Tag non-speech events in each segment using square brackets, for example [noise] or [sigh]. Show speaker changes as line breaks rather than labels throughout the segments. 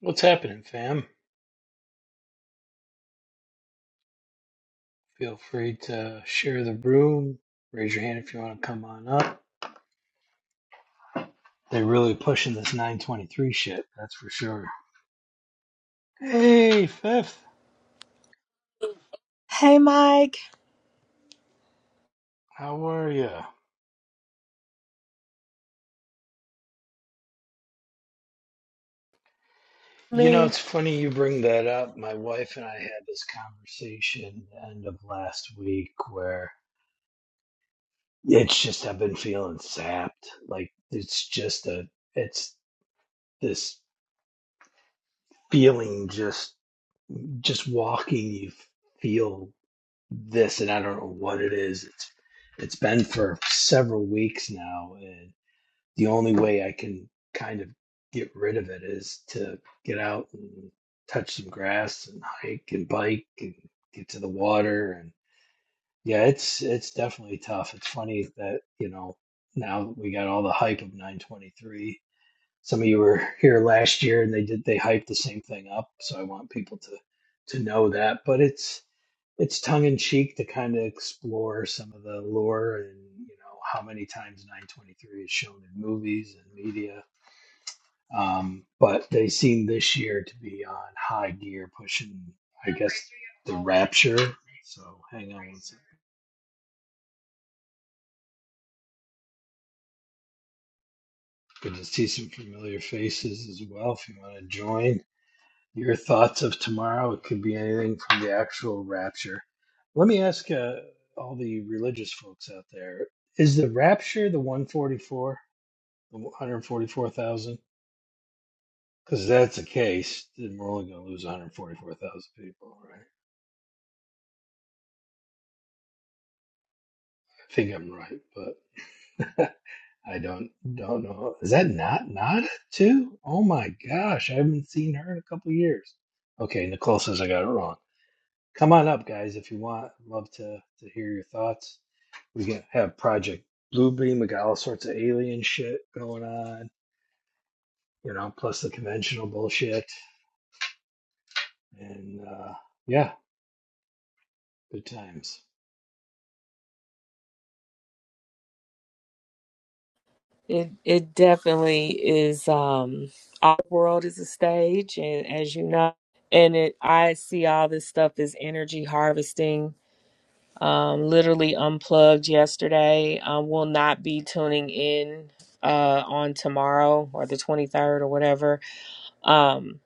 What's happening, fam? Feel free to share the room. Raise your hand if you want to come on up. They're really pushing this 923 shit, that's for sure. Hey, Fifth,
Hey, Mike.
how are you? You know,
Me.
it's funny you bring that up. My wife and I had this conversation end of last week where it's just I've been feeling sapped. Like it's just a it's this feeling just just walking you feel this and I don't know what it is. It's it's been for several weeks now and the only way I can kind of get rid of it is to get out and touch some grass and hike and bike and get to the water and yeah, it's it's definitely tough. It's funny that, you know, now that we got all the hype of 923. Some of you were [laughs] here last year and they did they hyped the same thing up, so I want people to to know that, but it's it's tongue in cheek to kind of explore some of the lore and you know how many times 923 is shown in movies and media. Um, but they seem this year to be on high gear, pushing I guess the Rapture. So hang on one second. Good to see some familiar faces as well. If you want to join, your thoughts of tomorrow. It could be anything from the actual Rapture. Let me ask uh, all the religious folks out there: Is the Rapture the 144? 144,000? Because if that's the case, then we're only going to lose 144,000 people, right? I think I'm right, but [laughs] I don't don't know. Is that not Nada too? Oh my gosh, I haven't seen her in a couple years. Okay, Nicole says I got it wrong. Come on up, guys, if you want. I'd love to to hear your thoughts. We can have Project Bluebeam. We got all sorts of alien shit going on, you know, plus the conventional bullshit, and uh, yeah, good times.
It it definitely is. Um, our world is a stage, and as you know, and it I see all this stuff as energy harvesting. Um, literally unplugged yesterday. Um, will not be tuning in uh on tomorrow or the twenty third or whatever. Um,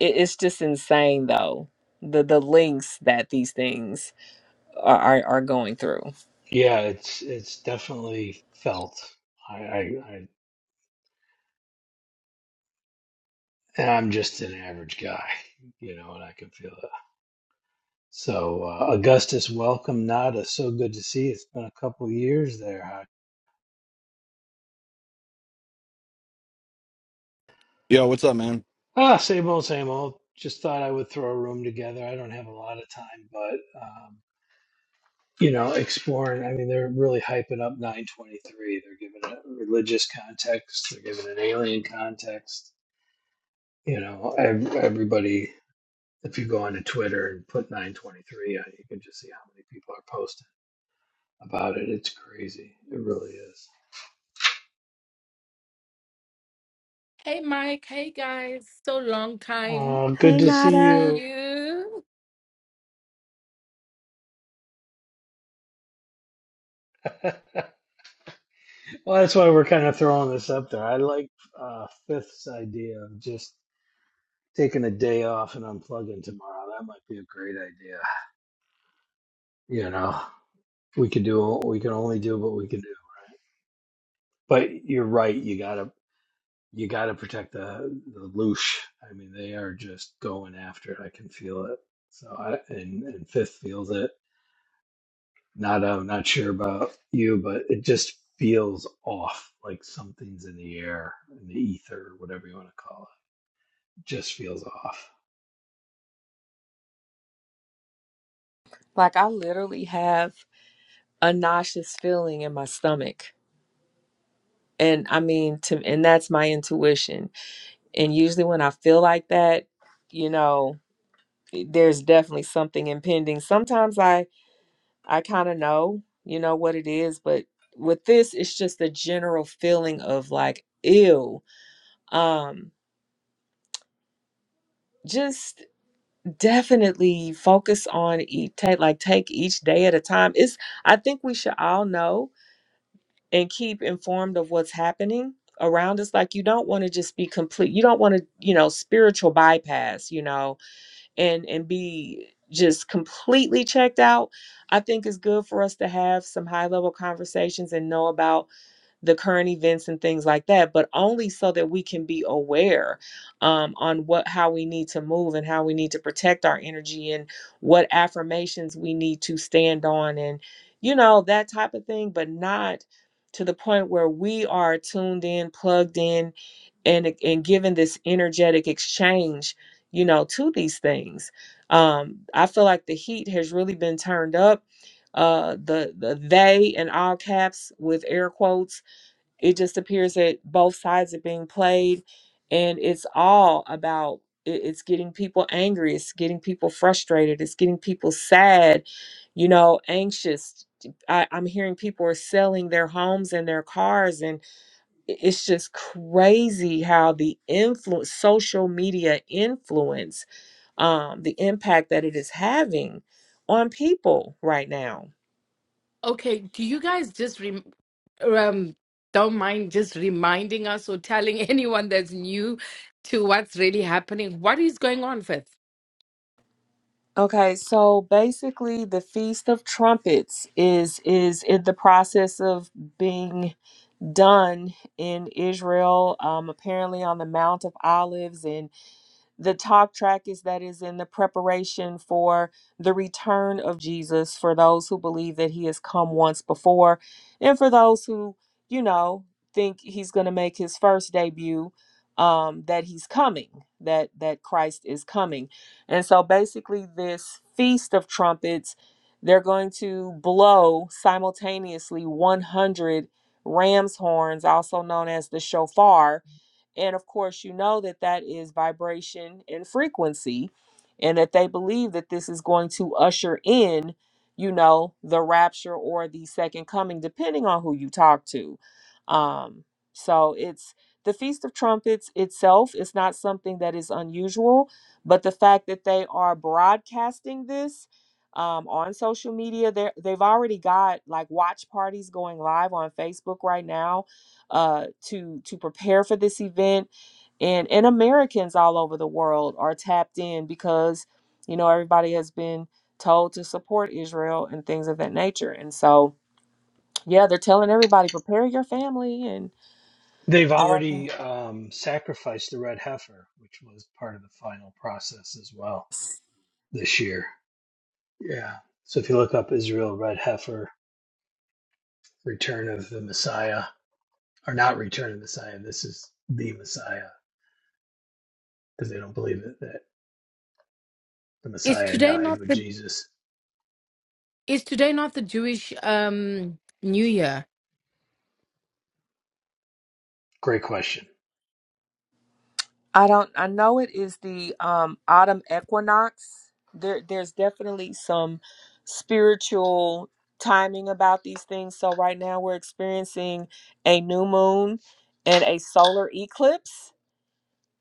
it, it's just insane though. The the links that these things are are, are going through.
Yeah, it's it's definitely felt. I, I, I and I'm just an average guy, you know, and I can feel it. So uh, Augustus, welcome, Nada. So good to see you. It's been a couple years there. Huh?
Yo, what's up, man?
Ah, same old, same old. Just thought I would throw a room together. I don't have a lot of time, but um, you know, exploring. I mean, they're really hyping up 923. They're giving it a religious context. They're giving an alien context. You know, ev- everybody if you go onto Twitter and put 923, uh, you can just see how many people are posting about it. It's crazy. It really is.
Hey, Mike. Hey, guys. So long time.
Oh, good
Hey,
to
Good to
see
see
Nada.
you.
you.
[laughs] Well, that's why we're kind of throwing this up there. I like uh, Fifth's idea of just taking a day off and unplugging tomorrow. That might be a great idea. You know, we could do we can only do what we can do. But you're right. You got to. you got to protect the the loosh. I mean, they are just going after it. I can feel it. So I and, and Fifth feels it. Not I'm not sure about you, but it just feels off. Like something's in the air, in the ether, whatever you want to call it. Just feels off.
Like I literally have. a nauseous feeling in my stomach. And I mean to and that's my intuition. And usually when I feel like that, you know, there's definitely something impending. Sometimes I I kind of know, you know what it is, but with this it's just a general feeling of like ew. Um just definitely focus on each take like take each day at a time. It's I think we should all know and keep informed of what's happening around us like you don't want to just be complete you don't want to you know spiritual bypass you know and and be just completely checked out i think it's good for us to have some high level conversations and know about the current events and things like that, but only so that we can be aware um, on what how we need to move and how we need to protect our energy and what affirmations we need to stand on and you know that type of thing, but not to the point where we are tuned in, plugged in, and and given this energetic exchange, you know, to these things. Um, I feel like the heat has really been turned up. Uh, the the they in all caps with air quotes it just appears that both sides are being played and it's all about it- it's getting people angry it's getting people frustrated it's getting people sad you know anxious I, i'm hearing people are selling their homes and their cars and i- it's just crazy how the influence social media influence um, the impact that it is having on people right now
Okay, do you guys just rem um don't mind just reminding us or telling [laughs] anyone that's new to what's really happening? What is going on, Fifth?
Okay, so basically the Feast of Trumpets is is in the process of being done in Israel, um, apparently on the Mount of Olives, and the talk track is that is in the preparation for the return of Jesus for those who believe that he has come once before and for those who, you know, think he's going to make his first debut um that he's coming that that Christ is coming. And so basically this feast of trumpets they're going to blow simultaneously 100 ram's horns also known as the shofar and of course, you know that that is vibration and frequency, and that they believe that this is going to usher in, you know, the rapture or the second coming, depending on who you talk to. Um, so it's the Feast of Trumpets itself is not something that is unusual, but the fact that they are broadcasting this um, on social media, they're- they've already got like watch parties going live on Facebook right now uh, to to prepare for this event, and and Americans all over the world are tapped in because you know everybody has been told to support Israel and things of that nature, and so yeah, they're telling everybody prepare your family and.
They've
all
already um, sacrificed the red heifer, which was part of the final process as well this year. Yeah. So if you look up Israel red heifer, return of the Messiah are not returning Messiah. This is the Messiah because they don't believe that, that the
Is
Messiah
today
died
not
with
the
Jesus.
is today not the Jewish um New Year?
Great question.
I don't. I know it is the um, autumn equinox. There, there's definitely some spiritual timing about these things. So right now we're experiencing a new moon and a solar eclipse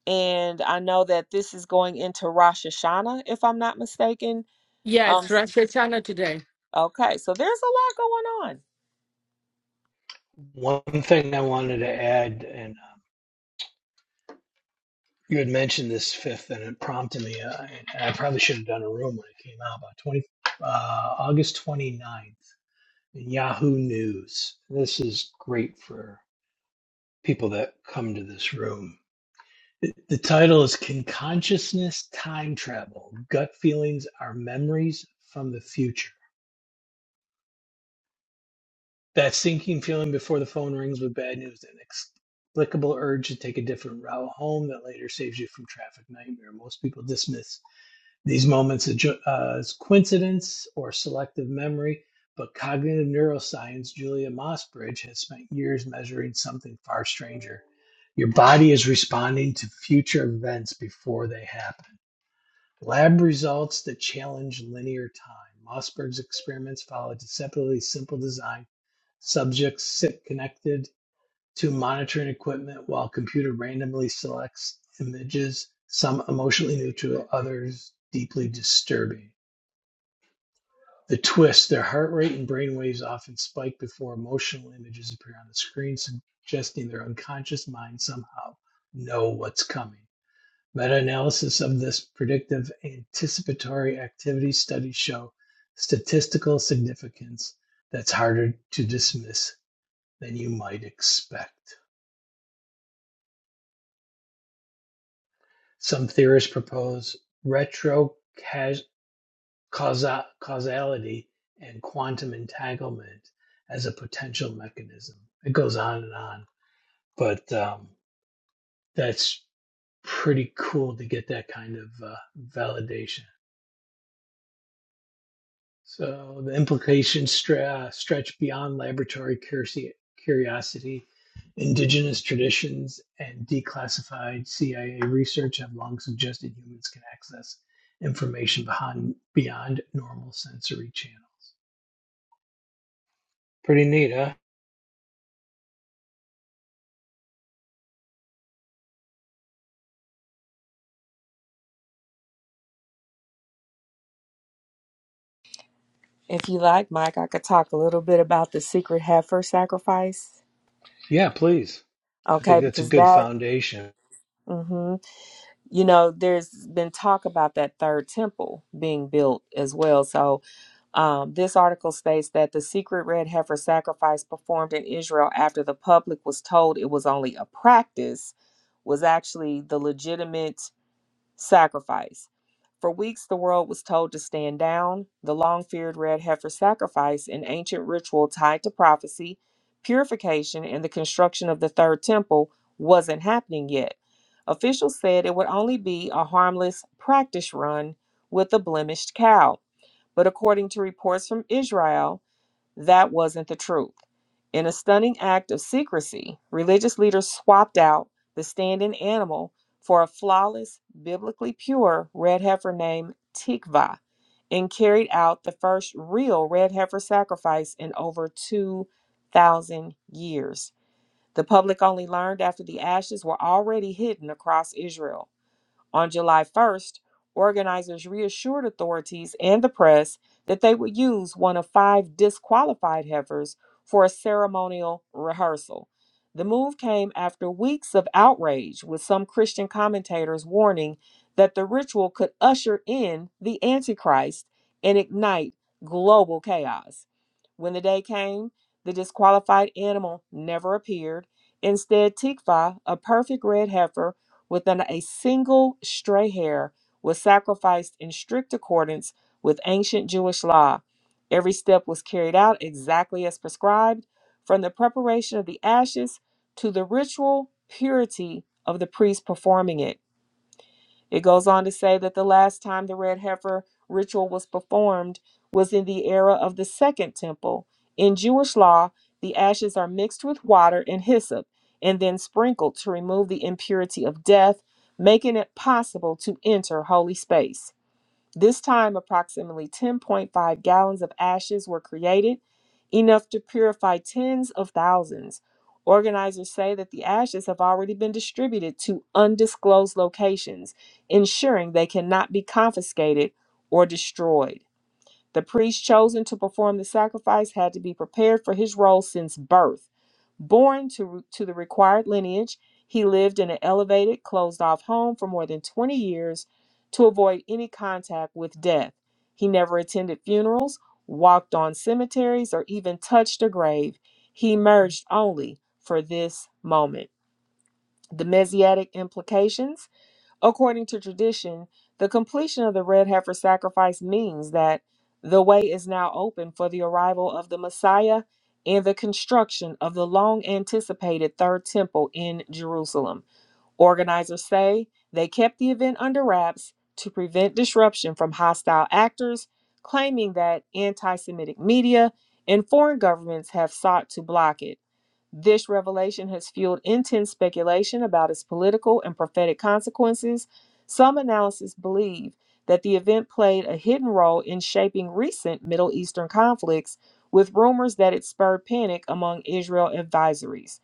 And I know that this is going into Rosh Hashanah, if I'm not mistaken.
Yeah,
Um,
it's Rosh Hashanah today.
okay, so there's a lot going on.
One thing I wanted to add, and uh, you had mentioned this fifth, and it prompted me, uh, and I probably should have done a room when it came out about 20, uh, August ninth in Yahoo News. This is great for people that come to this room. The the title is Can Consciousness Time Travel? Gut Feelings Are Memories from the Future That sinking feeling before the phone rings with bad news, an inexplicable urge to take a different route home that later saves you from traffic nightmare. Most people dismiss these moments as ju- uh, as coincidence or selective memory, but cognitive neuroscience Julia Mossbridge has spent years measuring something far stranger. Your body is responding to future events before they happen. Lab results that challenge linear time. Mossberg's experiments followed a deceptively simple design. Subjects sit connected to monitoring equipment while computer randomly selects images, some emotionally neutral, others deeply disturbing. The twist, their heart rate and brain waves often spike before emotional images appear on the screen, suggesting their unconscious minds somehow know what's coming. Meta-analysis of this predictive anticipatory activity studies show statistical significance that's harder to dismiss than you might expect. Some theorists propose retrocausality and quantum entanglement as a potential mechanism. It goes on and on, but um, that's pretty cool to get that kind of uh, validation. So the implications stra- uh, stretch beyond laboratory curiosi- curiosity. Indigenous traditions and declassified CIA research have long suggested humans can access information behind, beyond normal sensory channels. Pretty neat, huh?
If you like, Mike, I could talk a little bit about the secret heifer sacrifice.
Yeah, please. I
Okay,
think that's a
because
good
that,
foundation.
hmm you know, there's been talk about that third temple being built as well. So, um, this article states that the secret red heifer sacrifice performed in Israel after the public was told it was only a practice was actually the legitimate Sacrifice. For weeks, the world was told to stand down. The long feared red heifer sacrifice, an ancient ritual tied to prophecy, purification, and the construction of the third temple, wasn't happening yet. Officials said it would only be a harmless practice run with a blemished cow. But according to reports from Israel, that wasn't the truth. In a stunning act of secrecy, religious leaders swapped out the stand in animal for a flawless, biblically pure red heifer named Tikva and carried out the first real red heifer sacrifice in over 2,000 years. The public only learned after the ashes were already hidden across Israel. On July 1st, organizers reassured authorities and the press that they would use one of five disqualified heifers for a ceremonial rehearsal. The move came after weeks of outrage, with some Christian commentators warning that the ritual could usher in the Antichrist and ignite global chaos. When the day came, the disqualified animal never appeared. Instead, Tikva, a perfect red heifer, within a single stray hair was sacrificed in strict accordance with ancient Jewish law. Every step was carried out exactly as prescribed, from the preparation of the ashes to the ritual purity of the priest performing it. It goes on to say that the last time the red heifer ritual was performed was in the era of the Second Temple. In Jewish law, the ashes are mixed with water and hyssop and then sprinkled to remove the impurity of death, making it possible to enter holy space. This time, approximately 10.5 gallons of ashes were created, enough to purify tens of thousands. Organizers say that the ashes have already been distributed to undisclosed locations, ensuring they cannot be confiscated or destroyed. The priest chosen to perform the sacrifice had to be prepared for his role since birth. Born to, to the required lineage, he lived in an elevated, closed off home for more than 20 years to avoid any contact with death. He never attended funerals, walked on cemeteries, or even touched a grave. He emerged only for this moment. The Messianic implications According to tradition, the completion of the red heifer sacrifice means that the way is now open for the arrival of the Messiah and the construction of the long anticipated third temple in Jerusalem. Organizers say they kept the event under wraps to prevent disruption from hostile actors, claiming that anti Semitic media and foreign governments have sought to block it. This revelation has fueled intense speculation about its political and prophetic consequences. Some analysts believe that the event played a hidden role in shaping recent Middle Eastern conflicts, with rumors that it spurred panic among Israel advisories.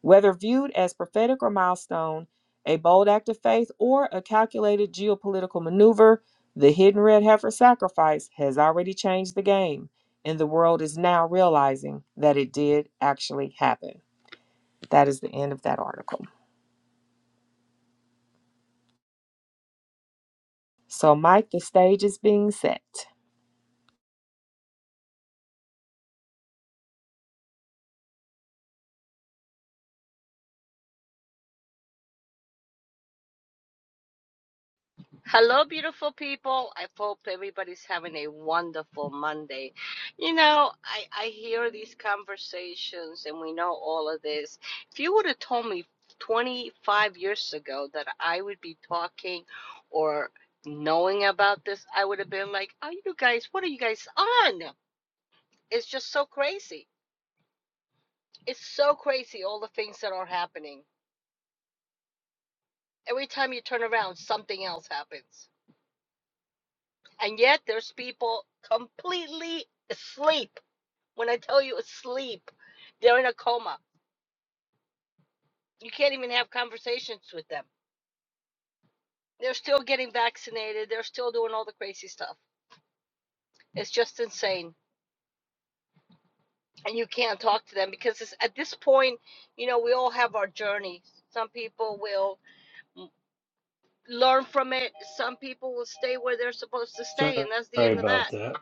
Whether viewed as prophetic or milestone, a bold act of faith, or a calculated geopolitical maneuver, the hidden red heifer sacrifice has already changed the game, and the world is now realizing that it did actually happen. That is the end of that article. So, Mike, the stage is being set.
Hello, beautiful people. I hope everybody's having a wonderful Monday. You know, I, I hear these conversations and we know all of this. If you would have told me 25 years ago that I would be talking or knowing about this, I would have been like, are you guys, what are you guys on? It's just so crazy. It's so crazy, all the things that are happening. Every time you turn around, something else happens. And yet there's people completely asleep. When I tell you asleep, they're in a coma. You can't even have conversations with them. They're still getting vaccinated. They're still doing all the crazy stuff. It's just insane. And you can't talk to them because it's, at this point, you know, we all have our journey. Some people will learn from it. Some people will stay where they're supposed to
Sorry
stay. And that's the end of
about
that.
that.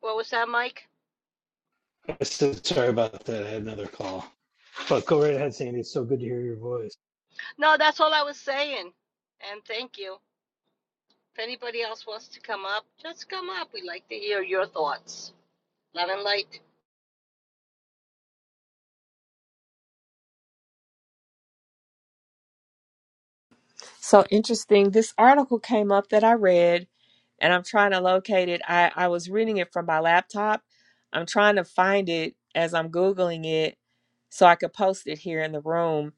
What was that, Mike?
I said sorry about that. I had another call. But go right ahead, Sandy. It's so good to hear your voice.
No, that's all I was saying. And thank you. If anybody else wants to come up, just come up. We'd like to hear your thoughts. Love and light.
So interesting. This article came up that I read, and I'm trying to locate it. I, I was reading it from my laptop. I'm trying to find it as I'm Googling it so I could post it here in the room.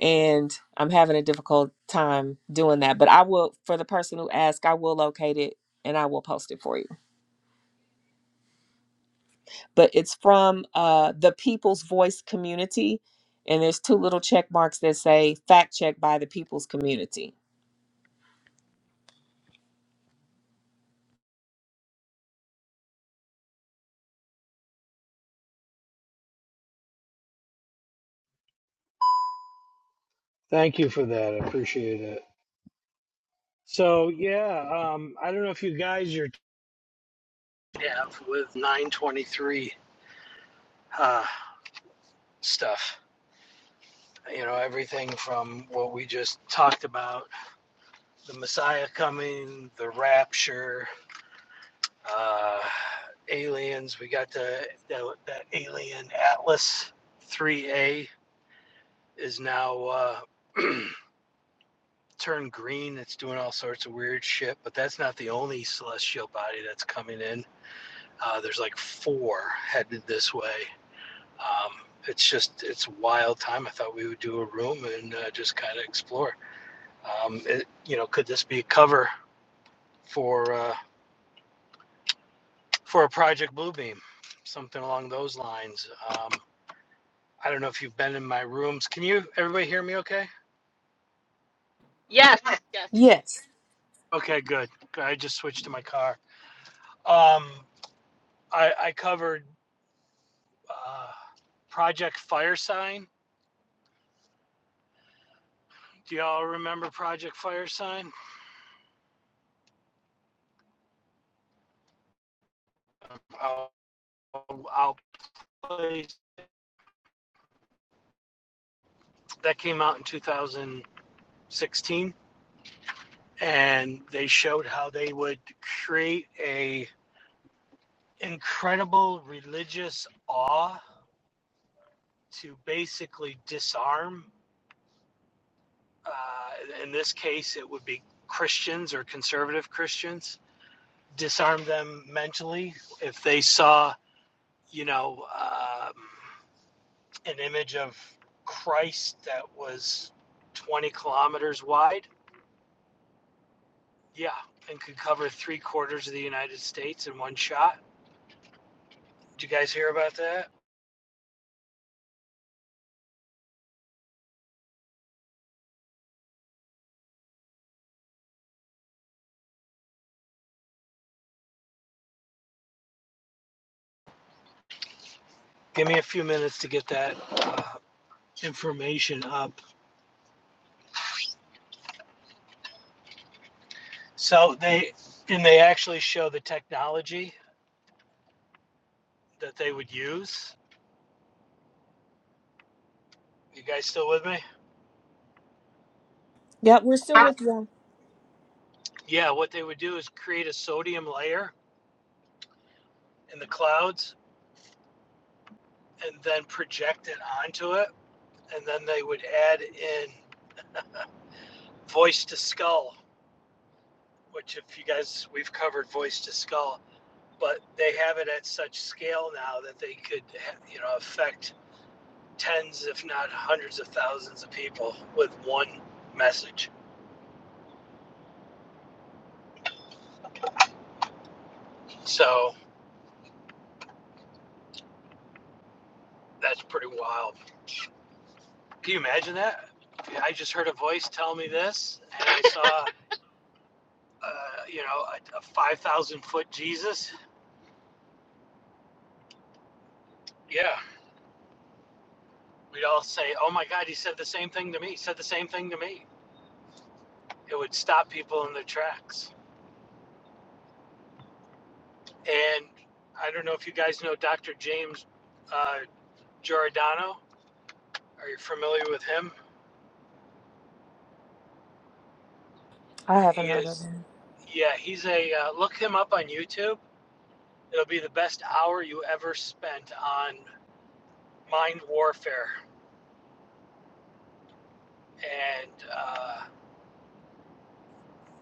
And I'm having a difficult time doing that. But I will, for the person who asked, I will locate it and I will post it for you. but it's from uh, the People's Voice community. And there's two little check marks that say fact check by the People's community.
Thank you for that. I appreciate it. So yeah, um, I don't know if you guys are have with 923 uh, stuff. You know everything from what we just talked about: the Messiah coming, the rapture, uh, aliens. We got the that, that alien Atlas 3A is now uh, [clears throat] turned green. It's doing all sorts of weird shit. But that's not the only celestial body that's coming in. Uh, there's like four headed this way Um, it's just it's a wild time. I thought we would do a room and uh, just kind of explore. Um, it, you know, could this be a cover for uh, for a Project Bluebeam, something along those lines? Um, I don't know if you've been in my rooms. Can you everybody hear me? Okay.
Yes, yes.
Yes.
Okay, good. I just switched to my car. Um, I, I covered uh, Project Fire Sign. Do y'all remember Project Fire Sign? I'll, I'll play that came out in 2000. 16 and they showed how they would create a incredible religious awe to basically disarm uh, in this case it would be christians or conservative christians disarm them mentally if they saw you know um, an image of christ that was 20 kilometers wide yeah and could cover three quarters of the united states in one shot did you guys hear about that give me a few minutes to get that uh, information up. So they, and they actually show the technology that they would use. You guys still with me?
Yeah, we're still with them.
Yeah, what they would do is create a sodium layer in the clouds and then project it onto it. And then they would add in voice to skull, which, if you guys, we've covered voice to skull, but they have it at such scale now that they could, you know, affect tens, if not hundreds of thousands of people with one message. So that's pretty wild. Can you imagine that? I just heard a voice tell me this, and I saw, uh, you know, a, a 5,000 foot Jesus. Yeah. We'd all say, oh my God, he said the same thing to me. He said the same thing to me. It would stop people in their tracks. And I don't know if you guys know Dr. James uh, Giordano. Are you familiar with him?
I
He
haven't heard of
is,
them.
yeah, he's a, uh, look him up on YouTube. It'll be the best hour you ever spent on mind warfare. And uh,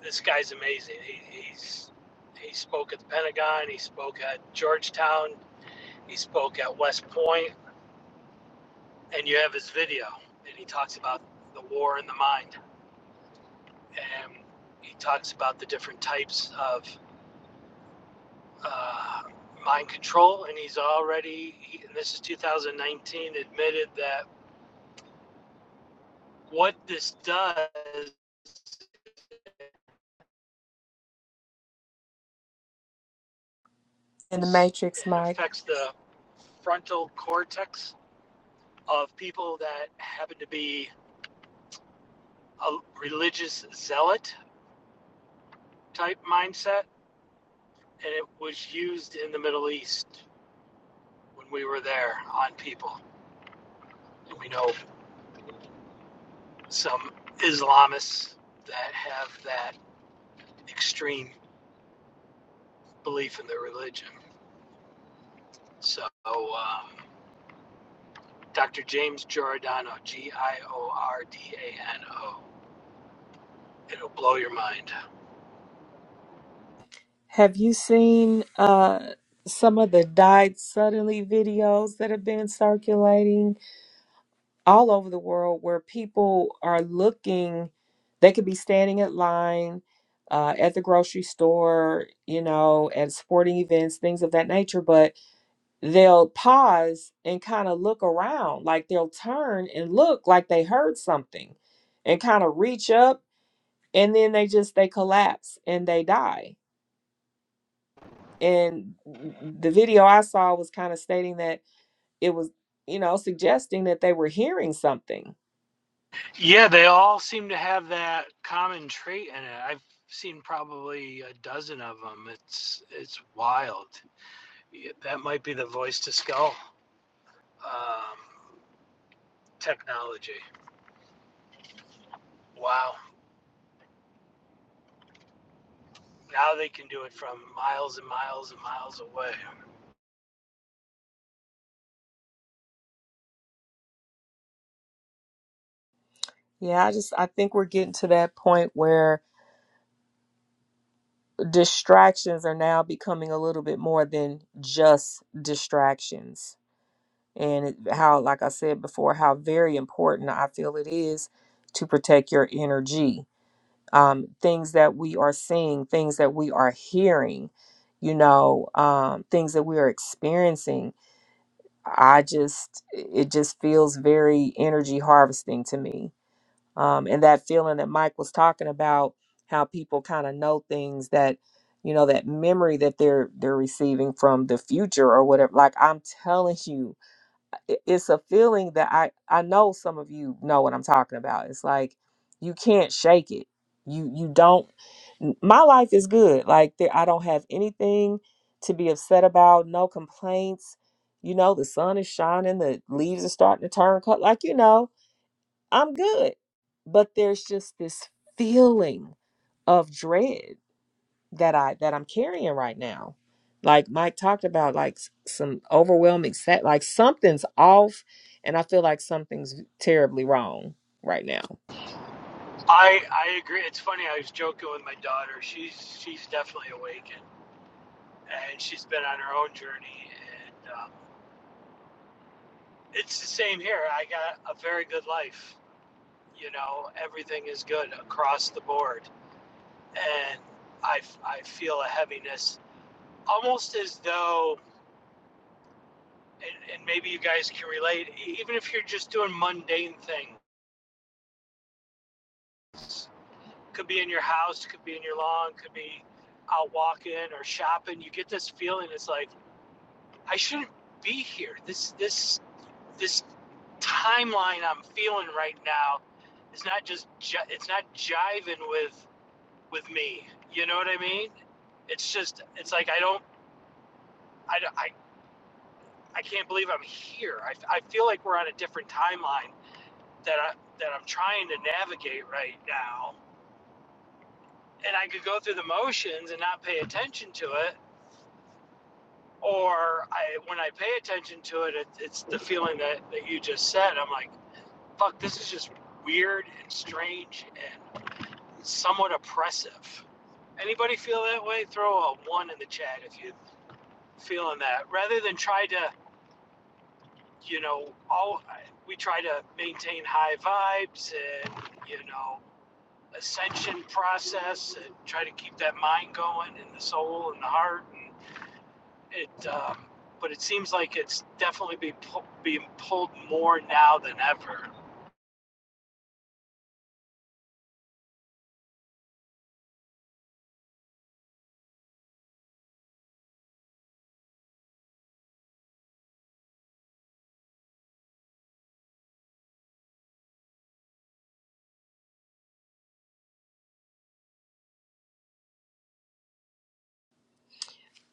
this guy's amazing. He, he's, he spoke at the Pentagon, he spoke at Georgetown, he spoke at West Point, Point. and you have his video. And he talks about the war in the mind. And he talks about the different types of uh, mind control. And he's already, he, and this is 2019, admitted that what this does
In the
is it
Matrix, Mike,
affects the frontal cortex of people that happen to be a religious zealot type mindset and it was used in the middle east when we were there on people and we know some islamists that have that extreme belief in their religion so um, dr james giordano g-i-o-r-d-a-n-o it'll blow your mind
have you seen uh some of the died suddenly videos that have been circulating all over the world where people are looking they could be standing at line uh, at the grocery store, you know, at sporting events, things of that nature, but they'll pause and kind of look around like they'll turn and look like they heard something and kind of reach up and then they just they collapse and they die and the video i saw was kind of stating that it was you know suggesting that they were hearing something
Yeah, they all seem to have that common trait in it. I've seen probably a dozen of them. It's it's wild. Yeah, That might be the voice to skull um, technology. Wow. Now they can do it from miles and miles and miles away.
yeah i just i think we're getting to that point where distractions are now becoming a little bit more than just distractions and it, how, like I said before, how very important I feel it is to protect your energy. Um, things that we are seeing, things that we are hearing, you know, um, things that we are experiencing. I just, it just feels very energy harvesting to me. Um, and that feeling that Mike was talking about, how people kind of know things that, you know, that memory that they're they're receiving from the future or whatever. Like I'm telling you, i- it's a feeling that I I know some of you know what I'm talking about. It's like you can't shake it. You you don't. n- My life is good. Like there, I don't have anything to be upset about. No complaints. You know the sun is shining. The leaves are starting to turn color. Like you know I'm good. But there's just this feeling of dread that I that I'm carrying right now. Like Mike talked about, like s- some overwhelming set, like something's off, and I feel like something's terribly wrong right now.
I I agree. It's funny. I was joking with my daughter. She's she's definitely awakened, and she's been on her own journey. And um, it's the same here. I got a very good life you know, everything is good across the board. And I, I feel a heaviness, almost as though, and, and maybe you guys can relate, e- even if you're just doing mundane things, could be in your house, could be in your lawn, could be out walking or shopping, you get this feeling it's like, I shouldn't be here. This, this, this timeline I'm feeling right now is not just, it's not jiving with with me. You know what I mean? It's just, it's like I don't, I, I, I can't believe I'm here. I, I feel like we're on a different timeline that I that I'm trying to navigate right now. And I could go through the motions and not pay attention to it, or I when I pay attention to it, it it's the feeling that that you just said. I'm like, fuck, this is just weird and strange and somewhat oppressive. Anybody feel that way? Throw a one in the chat if you feeling that rather than try to you know all we try to maintain high vibes and you know ascension process and try to keep that mind going and the soul and the heart and it um, but it seems like it's definitely be pu- being pulled more now than ever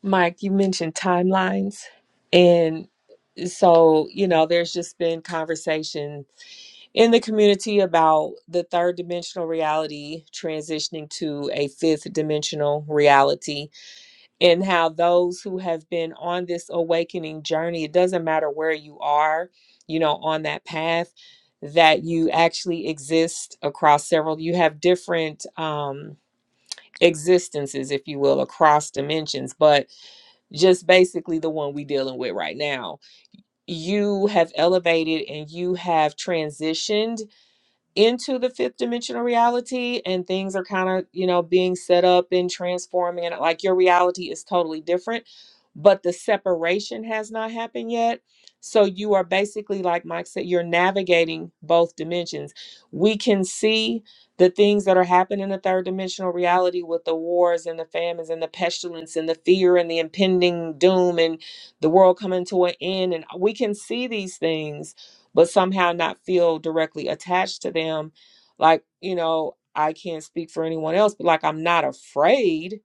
Mike, you mentioned timelines, and so you know, there's just been conversations. in the community about the third dimensional reality transitioning to a fifth dimensional reality and how those who have been on this awakening journey, it doesn't matter where you are, you know, on that path, that you actually exist across several, you have different, um, existences if you will across dimensions but just basically the one we dealing with right now you have elevated and you have transitioned into the fifth dimensional reality and things are kind of you know being set up and transforming and like your reality is totally different but the separation has not happened yet so you are basically like mike said you're navigating both dimensions we can see the things that are happening in the third dimensional reality with the wars and the famines and the pestilence and the fear and the impending doom and the world coming to an end and we can see these things but somehow not feel directly attached to them. Like, you know, I can't speak for anyone else, but like, I'm not afraid.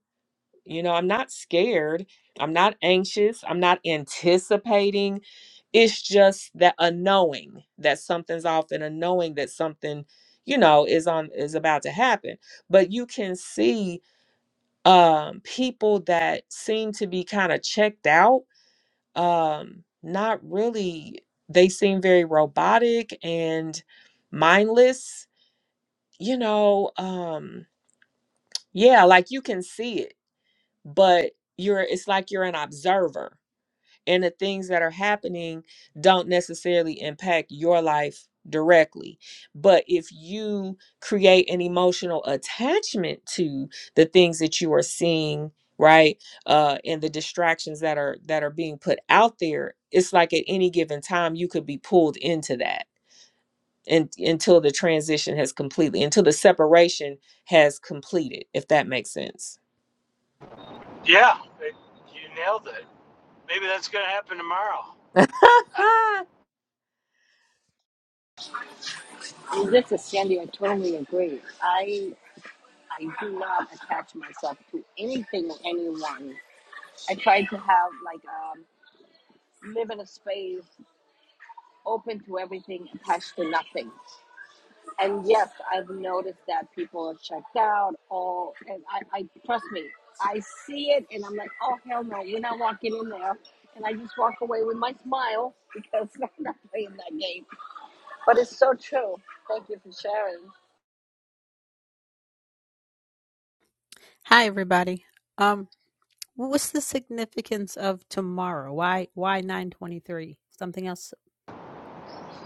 You know, I'm not scared. I'm not anxious. I'm not anticipating. It's just that a knowing that something's off and a knowing that something, you know, is on is about to happen. But you can see um people that seem to be kind of checked out um not really they seem very robotic and mindless you know um yeah like you can see it but you're it's like you're an observer and the things that are happening don't necessarily impact your life directly. But if you create an emotional attachment to the things that you are seeing, right? Uh and the distractions that are that are being put out there, it's like at any given time you could be pulled into that. And until the transition has completely, until the separation has completed, if that makes sense.
yeah it, you nailed it maybe that's going to happen tomorrow
[laughs]
And this is Sandy. I totally agree. I I do not attach myself to anything or anyone. I try to have like um, live in a space open to everything, attached to nothing. And yes, I've noticed that people are checked out. All and I, I trust me, I see it, and I'm like, oh hell no, we're not walking in there. And I just walk away with my smile because [laughs] I'm not playing that game. But it's so true. Thank you for sharing.
Hi everybody. Um what's the significance of tomorrow? Why why 923? Something else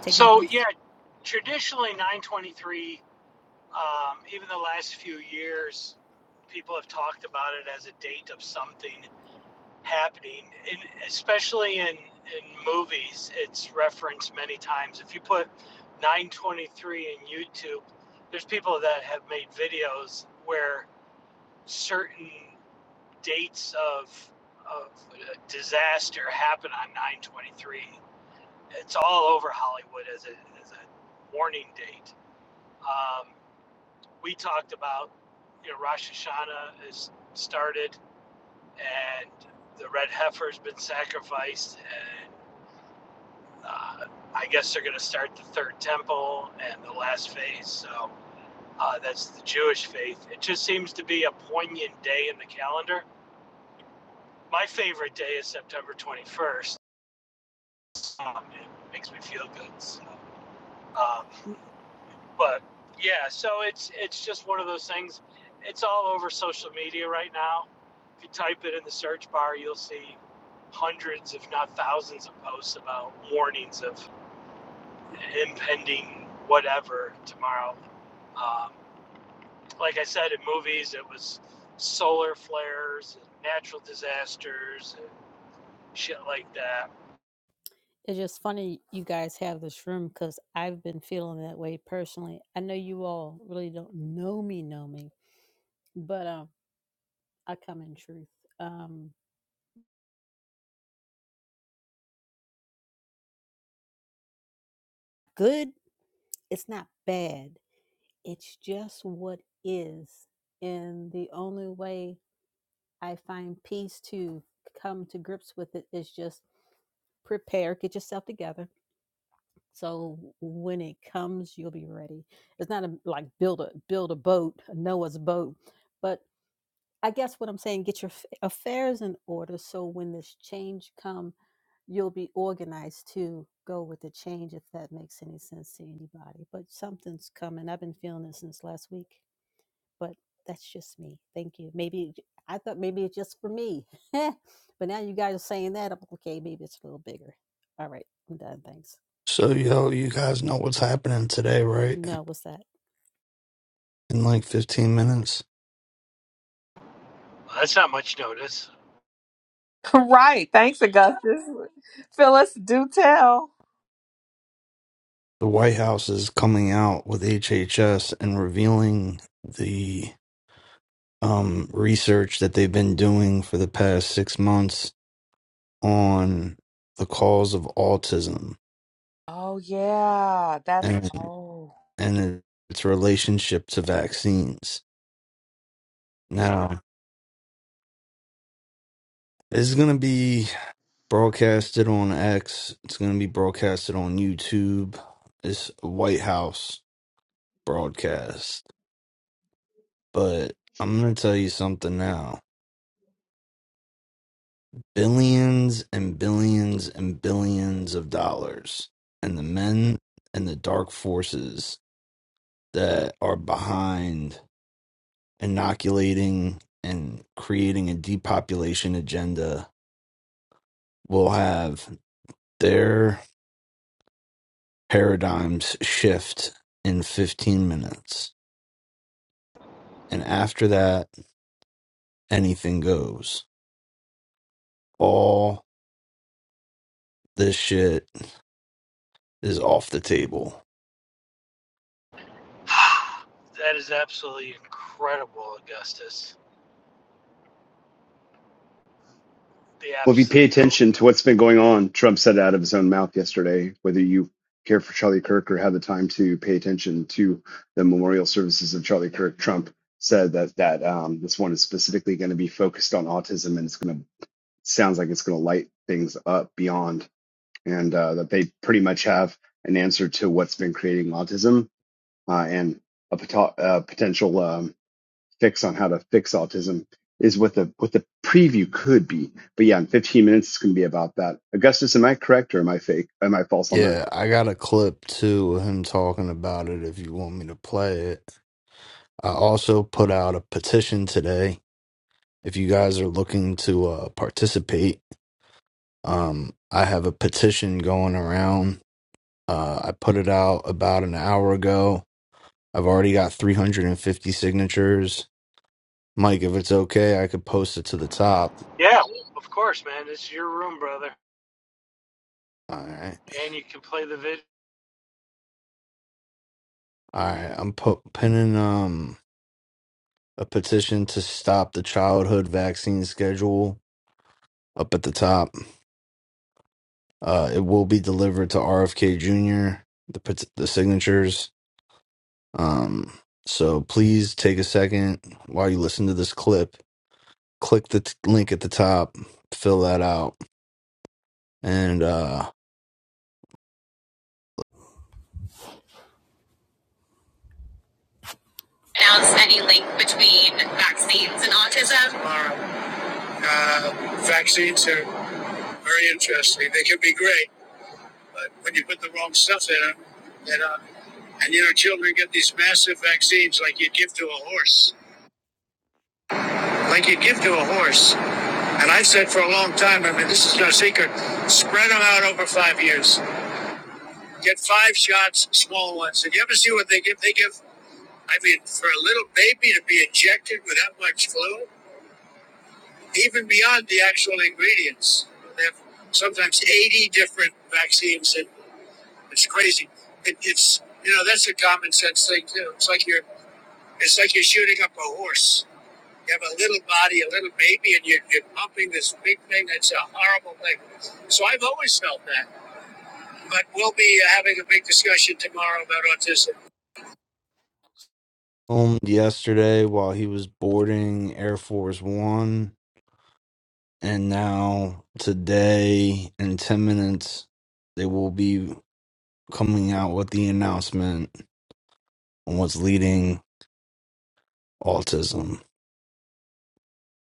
taking
so
place?
yeah traditionally 923 Um, even the last few years, people have talked about it as a date of something happening, and especially in in movies, it's referenced many times. If you put 923 in YouTube, there's people that have made videos where certain dates of of disaster happen on 923. It's all over Hollywood as a as a warning date. Um, we talked about, you know, Rosh Hashanah has started and the red heifer's been sacrificed and uh, I guess they're going to start the third temple and the last phase. So uh, that's the Jewish faith. It just seems to be a poignant day in the calendar. My favorite day is September 21st. Um, it makes me feel good. So, um,
N-
but yeah, so it's it's just one of those things. It's all over social media right now. If you type it in the search bar, you'll see hundreds, if not thousands, of posts about warnings of impending whatever tomorrow. Um, like I said, in movies, it was solar flares and natural disasters and shit like that.
It's just funny you guys have this room cuz I've been feeling that way personally. I know you all really don't know me, know me, but um I come in truth. Um good, it's not bad. It's just what is. And the only way I find peace to come to grips with it is just prepare, get yourself together. So when it comes, you'll be ready. It's not a, like build a build a boat, a Noah's boat, but I guess what I'm saying, get your f- affairs in order so when this change come, you'll be organized to go with the change if that makes any sense to anybody. But something's coming. I've been feeling it since last week, but that's just me. Thank you. Maybe I thought maybe it's just for me. [laughs] but now you guys are saying that, I'm like, okay, maybe it's a little bigger. All right, I'm done. Thanks.
So, yo, you guys know what's happening today, right?
No, what's that?
In like 15 minutes,
Well, That's not much notice.
[laughs] Right. Thanks, Augustus. Phyllis, do tell.
the White House is coming out with HHS and revealing the um, research that they've been doing for the past six months on the cause of autism
Oh, yeah. That's,
and
oh,
and its relationship to vaccines. Now, this is going to be broadcasted on X. It's going to be broadcasted on YouTube. It's White House broadcast. But I'm going to tell you something now. Billions and billions and billions of dollars and the men and the dark forces that are behind inoculating and creating a depopulation agenda will have their paradigms shift in 15 minutes. And after that, anything goes. All this shit is off the table
[sighs] that is absolutely incredible, Augustus the
Well, if you
abs-
pay
the
attention to what's been going on, Trump said it out of his own mouth yesterday, whether you care for Charlie Kirk or have the time to pay attention to the memorial services of Charlie Kirk, Trump said that that um, this one is specifically going to be focused on autism and it's going to sounds like it's going to light things up beyond and uh, that they pretty much have an answer to what's been creating autism uh, and a pot- uh, potential. um, fix on how to fix autism is what the what the preview could be. But yeah, in 15 minutes it's going to be about that. Augustus, am I correct or am I fake? Am I false on that?
Yeah, I got a clip too of him talking about it if you want me to play it. I also put out a petition today. If you guys are looking to uh, participate, um, I have a petition going around. Uh, I put it out about an hour ago. I've already got 350 signatures. Mike, if it's okay, I could post it to the top.
Yeah, of course, man. It's your room, brother,
All right.
and you can play the video.
All right. I'm pu- pinning um, a petition to stop the childhood vaccine schedule up at the top. Uh, it will be delivered to RFK Jr. The pet- the signatures. Um, so please take a second while you listen to this clip. Click the t- link at the top, fill that out, and uh, announce any link between vaccines and autism? Uh, uh, vaccines are very interesting. They can be great, but when you put the wrong stuff in them, then, uh, and you know, children get these massive vaccines like you give to a horse. Like you give to a horse. And I've said for a long time, I mean, this is no secret, spread them out over five years. Get five shots, small ones. Did you ever see what they give? They give, I mean, for a little baby to be injected with that much fluid, even beyond the actual ingredients. They have sometimes 80 different vaccines, and it's crazy. It, it's, you know, that's a common sense thing, too. It's like you're, it's like you're shooting up a horse. You have a little body, a little baby, and you're, you're pumping this big thing. That's a horrible thing. So I've always felt that. But we'll be uh, having a big discussion tomorrow about autism. Filmed yesterday while he was boarding Air Force One, and now today in ten minutes they will be coming out with the announcement on what's leading autism.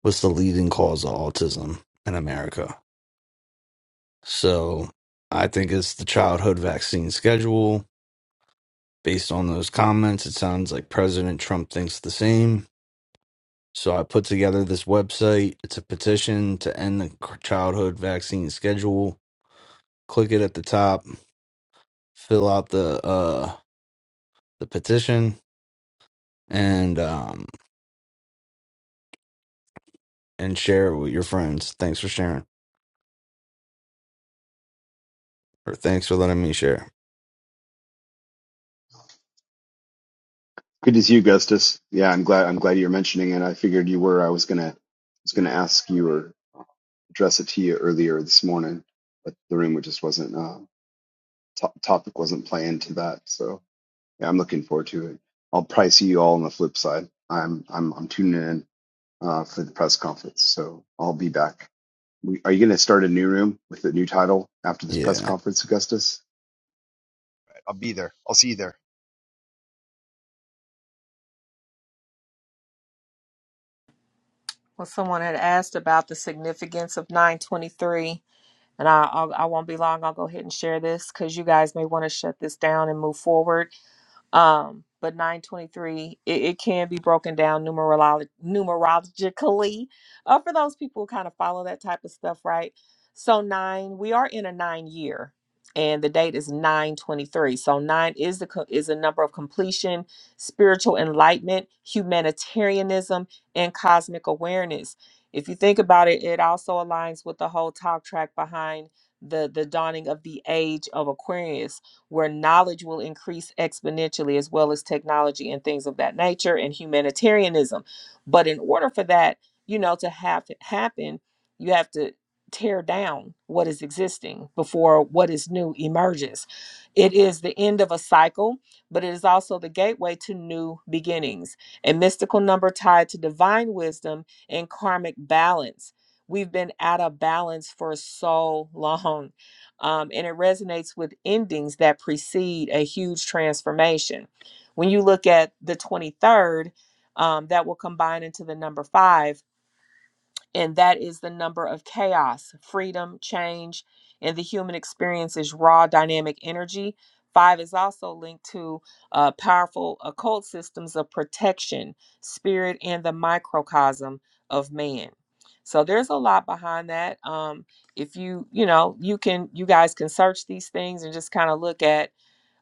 What's the leading cause of autism in America? So I think it's the childhood vaccine schedule. Based on those comments, it sounds like President Trump thinks the same. So I put together this website. It's a petition to end the c- childhood vaccine schedule. Click it at the top, fill out the uh the petition, and um and share it with your friends. Thanks for sharing, or thanks for letting me share.
Good to see you, Augustus. Yeah, I'm glad I'm glad you're mentioning it. I figured you were. I was gonna I was gonna ask you or address it to you earlier this morning, but the room just wasn't uh, to- topic wasn't playing to that. So yeah, I'm looking forward to it. I'll probably see you all on the flip side. I'm I'm I'm tuning in uh, for the press conference, so I'll be back. We, are you going to start a new room with a new title after this press
Yeah,
conference, Augustus? I'll be there. I'll see you there.
well, someone had asked about the significance of 923. And I, I'll, I won't be long. I'll go ahead and share this because you guys may want to shut this down and move forward. Um, but 923, it, it can be broken down numerolo- numerologically uh, for those people who kind of follow that type of stuff, right? So, nine, we are in a nine year, and the date is 923. So, nine is the co- is a number of completion, spiritual enlightenment, humanitarianism, and cosmic awareness. If you think about it, it also aligns with the whole talk track behind the the dawning of the age of Aquarius where knowledge will increase exponentially, as well as technology and things of that nature and humanitarianism. But in order for that, you know, to have happen, you have to tear down what is existing before what is new emerges. It is the end of a cycle, but it is also the gateway to new beginnings, a mystical number tied to divine wisdom and karmic balance. We've been out of balance for so [laughs] long um, and it resonates with endings that precede a huge transformation. When you look at the 23rd, um, that will combine into the number five and that is the number of chaos, freedom, change, and the human experience is raw dynamic energy. Five is also linked to uh, powerful occult systems of protection, spirit, and the microcosm of man. So there's a lot behind that. Um, if you, you know, you can, you guys can search these things and just kind of look at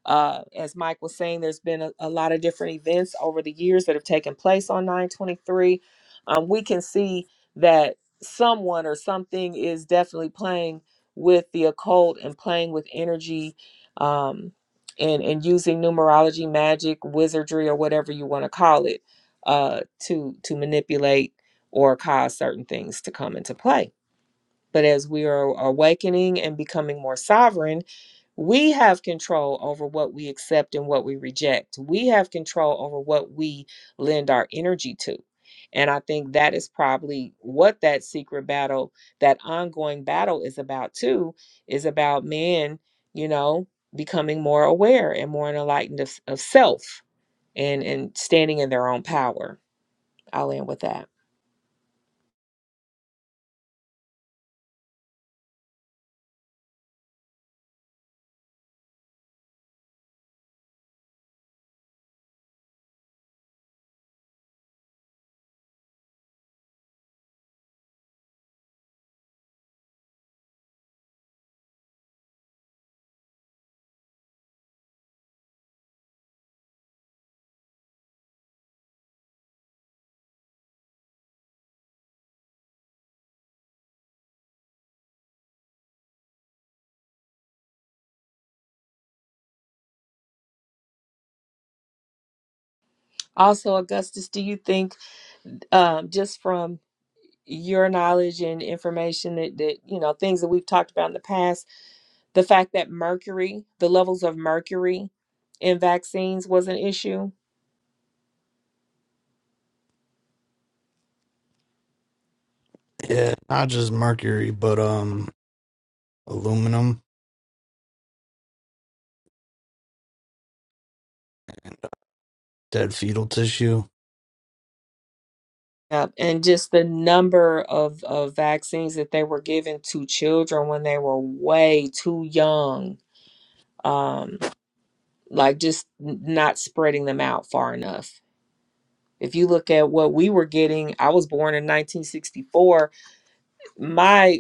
uh, as Mike was saying, there's been a, a lot of different events over the years that have taken place on 923. Um, we can see that someone or something is definitely playing with the occult and playing with energy um, and, and using numerology, magic, wizardry, or whatever you want to call it uh, to, to manipulate or cause certain things to come into play. But as we are awakening and becoming more sovereign, we have control over what we accept and what we reject. We have control over what we lend our energy to. And I think that is probably what that secret battle, that ongoing battle is about too, is about man, you know, becoming more aware and more enlightened of, of self and, and standing in their own power. I'll end with that. Also, Augustus, do you think um, just from your knowledge and information that, that you know things that we've talked about in the past the fact that mercury the levels of mercury in vaccines was an issue
yeah, not just mercury, but um aluminum, dead fetal tissue
Yep. and just the number of, of vaccines that they were given to children when they were way too young um, like just n- not spreading them out far enough if you look at what we were getting i was born in 1964 my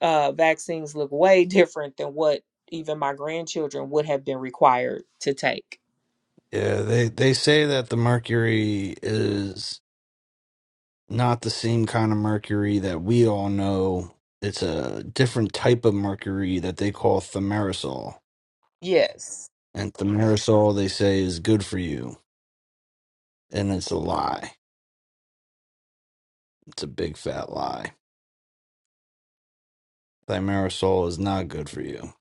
uh, vaccines look way different than what even my grandchildren would have been required to take.
Yeah, they they say that the mercury is not the same kind of mercury that we all know. It's a different type of mercury that they call thimerosal.
Yes.
And thimerosal they say is good for you, and it's a lie. It's a big fat lie. Thimerosal is not good for you.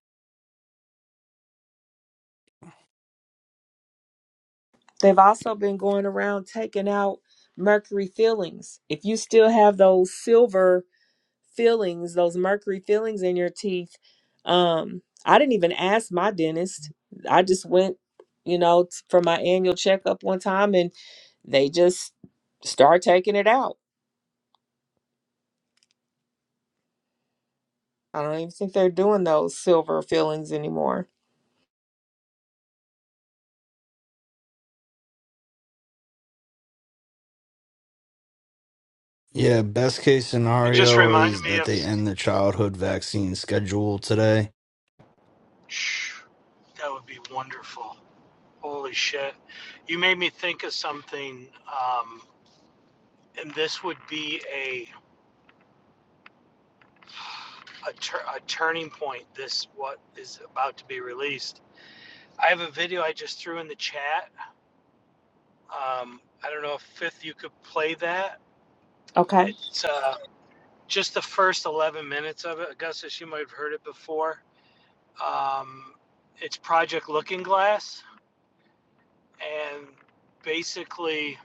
They've also been going around taking out mercury fillings. If you still have those silver fillings, those mercury fillings in your teeth, um, I didn't even ask my dentist. I just went, you know, t- for my annual checkup one time and they just start taking it out. I don't even think they're doing those silver fillings anymore.
Yeah, best case
You just
scenario
reminded
is
me
that
of.
they end the childhood vaccine schedule today
Shh, that would be wonderful. Holy shit! You made me think of something, um, and this would be a a, tur a turning point. This what is about to be released. I have a video I just threw in the chat. Um, I don't know if Fifth you could play that.
Okay.
It's uh, just the first 11 minutes of it. Augustus, you might have heard it before Um, it's Project Looking Glass, and basically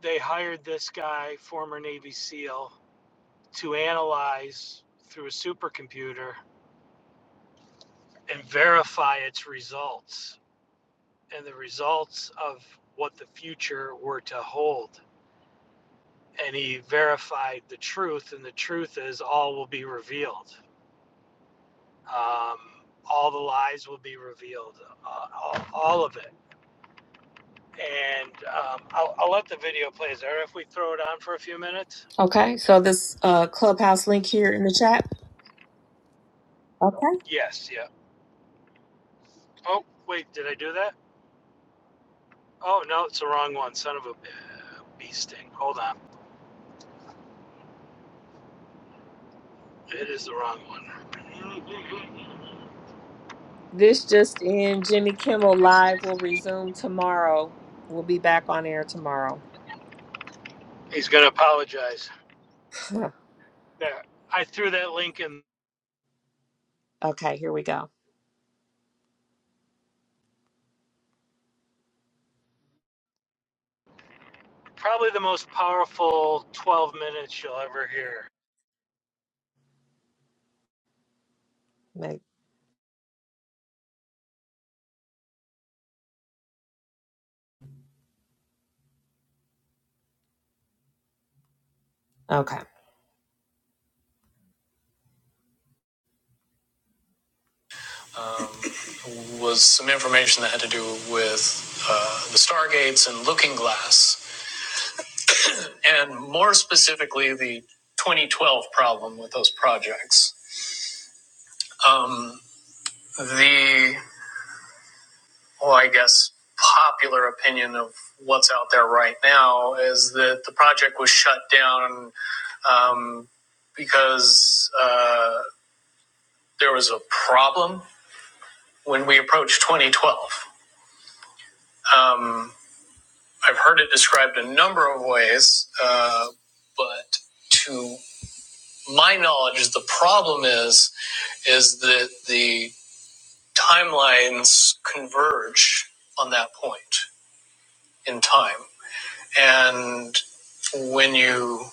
they hired this guy, former Navy SEAL, to analyze through a supercomputer and verify its results and the results of what the future were to hold. And he verified the truth, and the truth is all will be revealed. Um, all the lies will be revealed, uh, all, all of it and um, I'll, I'll let the video play. Is there if we throw it on for a few minutes?
Okay, so this uh, clubhouse link here in the chat. Okay.
Yes, yeah. Oh, wait, did I do that? Oh, no, it's the wrong one. Son of a uh, bee sting. Hold on. It is the wrong one.
This just in Jimmy Kimmel Live will resume tomorrow. We'll be back on air tomorrow.
He's going to apologize.
[laughs]
There. I threw that link in
okay, here we go.
probably the most powerful 12 minutes you'll ever hear.
Ma- Okay. Um, was some information that had to do with uh, the Stargates and Looking Glass, and more specifically, the 2012 problem with those projects. Um, the well, I guess, popular opinion of what's out there right now is that the project was shut down um, because uh, there was a problem when we approached 2012. Um, I've heard it described a number of ways, uh, but to my knowledge, the problem is is that the timelines converge on that point in time. And when you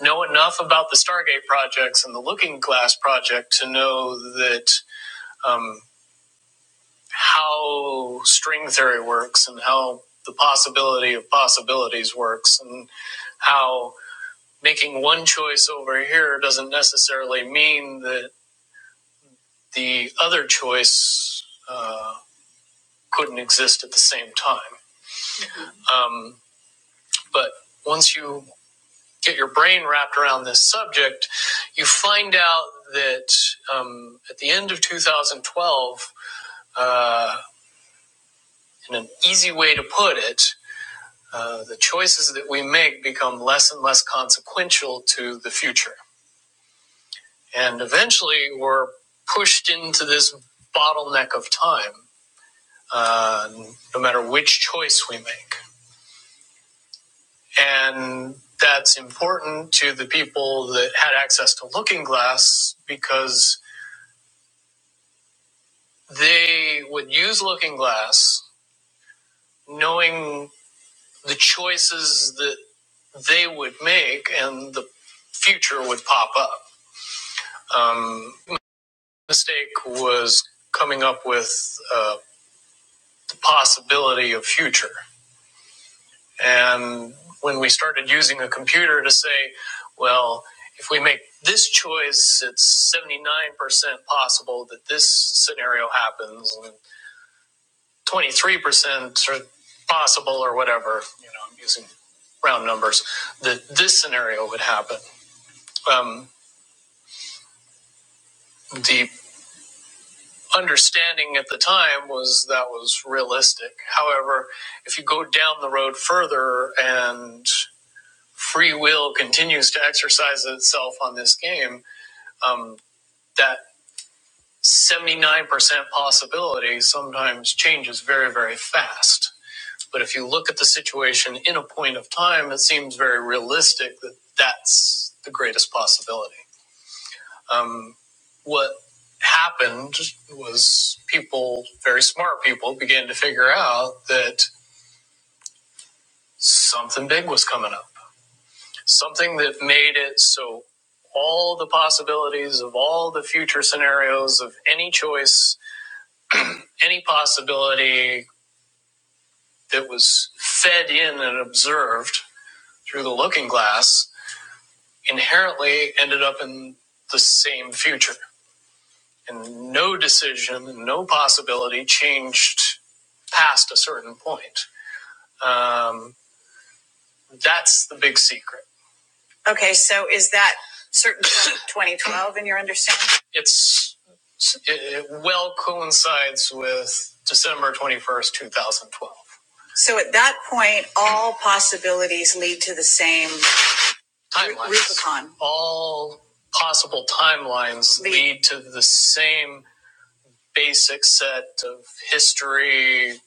know enough about the Stargate projects and the Looking Glass project to know that um, how string theory works and how the possibility of possibilities works and how making one choice over here doesn't necessarily mean that the other choice uh, couldn't exist at the same time. Um, but once you get your brain wrapped around this subject, you find out that um, at the end of 2012, uh, in an easy way to put it, uh, the choices that we make become less and less consequential to the future. And eventually, we're pushed into this bottleneck of time, uh, no matter which choice we make. And that's important to the people that had access to Looking Glass because They would use Looking Glass, knowing the choices that they would make, and the future would pop up. Um, mistake was coming up with uh, the possibility of future. And when we started using a computer to say, well, if we make this choice, it's 79% possible that this scenario happens. and 23% or possible or whatever, you know, I'm using round numbers, that this scenario would happen. Um, the understanding at the time was that was realistic. However, if you go down the road further and free will continues to exercise itself on this game, um, that 79% possibility sometimes changes very, very fast But if you look at the situation in a point of time, it seems very realistic that that's the greatest possibility. Um, what happened was people, very smart people, began to figure out that something big was coming up, something that made it so all the possibilities of all the future scenarios of any choice, any possibility that was fed in and observed through the looking glass inherently ended up in the same future. And no decision, no possibility changed past a certain point. Um, that's the big secret. Okay, so is that certain 2012 [coughs] in your understanding? It's it, it well coincides with December 21st, 2012. So at that point, all possibilities lead to the same timelines. Rubicon. All possible timelines The- lead to the same basic set of history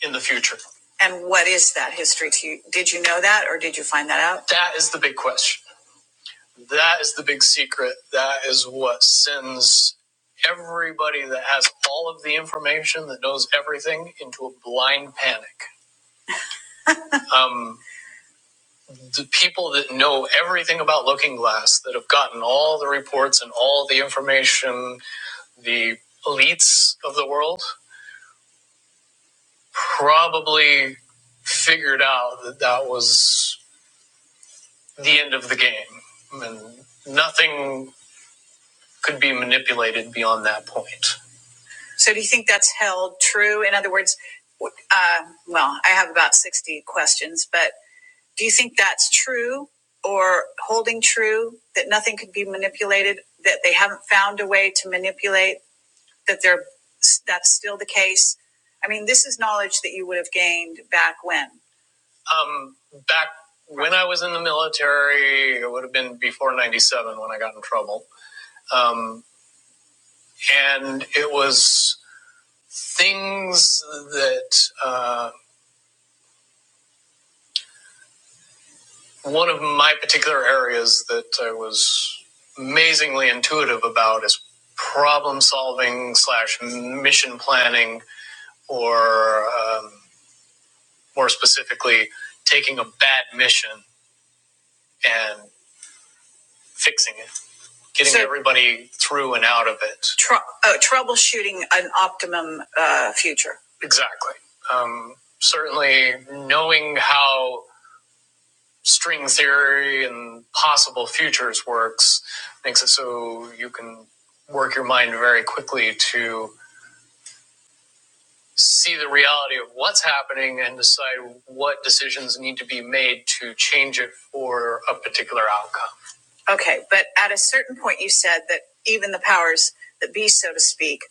in the future. And what is that history to you? Did you know that or did you find that out? That is the big question. That is the big secret. That is what sends everybody that has all of the information that knows everything into a blind panic. Um, the people that know everything about Looking Glass, that have gotten all the reports and all the information, the elites of the world, probably figured out that that was the end of the game. And nothing could be manipulated beyond that point. So, do you think that's held true? In other words, uh, well, I have about 60 questions, but Do you think that's true or holding true that nothing could be manipulated, that they haven't found a way to manipulate, that they're, that's still the case? I mean, this is knowledge that you would have gained back when? Um, back when I was in the military, it would have been before 97 when I got in trouble. Um, and it was things that, uh, One of my particular areas that I was amazingly intuitive about is problem solving slash mission planning, or um, more specifically, taking a bad mission and fixing it, getting So- everybody through and out of it. Trou uh, troubleshooting an optimum uh, future. Exactly. Um, certainly, knowing how string theory and possible futures works makes it so you can work your mind very quickly to see the reality of what's happening and decide what decisions need to be made to change it for a particular outcome. Okay, but at a certain point, you said that even the powers that be, so to speak,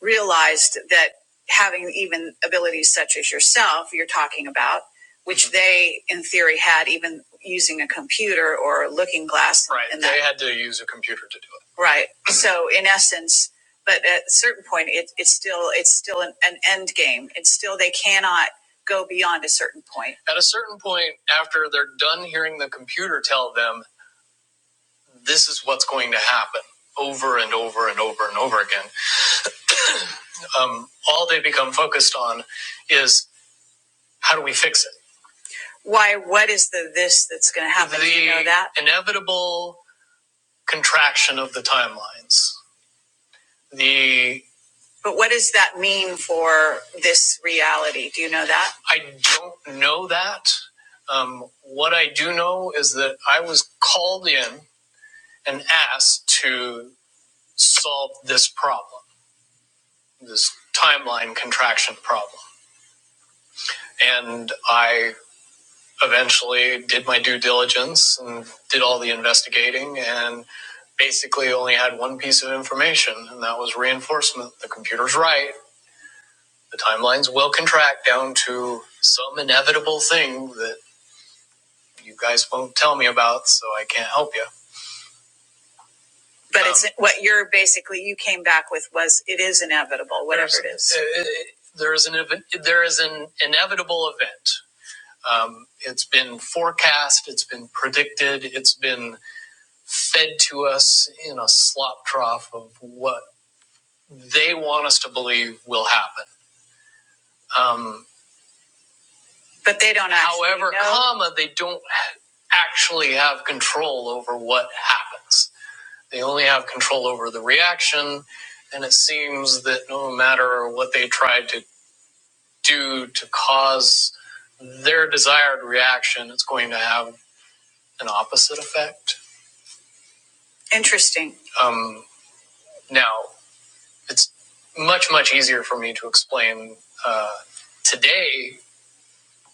realized that having even abilities such as yourself, you're talking about, which Mhm. they in theory had even using a computer or a looking glass. Right, and that. they had to use a computer to do it. Right, [clears throat] so in essence, but at a certain point, it, it's still it's still an, an end game. It's still they cannot go beyond a certain point. At a certain point, after they're done hearing the computer tell them this is what's going to happen over and over and over and over again. Um, all they become focused on is how do we fix it? Why? What is the this that's going to happen? The Do you know that inevitable contraction of the timelines. The but what does that mean for this reality? Do you know that? I don't know that. Um, what I do know is that I was called in and asked to solve this problem this timeline contraction problem. And I eventually did my due diligence and did all the investigating and basically only had one piece of information, and that was reinforcement. The computer's right. The timelines will contract down to some inevitable thing that you guys won't tell me about, so I can't help you. But um, it's Um, what you're basically you came back with was it is inevitable, whatever it there's- There is an there is an inevitable event Um, it's been forecast, it's been predicted, it's been fed to us in a slop trough of what they want us to believe will happen. Um, but they don't actually. However, know. comma, they don't actually have control over what happens. They only have control over the reaction, and it seems that no matter what they try to do to cause their desired reaction, it's going to have an opposite effect. Interesting. Um, now, it's much, much easier for me to explain uh, today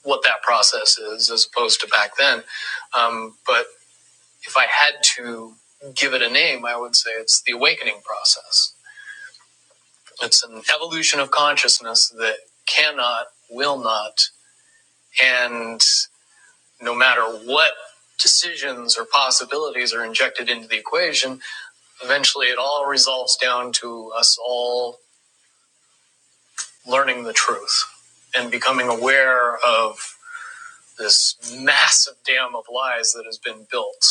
what that process is as opposed to back then. Um, but if I had to give it a name, I would say it's the awakening process. It's an evolution of consciousness that cannot, will not, and no matter what decisions or possibilities are injected into the equation, eventually it all resolves down to us all learning the truth and becoming aware of this massive dam of lies that has been built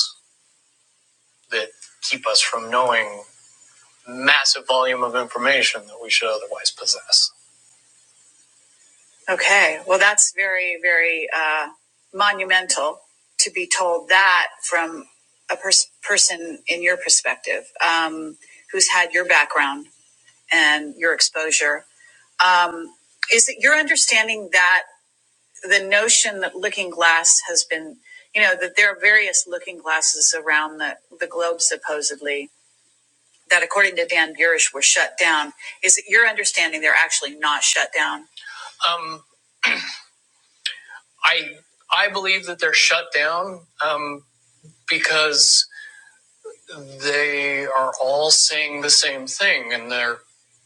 that keep us from knowing massive volume of information that we should otherwise possess. Okay, well, that's very, very uh, monumental to be told that from a pers- person in your perspective um, who's had your background and your exposure. Um, is it your understanding that? the notion that looking glass has been you know that there are various looking glasses around the, the globe supposedly that according to dan burish were shut down is it your understanding they're actually not shut down um, i i believe that they're shut down um, because they are all saying the same thing and they're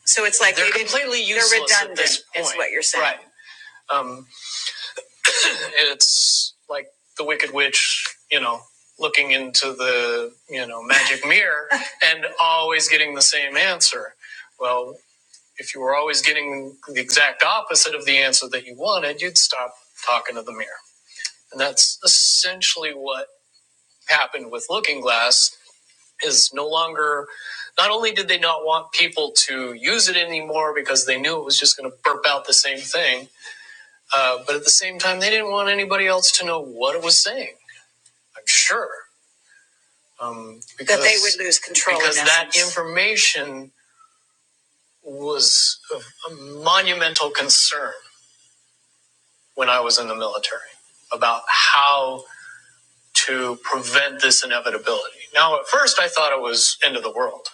so it's like they're they didn't- completely useless they're useless at this redundant, is what you're saying right Um, it's like the Wicked Witch, you know, looking into the, you know, magic mirror [laughs] and always getting the same answer. Well, if you were always getting the exact opposite of the answer that you wanted, you'd stop talking to the mirror. And that's essentially what happened with Looking Glass is no longer not only did they not want people to use it anymore because they knew it was just going to burp out the same thing uh, but at the same time, they didn't want anybody else to know what it was saying. I'm sure um, because that they would lose control because in that information was of a monumental concern when I was in the military about how to prevent this inevitability. Now, at first, I thought it was end of the world.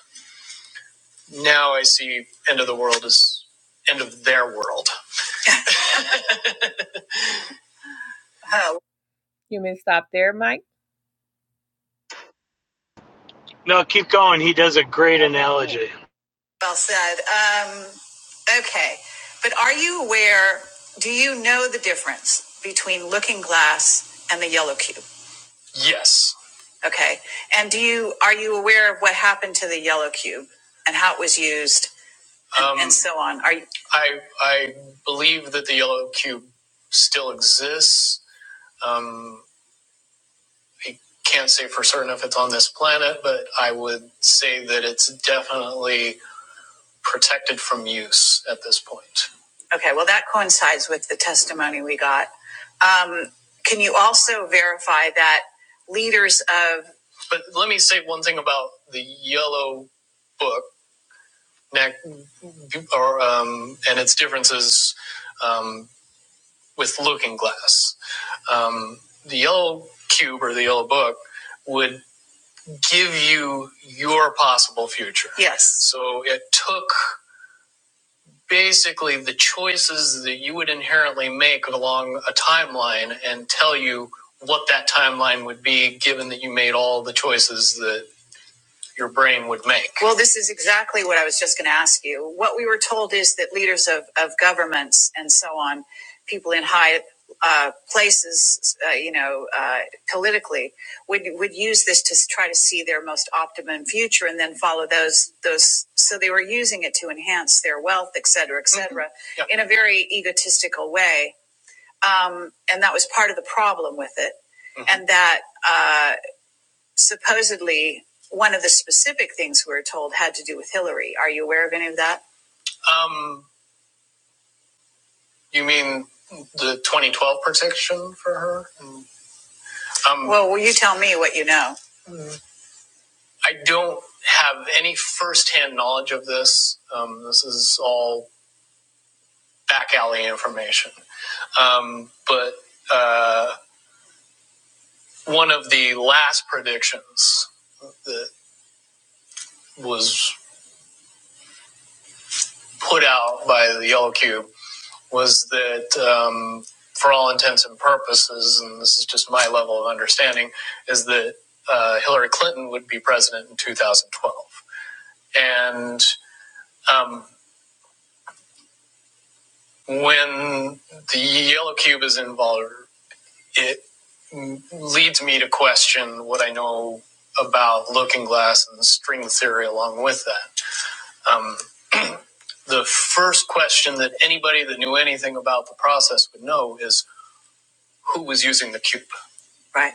Now I see end of the world as end of their world. Oh. You mean stop there, Mike?
No, keep going. He does a great
Okay, cool.
analogy.
Well said. Um, okay. But are you aware, do you know the difference between looking glass and the yellow cube? Yes. Okay. And do you are you aware of what happened to the yellow cube and how it was used and, Um, and so on? Are you I I believe that the yellow cube still exists. Um, I can't say for certain if it's on this planet, but I would say that it's definitely protected from use at this point. Okay, well, that coincides with the testimony we got. Um, can you also verify that leaders of. But let me say one thing about the yellow book, or, um, and its differences um, with Looking Glass. Um, the yellow cube or the yellow book would give you your possible future. Yes. So it took basically the choices that you would inherently make along a timeline and tell you what that timeline would be given that you made all the choices your brain would make. Well, this is exactly what I was just going to ask you. What we were told is that leaders of, of governments and so on, people in high uh, places, uh, you know, uh, politically, would would use this to try to see their most optimum future and then follow those those. So they were using it to enhance their wealth, et cetera, et cetera, Mhm. Yeah. in a very egotistical way. Um, and that was part of the problem with it, Mhm. and that. uh, supposedly one of the specific things we were told had to do with Hillary. Are you aware of any of that? Um, you mean the 2012 protection for her? Um, well, will you tell me what you know? I don't have any firsthand knowledge of this. Um, this is all back alley information. Um, but uh, one of the last predictions that was put out by the Yellow Cube was that um, for all intents and purposes, and this is just my level of understanding, is that uh, Hillary Clinton would be president in 2012. And um, when the yellow cube is involved, it leads me to question what I know about looking glass and string theory along with that. Um, the first question that anybody that knew anything about the process would know is who was using the cube? right?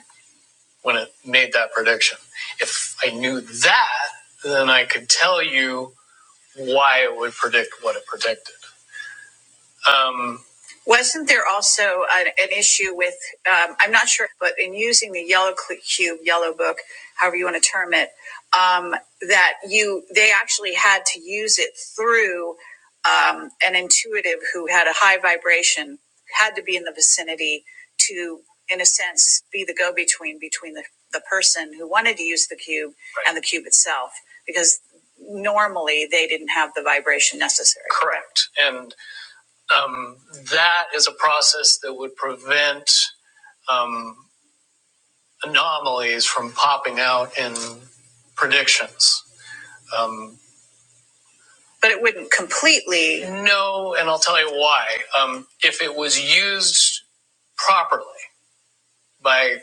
when it made that prediction. If I knew that, then I could tell you why it would predict what it predicted. Um, Wasn't there also an, an issue with, um, I'm not sure, but in using the yellow cl- cube, yellow book, however you want to term it, um, that you, they actually had to use it through, um, an intuitive who had a high vibration, had to be in the vicinity to, in a sense, be the go-between between the, the person who wanted to use the cube and the cube itself, because normally they didn't have the vibration necessary. Correct. And um, that is a process that would prevent um, anomalies from popping out in predictions. Um, but it wouldn't completely. No, and I'll tell you why. Um, if it was used properly by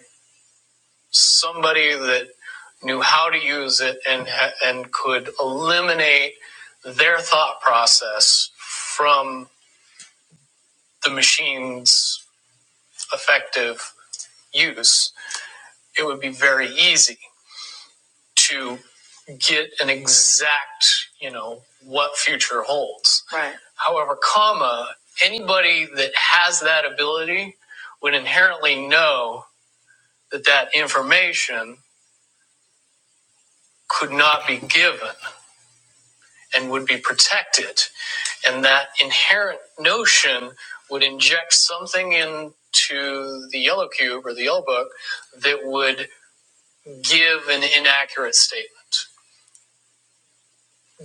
somebody that knew how to use it and and could eliminate their thought process from the machine's effective use, it would be very easy to get an exact, you know, what future holds. Right. However, comma, anybody that has that ability would inherently know that that information could not be given and would be protected. And that inherent notion would inject something into the yellow cube or the yellow book that would give an inaccurate statement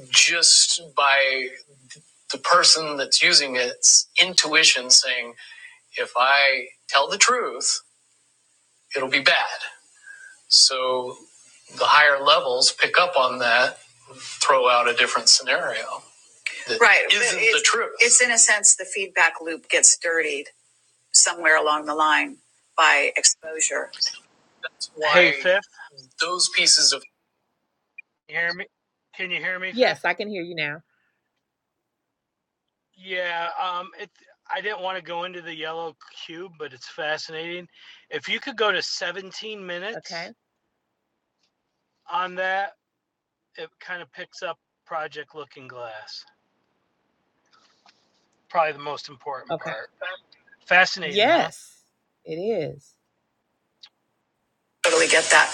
just by the person that's using it's intuition saying, if I tell the truth, it'll be bad. So the higher levels pick up on that, throw out a different scenario. That Right. Isn't it's, the truth. It's in a sense the feedback loop gets dirtied somewhere along the line by exposure. That's
Hey,
why
Fifth,
those pieces of.
can you hear me? Can you hear me, Fifth?
Yes, I can hear you now.
Yeah, um, it. I didn't want to go into the yellow cube, but it's fascinating. If you could go to 17
Okay.
minutes on that, it kind of picks up Project Looking Glass. Probably the most important
Okay.
part. Fascinating, huh?
Yes, it is. Totally get that.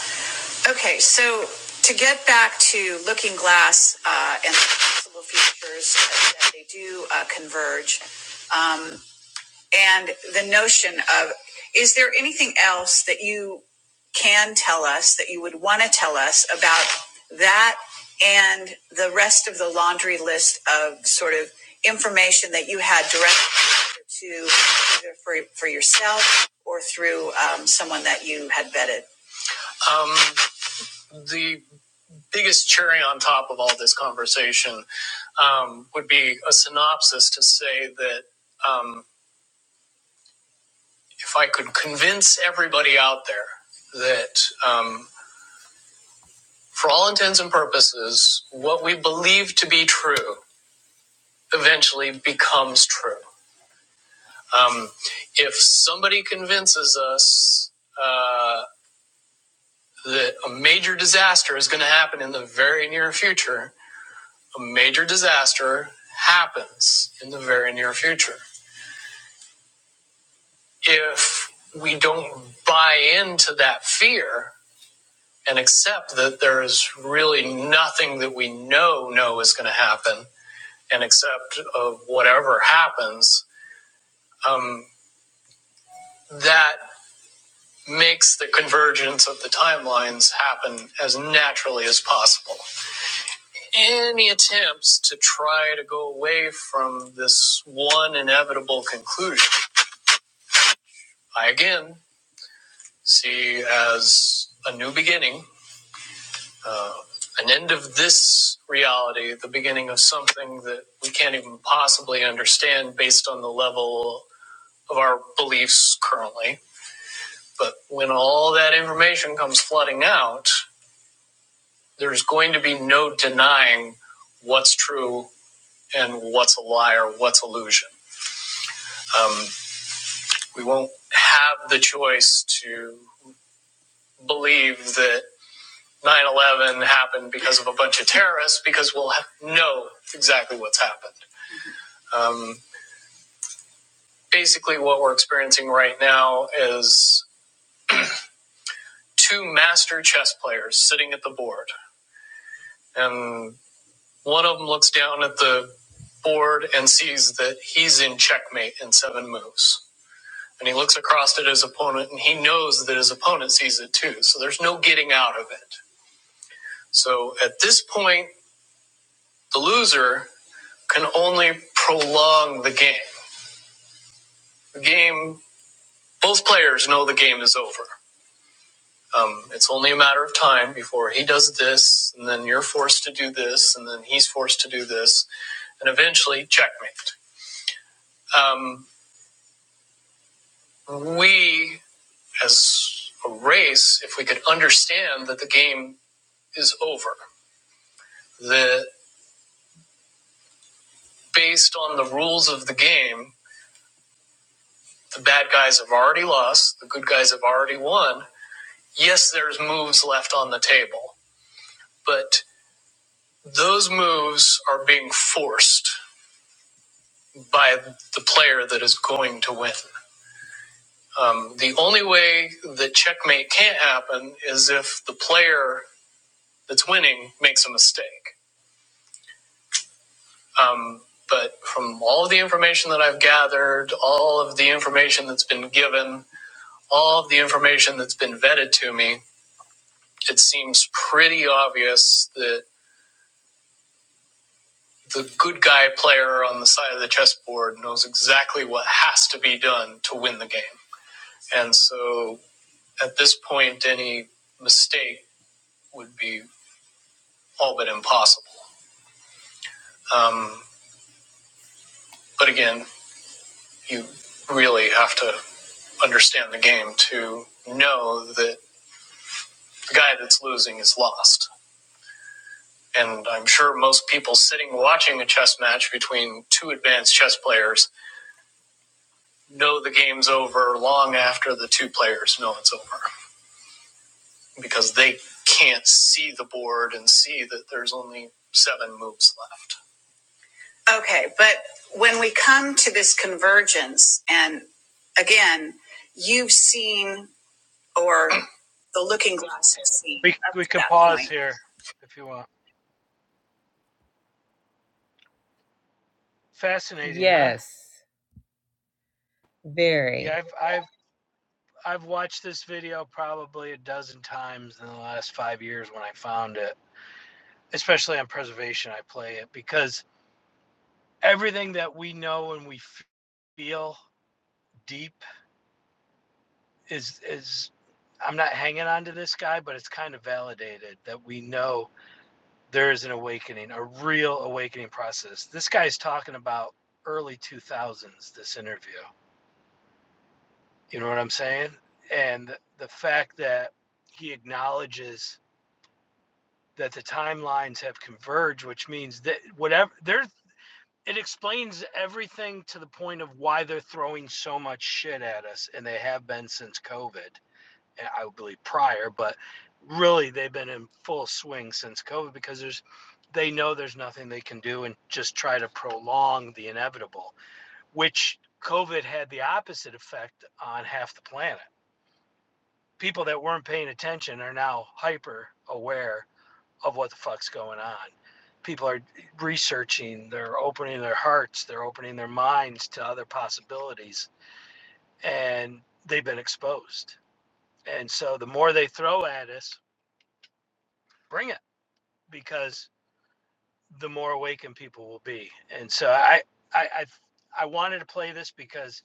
Okay, so to get back to Looking Glass uh, and possible futures that that they do uh, converge, um, and the notion of is there anything else that you can tell us that you would want to tell us about that and the rest of the laundry list of sort of information that you had direct to either for, for yourself or through um, someone that you had vetted? Um, the biggest cherry on top of all this conversation um, would be a synopsis to say that um, if I could convince everybody out there that, um, for all intents and purposes, what we believe to be true eventually becomes true. Um, if somebody convinces us uh, that a major disaster is going to happen in the very near future, a major disaster happens in the very near future. If we don't buy into that fear and accept that there is really nothing that we know know is going to happen and accept of whatever happens, um, that makes the convergence of the timelines happen as naturally as possible. Any attempts to try to go away from this one inevitable conclusion, I again see as a new beginning, uh, an end of this reality, the beginning of something that we can't even possibly understand based on the level of our beliefs currently. But when all that information comes flooding out, there's going to be no denying what's true and what's a lie or what's illusion. Um, we won't have the choice to believe that 9-11 happened because of a bunch of terrorists because we'll have know exactly what's happened um, basically what we're experiencing right now is two master chess players sitting at the board and one of them looks down at the board and sees that he's in checkmate in seven moves and he looks across at his opponent and he knows that his opponent sees it too so there's no getting out of it so at this point the loser can only prolong the game game, both players know the game is over. Um, it's only a matter of time before he does this, and then you're forced to do this, and then he's forced to do this, and eventually, checkmate. Um, we, as a race, if we could understand that the game is over, that based on the rules of the game, the bad guys have already lost, the good guys have already won. Yes, there's moves left on the table, but Those moves are being forced by the player that is going to win. Um, the only way that checkmate can't happen is if the player that's winning makes a mistake. Um, but from all of the information that I've gathered, all of the information that's been given, all of the information that's been vetted to me, it seems pretty obvious that the good guy player on the side of the chessboard knows exactly what has to be done to win the game. And so at this point, any mistake would be all but impossible. Um, but again, you really have to understand the game to know that the guy that's losing is lost. And I'm sure most people sitting watching a chess match between two advanced chess players know the game's over long after the two players know it's over because they can't see the board and see that there's only seven moves left. Okay, but when we come to this convergence, and again, you've seen or the looking glass has seen
We
up
we
to
can
that
pause
point.
here if you want. Fascinating, huh?
Yes, very.
Yeah, I've I've I've watched this video probably a dozen times in the last five years when I found it. Especially on preservation, I play it because everything that we know and we feel deep is is I'm not hanging on to this guy, but it's kind of validated that we know there is an awakening, a real awakening process. This guy's talking about early 2000s, this interview. You know what I'm saying? And the fact that he acknowledges that the timelines have converged, which means that whatever there, it explains everything to the point of why they're throwing so much shit at us, and they have been since COVID. eh, I believe prior, but really they've been in full swing since COVID because there's they know there's nothing they can do and just try to prolong the inevitable, which COVID had the opposite effect on half the planet. People that weren't paying attention are now hyper aware of what the fuck's going on. People are researching, they're opening their hearts, they're opening their minds to other possibilities, and they've been exposed. And so the more they throw at us, bring it. because the more awakened people will be. And so I, I, I, I wanted to play this because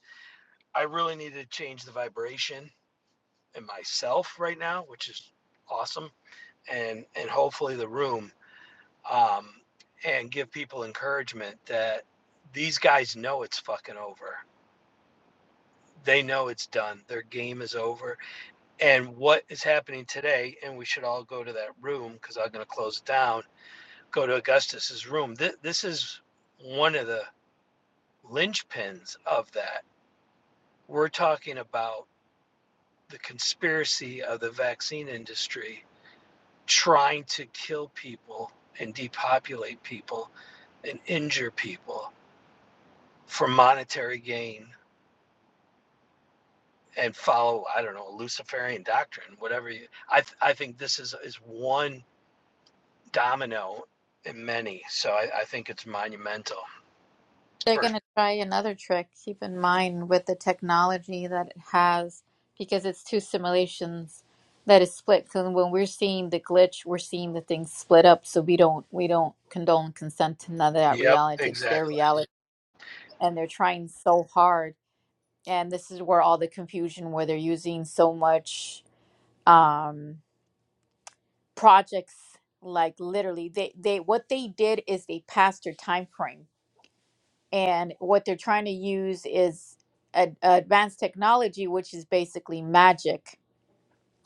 I really needed to change the vibration in myself right now, which is awesome, and and hopefully the room, um, and give people encouragement that these guys know it's fucking over. They know it's done. Their game is over. And what is happening today? And we should all go to that room because I'm going to close it down. Go to Augustus's room. Th- this is one of the linchpins of that. We're talking about the conspiracy of the vaccine industry trying to kill people and depopulate people and injure people for monetary gain and follow I don't know Luciferian doctrine whatever you I th- I think this is is one domino in many so I, I think it's monumental.
They're going to try another trick. Keep in mind with the technology that it has, because it's two simulations that is split. So when we're seeing the glitch, we're seeing the things split up. So we don't we don't condone consent to none of that
Yep,
reality. It's
exactly.
their reality, and they're trying so hard. And this is where all the confusion, where they're using so much um, projects. Like literally, they they what they did is they passed their time frame. and what they're trying to use is ad- advanced technology which is basically magic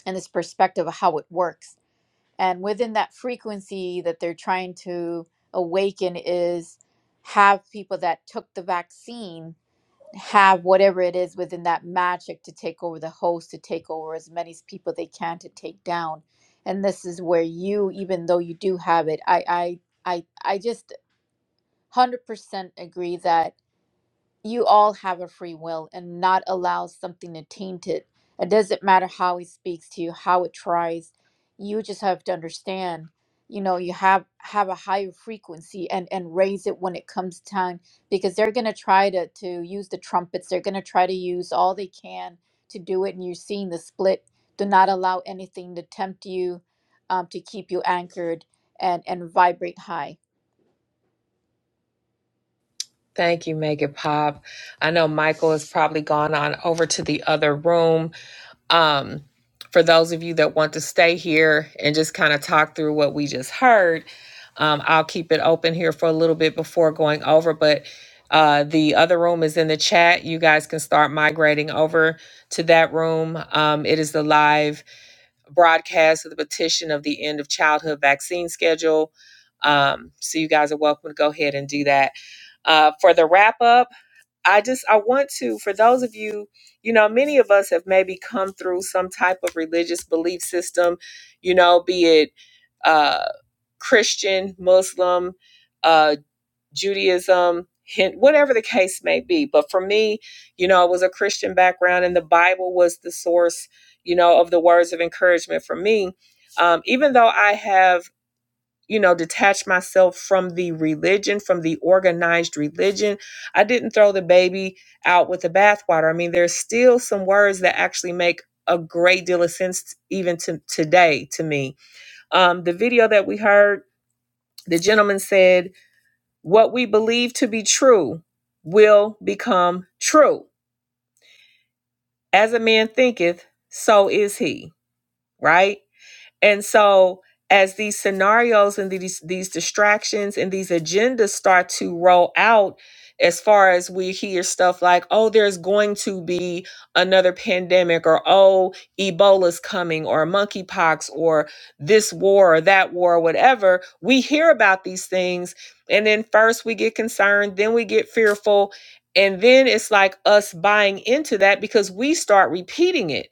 and this perspective of how it works and within that frequency that they're trying to awaken is have people that took the vaccine have whatever it is within that magic to take over the host to take over as many s- people they can to take down and this is where you even though you do have it i i i, I just 100% agree that you all have a free will and not allow something to taint it. It doesn't matter how it speaks to you, how it tries. You just have to understand, you know, you have have a higher frequency and and raise it when it comes time because they're gonna try to to use the trumpets. They're gonna try to use all they can to do it, and you're seeing the split. Do not allow anything to tempt you, um, to keep you anchored and and vibrate high.
Thank you, Megan Pop. I know Michael has probably gone on over to the other room. Um, for those of you that want to stay here and just kind of talk through what we just heard, um, I'll keep it open here for a little bit before going over. But uh, the other room is in the chat. You guys can start migrating over to that room. Um, it is the live broadcast of the petition of the end of childhood vaccine schedule. Um, so you guys are welcome to go ahead and do that uh, for the wrap up i just i want to for those of you you know many of us have maybe come through some type of religious belief system you know be it uh, christian muslim uh, judaism Hin- whatever the case may be but for me you know it was a christian background and the bible was the source you know of the words of encouragement for me um, even though i have you know, detach myself from the religion, from the organized religion. I didn't throw the baby out with the bathwater. I mean, there's still some words that actually make a great deal of sense even to today to me. Um, the video that we heard, the gentleman said, What we believe to be true will become true. As a man thinketh, so is he, right? And so as these scenarios and these these distractions and these agendas start to roll out as far as we hear stuff like oh there's going to be another pandemic or oh ebola's coming or monkeypox or this war or that war or whatever we hear about these things and then first we get concerned then we get fearful and then it's like us buying into that because we start repeating it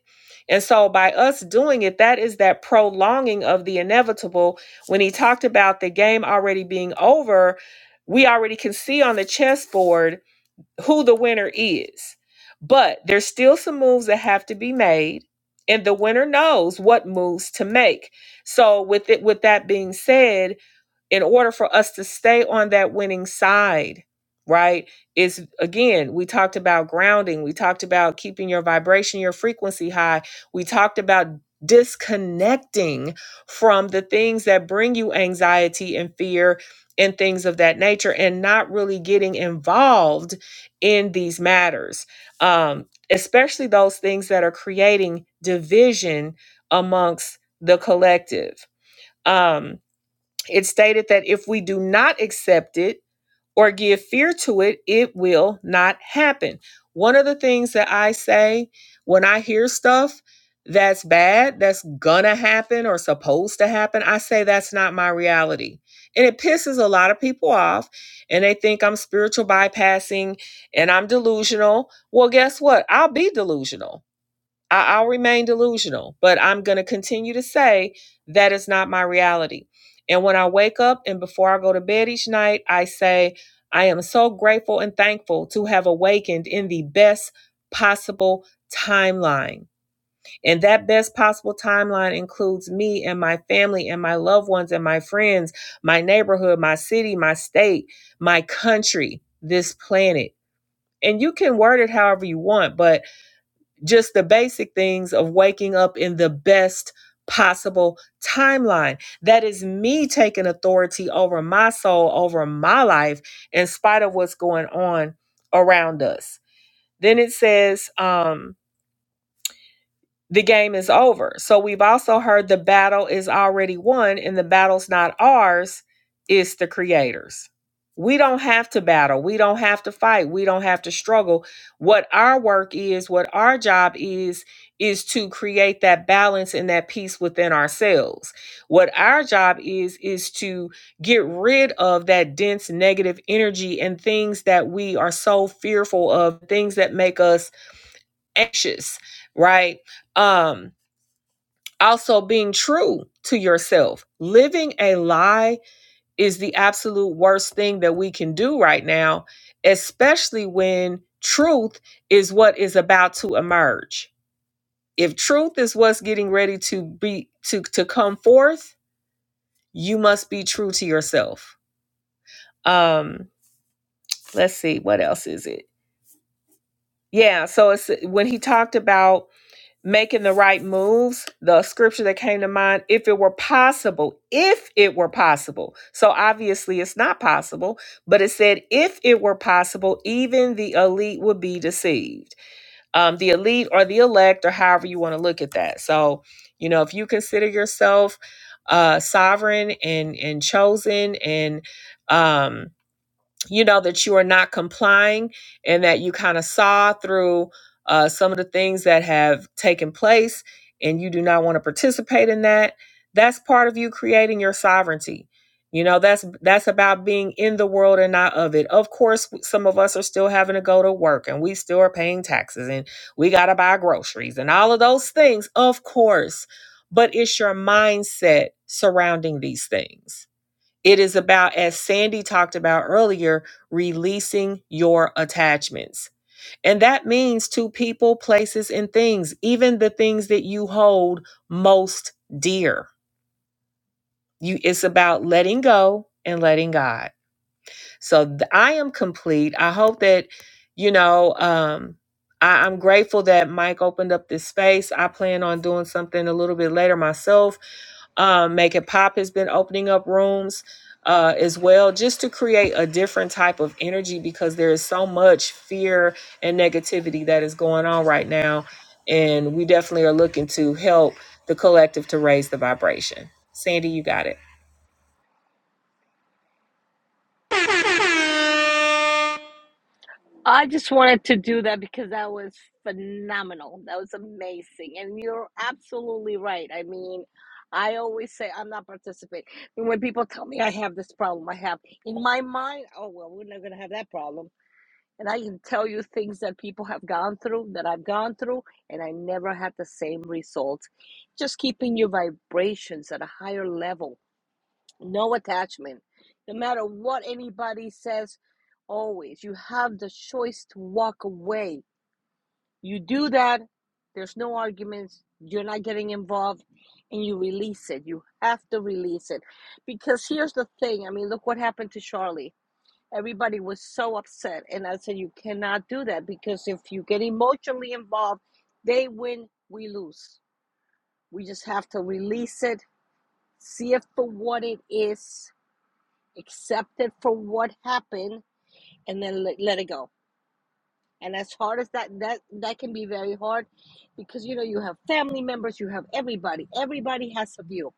and so, by us doing it, that is that prolonging of the inevitable. When he talked about the game already being over, we already can see on the chessboard who the winner is. But there's still some moves that have to be made, and the winner knows what moves to make. So, with it, with that being said, in order for us to stay on that winning side, right? Is again, we talked about grounding, we talked about keeping your vibration, your frequency high, we talked about disconnecting from the things that bring you anxiety and fear and things of that nature and not really getting involved in these matters um, especially those things that are creating division amongst the collective Um, it stated that if we do not accept it or give fear to it, it will not happen. One of the things that I say when I hear stuff that's bad, that's gonna happen or supposed to happen, I say that's not my reality. And it pisses a lot of people off and they think I'm spiritual bypassing and I'm delusional. Well, guess what? I'll be delusional I, I'll remain delusional, but I'm going to continue to say that is not my reality. And when I wake up and before I go to bed each night, I say, I am so grateful and thankful to have awakened in the best possible timeline. And that best possible timeline includes me and my family and my loved ones and my friends, my neighborhood, my city, my state, my country, this planet. And you can word it however you want, but just the basic things of waking up in the best possible timeline. That is me taking authority over my soul, over my life, in spite of what's going on around us. Then it says, um, the game is over. So we've also heard the battle is already won and the battle's not ours, it's the creators. We don't have to battle. We don't have to fight. We don't have to struggle. What our work is, what our job is, is to create that balance and that peace within ourselves. What our job is, is to get rid of that dense negative energy and things that we are so fearful of, things that make us anxious, right? Um, also being true to yourself. Living a lie is the absolute worst thing that we can do right now, especially when truth is what is about to emerge. If truth is what's getting ready to be to to come forth, you must be true to yourself. Um, let's see what else is it? Yeah, so it's when he talked about making the right moves, the scripture that came to mind, if it were possible, if it were possible. So obviously it's not possible, but it said, if it were possible, even the elite would be deceived. Um, the elite or the elect, or however you want to look at that. So, you know, if you consider yourself uh sovereign and and chosen and um you know that you are not complying and that you kind of saw through uh, some of the things that have taken place and you do not want to participate in that that's part of you creating your sovereignty you know that's that's about being in the world and not of it of course some of us are still having to go to work and we still are paying taxes and we got to buy groceries and all of those things of course but it's your mindset surrounding these things it is about, as Sandy talked about earlier, releasing your attachments. And that means to people, places, and things, even the things that you hold most dear. You, it's about letting go and letting God. So th- I am complete. I hope that, you know, um, I, I'm grateful that Mike opened up this space. I plan on doing something a little bit later myself. Um, Make It Pop has been opening up rooms uh, as well, just to create a different type of energy because there is so much fear and negativity that is going on right now. And we definitely are looking to help the collective to raise the vibration. Sandy, you got it.
I just wanted to do that because that was phenomenal. That was amazing, and you're absolutely right. I mean. I always say I'm not participating. And when people tell me I have this problem, I have in my mind, oh well, we're not gonna have that problem And I can tell you things that people have gone through, that I've gone through, and I never had the same result. Just keeping your vibrations at a higher level, no attachment. No matter what anybody says, always, you have the choice to walk away. You do that, there's no arguments, you're not getting involved, and you release it. You have to release it. Because here's the thing I mean, look what happened to Charlie Everybody was so upset. And I said, You cannot do that because if you get emotionally involved, they win, we lose. We just have to release it, see it for what it is, accept it for what happened, and then let, let it go. And as hard as that, that that can be very hard because you know you have family members, you have everybody. Everybody has a view.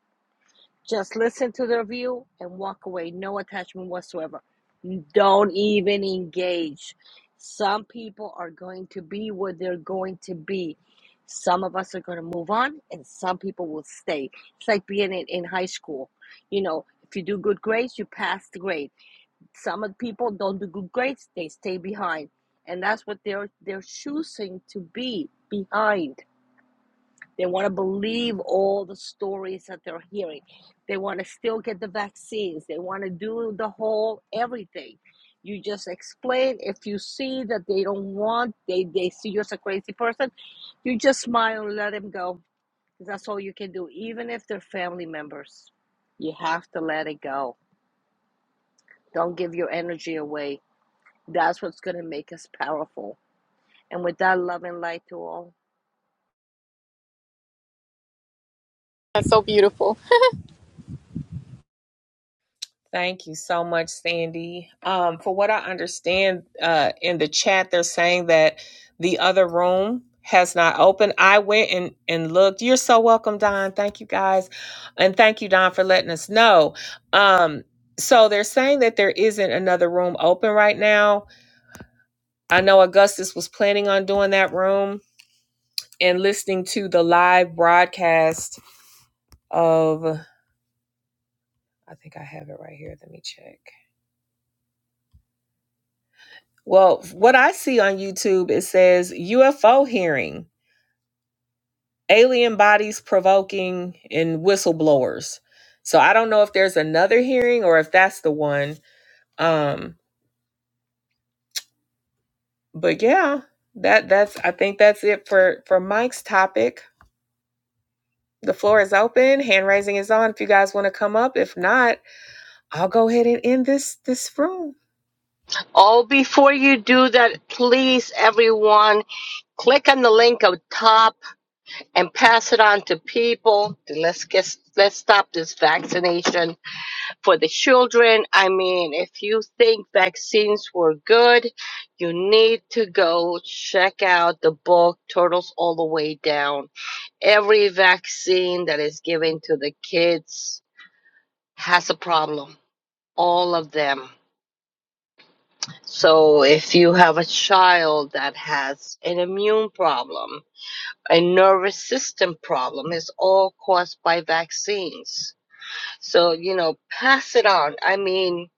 Just listen to the review and walk away. No attachment whatsoever. Don't even engage. Some people are going to be where they're going to be. Some of us are going to move on, and some people will stay. It's like being in, in high school. You know, if you do good grades, you pass the grade. Some of the people don't do good grades; they stay behind, and that's what they're they're choosing to be behind. They want to believe all the stories that they're hearing. They want to still get the vaccines. They want to do the whole everything. You just explain. If you see that they don't want, they, they see you as a crazy person, you just smile and let them go. That's all you can do, even if they're family members. You have to let it go. Don't give your energy away. That's what's going to make us powerful. And with that, love and light to all.
That's so beautiful.
Thank you so much, Sandy. Um, for what I understand uh, in the chat, they're saying that the other room has not opened. I went and, and looked. You're so welcome, Don. Thank you, guys. And thank you, Don, for letting us know. Um, so they're saying that there isn't another room open right now. I know Augustus was planning on doing that room and listening to the live broadcast of, I think I have it right here. Let me check. Well, what I see on YouTube, it says UFO hearing, alien bodies provoking, and whistleblowers. So I don't know if there's another hearing or if that's the one. Um, but yeah, that that's I think that's it for for Mike's topic. The floor is open. Hand raising is on. If you guys want to come up, if not, I'll go ahead and end this this room.
Oh, before you do that, please, everyone. click on the link up top and pass it on to people. Let's get let's stop this vaccination for the children. I mean, if you think vaccines were good, you need to go check out the book Turtles All the Way Down. Every vaccine that is given to the kids has a problem. All of them. So if you have a child that has an immune problem, a nervous system problem is all caused by vaccines. So, you know, pass it on. I mean,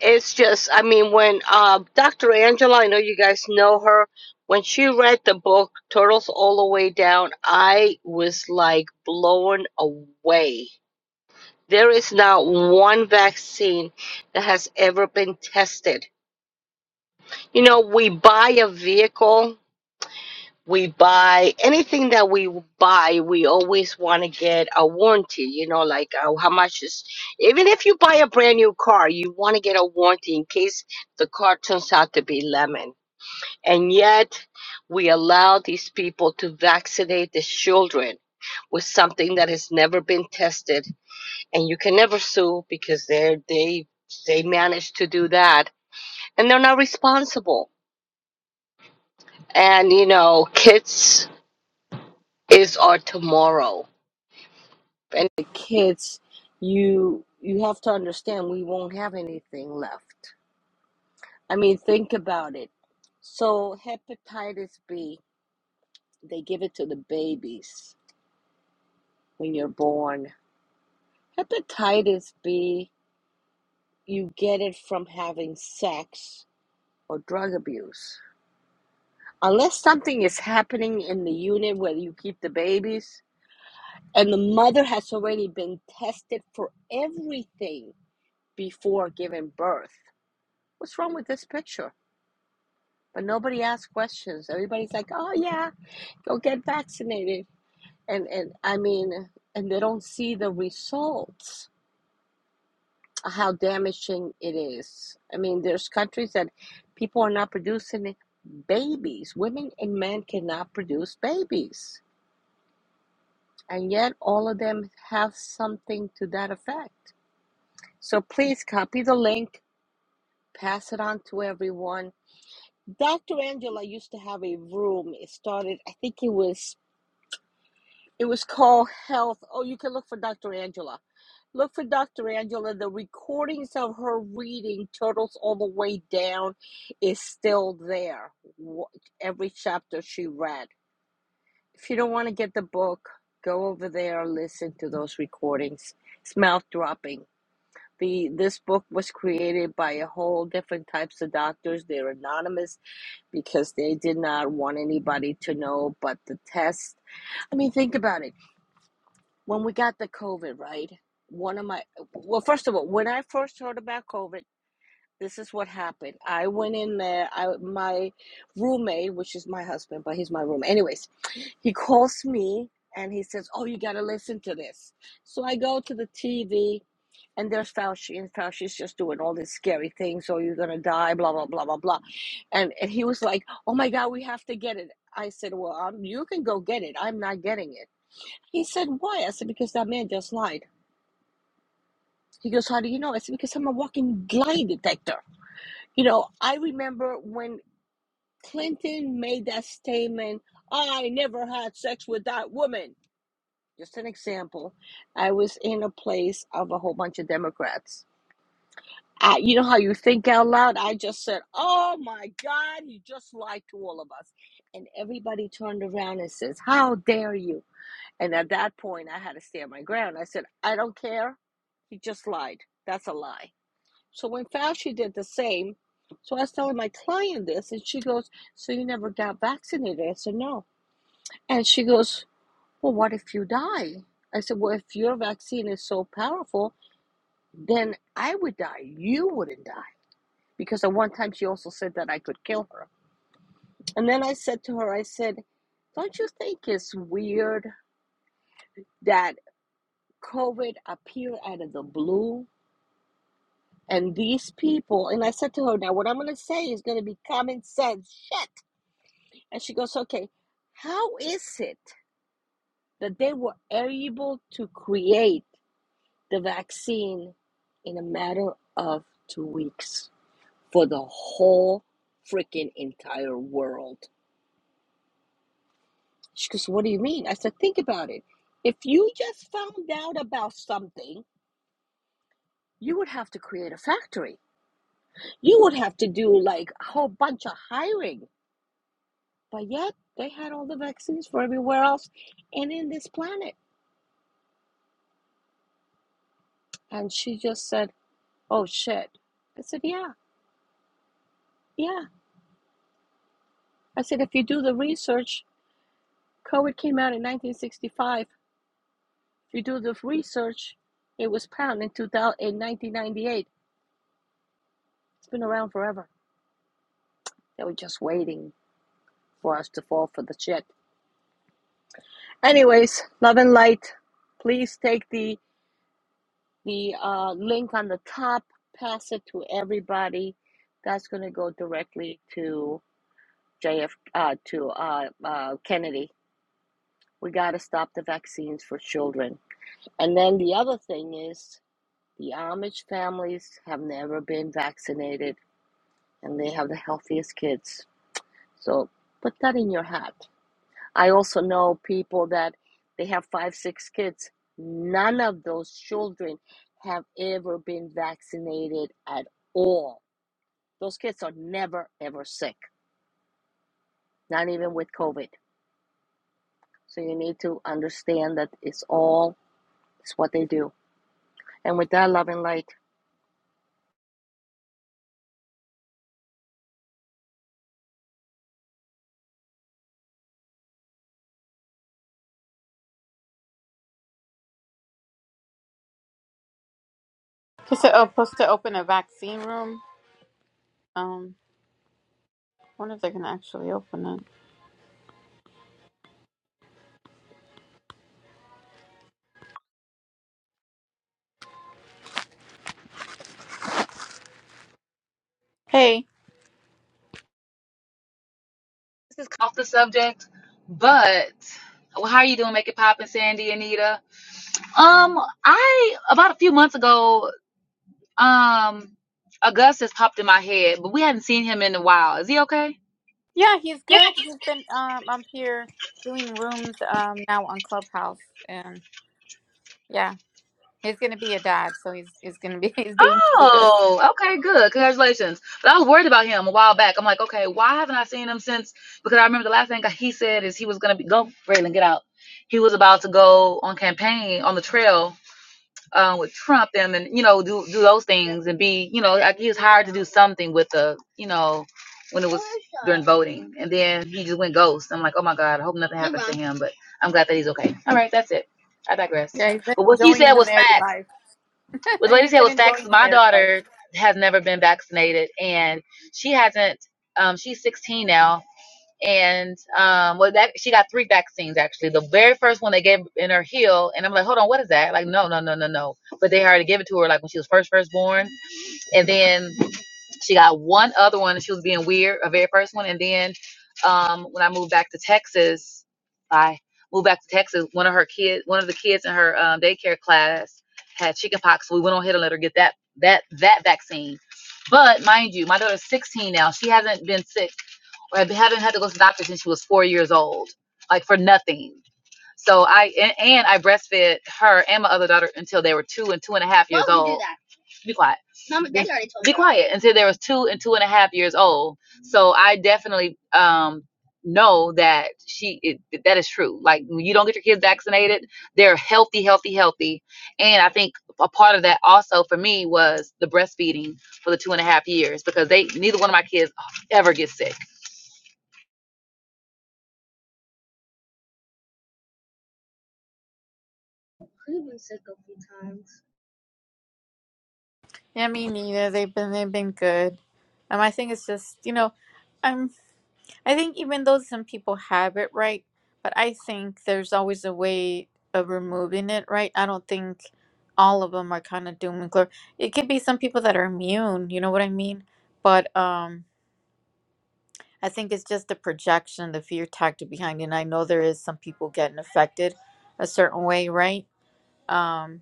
it's just, I mean, when uh, Dr. Angela, I know you guys know her, when she read the book, Turtles All the Way Down, I was like blown away. There is not one vaccine that has ever been tested. You know, we buy a vehicle we buy anything that we buy we always want to get a warranty you know like uh, how much is even if you buy a brand new car you want to get a warranty in case the car turns out to be lemon and yet we allow these people to vaccinate the children with something that has never been tested and you can never sue because they they they managed to do that and they're not responsible and you know kids is our tomorrow and the kids you you have to understand we won't have anything left i mean think about it so hepatitis b they give it to the babies when you're born hepatitis b you get it from having sex or drug abuse unless something is happening in the unit where you keep the babies and the mother has already been tested for everything before giving birth what's wrong with this picture But nobody asks questions. Everybody's like, "Oh yeah, go get vaccinated," and and I mean, and they don't see the results, how damaging it is. I mean, there's countries that people are not producing babies. Women and men cannot produce babies, and yet all of them have something to that effect. So please copy the link, pass it on to everyone. Dr. Angela used to have a room. It started, I think it was It was called Health. Oh, you can look for Dr. Angela. Look for Dr. Angela. The recordings of her reading Turtles All the Way Down is still there. Every chapter she read. If you don't want to get the book, go over there and listen to those recordings. It's mouth dropping. The this book was created by a whole different types of doctors. They're anonymous because they did not want anybody to know. But the test. I mean, think about it when we got the COVID, right? One of my, well, first of all, when I first heard about COVID, this is what happened. I went in there. I my roommate, which is my husband, but he's my room. Anyways, he calls me and he says, "Oh, you gotta listen to this." So I go to the TV, and there's Fauci, and Fauci's just doing all these scary things. Oh, you're gonna die, blah blah blah blah blah, and and he was like, "Oh my God, we have to get it." I said, "Well, um, you can go get it. I'm not getting it." He said, Why? I said, Because that man just lied. He goes, How do you know? I said, Because I'm a walking lie detector. You know, I remember when Clinton made that statement, I never had sex with that woman. Just an example. I was in a place of a whole bunch of Democrats. I, you know how you think out loud? I just said, Oh my God, you just lied to all of us. And everybody turned around and says, How dare you? And at that point, I had to stand my ground. I said, I don't care. He just lied. That's a lie. So when Fauci did the same, so I was telling my client this, and she goes, So you never got vaccinated? I said, No. And she goes, Well, what if you die? I said, Well, if your vaccine is so powerful, then I would die. You wouldn't die. Because at one time she also said that I could kill her. And then I said to her, I said, Don't you think it's weird that COVID appeared out of the blue And these people, and I said to her, now what I'm going to say is going to be common sense shit. And she goes, okay, how is it that they were able to create the vaccine in a matter of two weeks for the whole freaking entire world? She goes, what do you mean? I said, think about it. If you just found out about something, you would have to create a factory. You would have to do like a whole bunch of hiring But yet they had all the vaccines for everywhere else and in this planet. And she just said, Oh shit. I said, Yeah, yeah. I said, if you do the research, COVID came out in 1965. If you do the research, it was found in, 2000, in 1998. It's been around forever. They were just waiting for us to fall for the shit. Anyways, love and light. Please take the the uh, link on the top, pass it to everybody. That's going to go directly to JF uh, to uh, uh, Kennedy. We got to stop the vaccines for children. And then the other thing is the Amish families have never been vaccinated, and they have the healthiest kids. So put that in your hat. I also know people that they have five, six kids. None of those children have ever been vaccinated at all. Those kids are never, ever sick, not even with COVID. So you need to understand that it's all It's what they do. And with that love and light,
It's a, uh, supposed to open a vaccine room. wonder if they can actually open it. Hey,
just off the subject, but well, how are you doing? Make it poppin', Sandy, Anita. Um, I about a few months ago, um, Augustus popped in my head, but we hadn't seen him in a while. Is he okay?
yeah, he's
Yeah.
good. He's been um up here doing rooms um now on Clubhouse, and yeah, he's gonna be a dad, so he's he's gonna be [laughs] he's doing pretty good.
Oh, okay, good. Congratulations. But I was worried about him a while back. I'm like, okay, why haven't I seen him since? Because I remember the last thing he said is he was gonna be go, Raylan, get out. He was about to go on campaign on the trail uh, with Trump them and you know do do those things and be you know like he was hired to do something with the you know when it was during voting and then he just went ghost. I'm like, oh my god, I hope nothing happens to him, but I'm glad that he's okay. All right, that's it. I digress.
Yeah, he's been
But what she
enjoying
said
the
was
married
facts.
life. [laughs]
What the lady
he's
said
been
was facts.
enjoying the
My
married life.
daughter has never been vaccinated and she hasn't. Um, she's 16 now and um well that she got three vaccines actually the very first one they gave in her heel and i'm like hold on what is that like no no no no no but they already gave it to her like when she was first first born and then she got one other one and she was being weird a very first one and then um when i moved back to texas i moved back to texas one of her kids one of the kids in her um, daycare class had chickenpox so we went on ahead and let her get that that that vaccine but mind you my daughter's 16 now she hasn't been sick I haven't had to go to the doctor since she was four years old, like for nothing. So I and, and I breastfed her and my other daughter until they were two and two and a half years old. Be quiet. be, be quiet until they was two and two and a half years old. So I definitely um know that she it, that is true. Like when you don't get your kids vaccinated, they're healthy, healthy, healthy. And I think a part of that also for me was the breastfeeding for the two and a half years because they neither one of my kids ever gets sick
Yeah, me neither. They've been they've been good. Um, I think it's just you know. I'm. I think even though some people have it right, but I think there's always a way of removing it right. I don't think all of them are kind of doom and gloom. It could be some people that are immune, you know what I mean? But um I think it's just the projection, the fear tactic behind it. And I know there is some people getting affected a certain way, right? Um,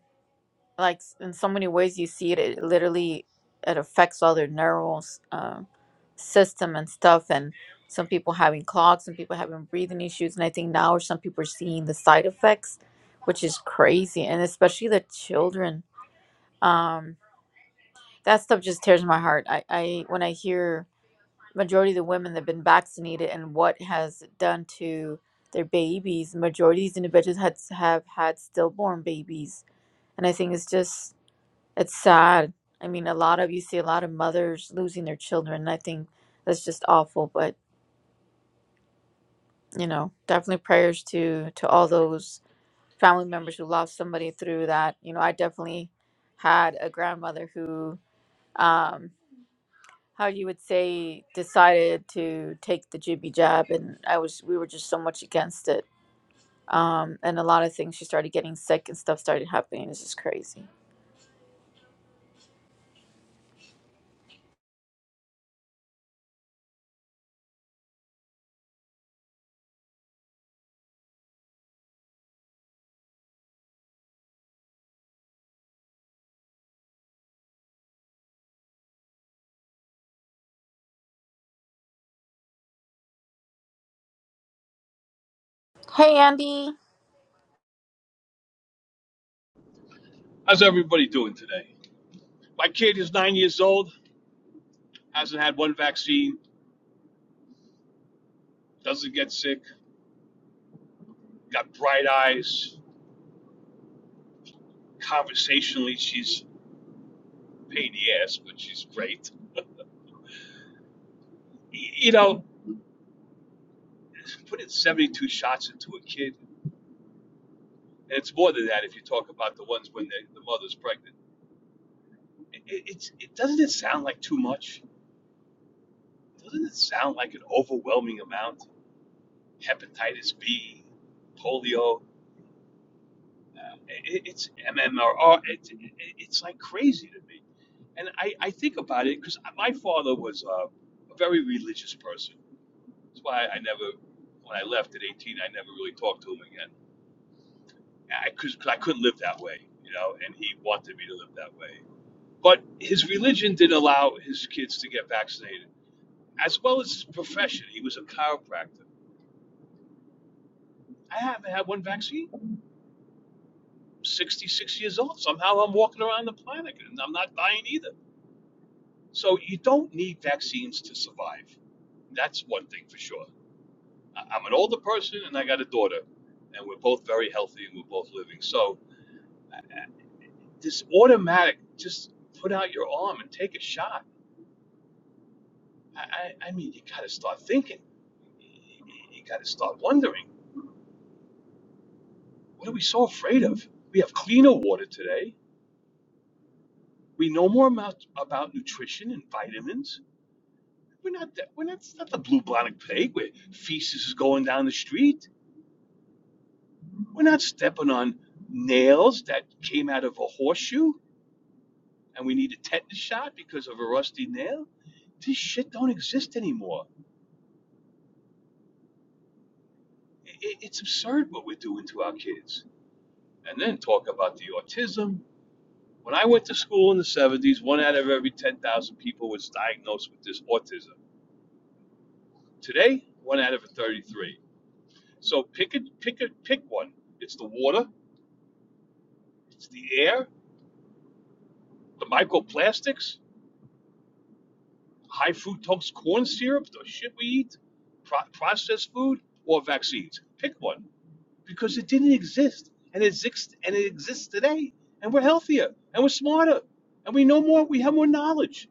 like s- in so many ways you see it, it literally it affects all their neural s- uh, system and stuff and some people having clogs some people having breathing issues and i think now some people are seeing the side effects which is crazy and especially the children um that stuff just tears my heart i i when i hear majority of the women that have been vaccinated and what has it done to their babies majority of these individuals had have had stillborn babies and i think it's just it's sad. I mean, a lot of you see a lot of mothers losing their children. I think that's just awful. But you know, definitely prayers to to all those family members who lost somebody through that. You know, I definitely had a grandmother who, um, how you would say, decided to take the jibby jab, and I was we were just so much against it. Um, and a lot of things she started getting sick and stuff started happening. It's just crazy. Hey, Andy.
How's everybody doing today? My kid is nine years old, hasn't had one vaccine, doesn't get sick, got bright eyes. Conversationally, she's a pain in the ass, but she's great. You know, putting 72 shots into a kid, and it's more than that if you talk about the ones when the, mother's pregnant. It, it, it, doesn't it sound like too much? Doesn't it sound like an overwhelming amount? Hepatitis B, polio, uh, it, it's MMR. It, it, it's like crazy to me And I, I think about it because my father was a, a very religious person. That's why I never, when I left at 18, I never really talked to him again. I, because I couldn't live that way, you know, and he wanted me to live that way. But his religion didn't allow his kids to get vaccinated, as well as his profession. He was a chiropractor. I haven't had one vaccine. I'm 66 years old. Somehow I'm walking around the planet and I'm not dying either. So you don't need vaccines to survive. That's one thing for sure. I- I'm an older person and I got a daughter, and we're both very healthy and we're both living. So this automatic, just put out your arm and take a shot. I, I, I mean, you got to start thinking. You got to start wondering. What are we so afraid of? We have cleaner water today. We know more about, about nutrition and vitamins. We're not that, we're not, it's not the blue blonic plague where feces is going down the street. We're not stepping on nails that came out of a horseshoe. and we need a tetanus shot because of a rusty nail. This shit don't exist anymore. It, it's absurd what we're doing to our kids. And then talk about the autism. When I went to school in the 70s, one out of every 10,000 people was diagnosed with this autism. Today, one out of 33. So pick a, pick a, pick one. It's the water, it's the air, the microplastics, high fructose corn syrup, the shit we eat, pro- processed food, or vaccines. Pick one. because it didn't exist and it exists and it exists today and we're healthier and we're smarter and we know more we have more knowledge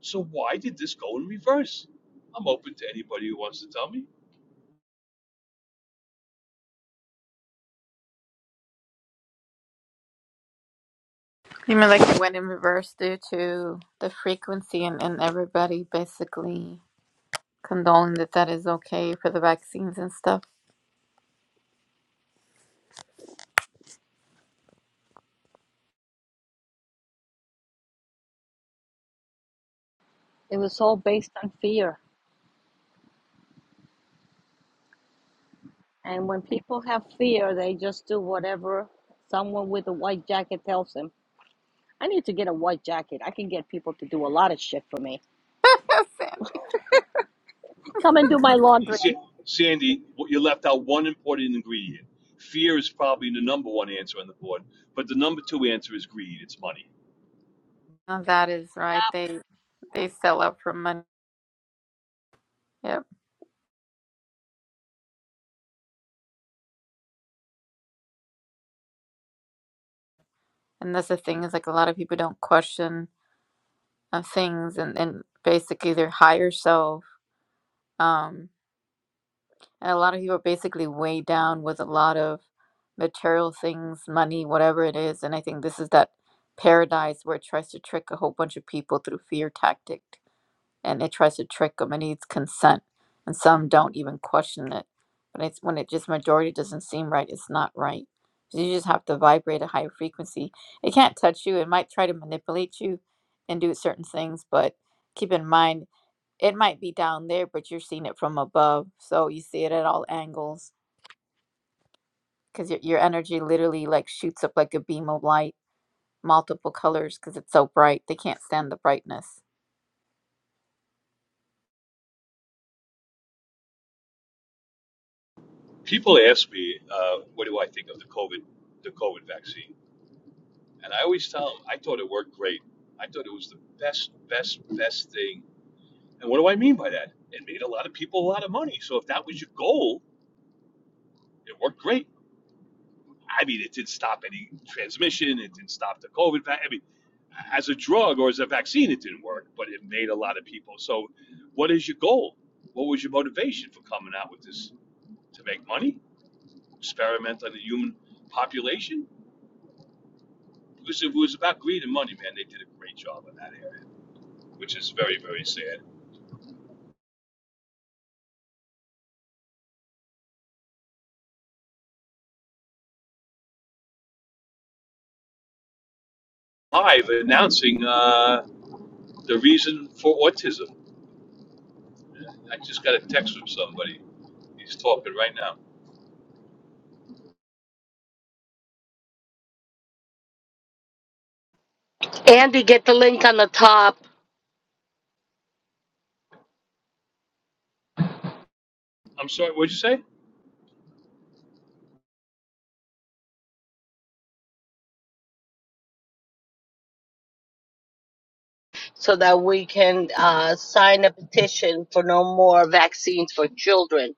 so why did this go in reverse i'm open to anybody who wants to tell me
I mean, like it went in reverse due to the frequency and, and everybody basically condoling that that is okay for the vaccines and stuff. [laughs]
it was all based on fear. And when people have fear, they just do whatever someone with a white jacket tells them. I need to get a white jacket. I can get people to do a lot of shit for me. Come and do my
you
laundry.
see, sandy you left out one important ingredient fear is probably the number one answer on the board but the number two answer is greed it's money
Now that is right. They they sell out for money. Yep. And that's the thing is like a lot of people don't question uh, things and, and basically their higher self. Um, And a lot of people are basically weighed down with a lot of material things, money, whatever it is. And I think this is that paradise where it tries to trick a whole bunch of people through fear tactic and it tries to trick them. It needs consent. And some don't even question it. But it's when it just majority doesn't seem right, it's not right. So you just have to vibrate a higher frequency. It can't touch you. It might try to manipulate you and do certain things, but keep in mind it might be down there, but you're seeing it from above, so you see it at all angles because your your energy literally like shoots up like a beam of light, multiple colors because it's so bright. They can't stand the brightness.
people ask me uh, what do i think of the covid the covid vaccine and i always tell them i thought it worked great i thought it was the best best best thing And what do I mean by that? It made a lot of people a lot of money. So if that was your goal, it worked great. I mean, it didn't stop any transmission. It didn't stop the COVID. I mean, as a drug or as a vaccine, it didn't work, but it made a lot of people. So, what is your goal? What was your motivation for coming out with this? To make money? Experiment on the human population? Because if it was about greed and money, man, they did a great job in that area, which is very, very sad. Live announcing uh, the reason for autism. I just got a text from somebody He's talking right now.
Andy, get the link on the top
I'm sorry, what'd you say?
so that we can uh, sign a petition for no more vaccines for children.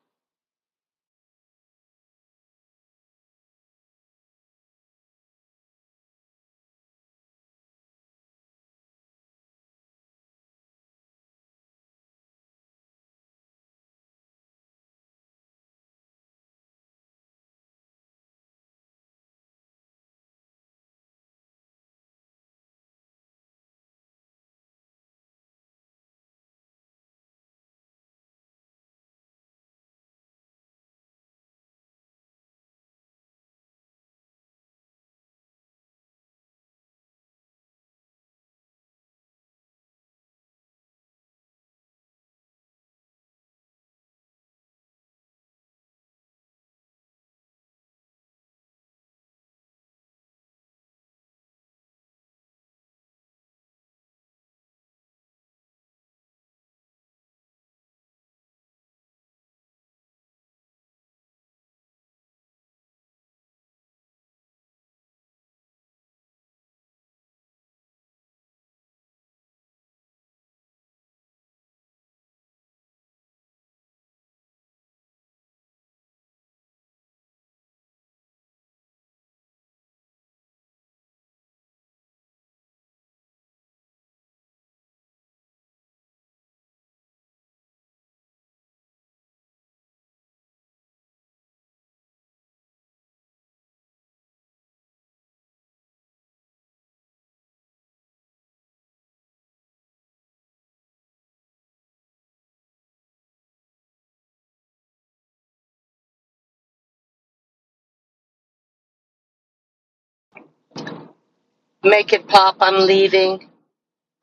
Make it pop. I'm leaving.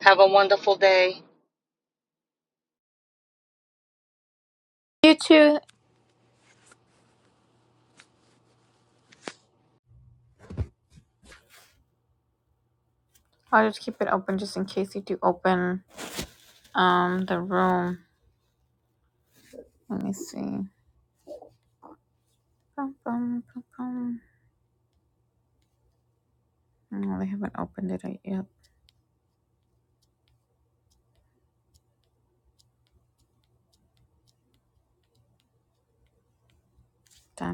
Have a wonderful day.
You too. I'll just keep it open just in case you do open um the room. Let me see. Bum, bum, bum, bum. No, they haven't opened it yet. Damn!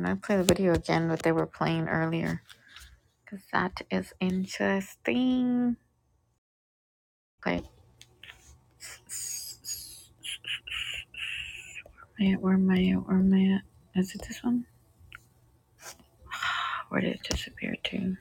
I play the video again what they were playing earlier because that is interesting. Okay. My at? Where am I at? Where am I at? Is it this one? Where did it disappear to?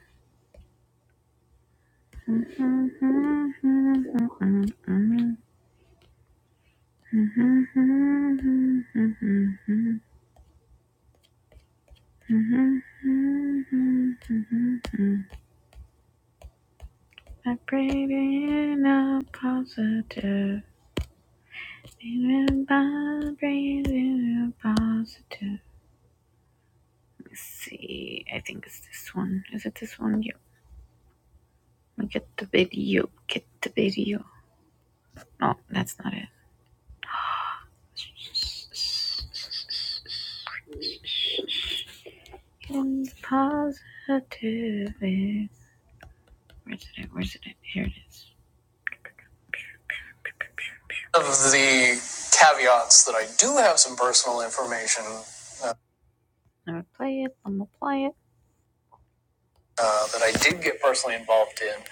Vibrating a positive. Even vibrating a positive. Let's see. I think it's this one. Is it this one? Yeah. Get the video. Get the video. No, that's not it. And positive is where's it? at? Where's it? at? Here it is. Of the caveats that I do have some personal information. I'm gonna play it. I'm gonna play it. Uh, that I did get personally involved in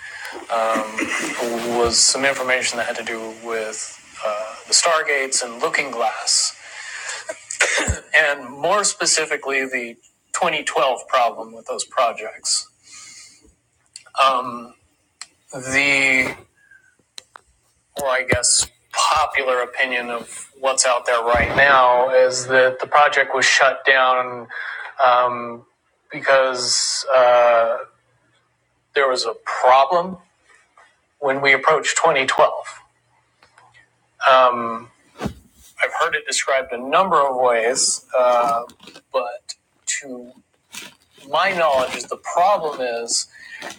um, was some information that had to do with uh, the Stargates and Looking Glass, and more specifically the 2012 problem with those projects. Um, the, well, I guess, popular opinion of what's out there right now is that the project was shut down um, because uh, there was a problem when we approached 2012. Um, I've heard it described a number of ways, uh, but to my knowledge, the problem is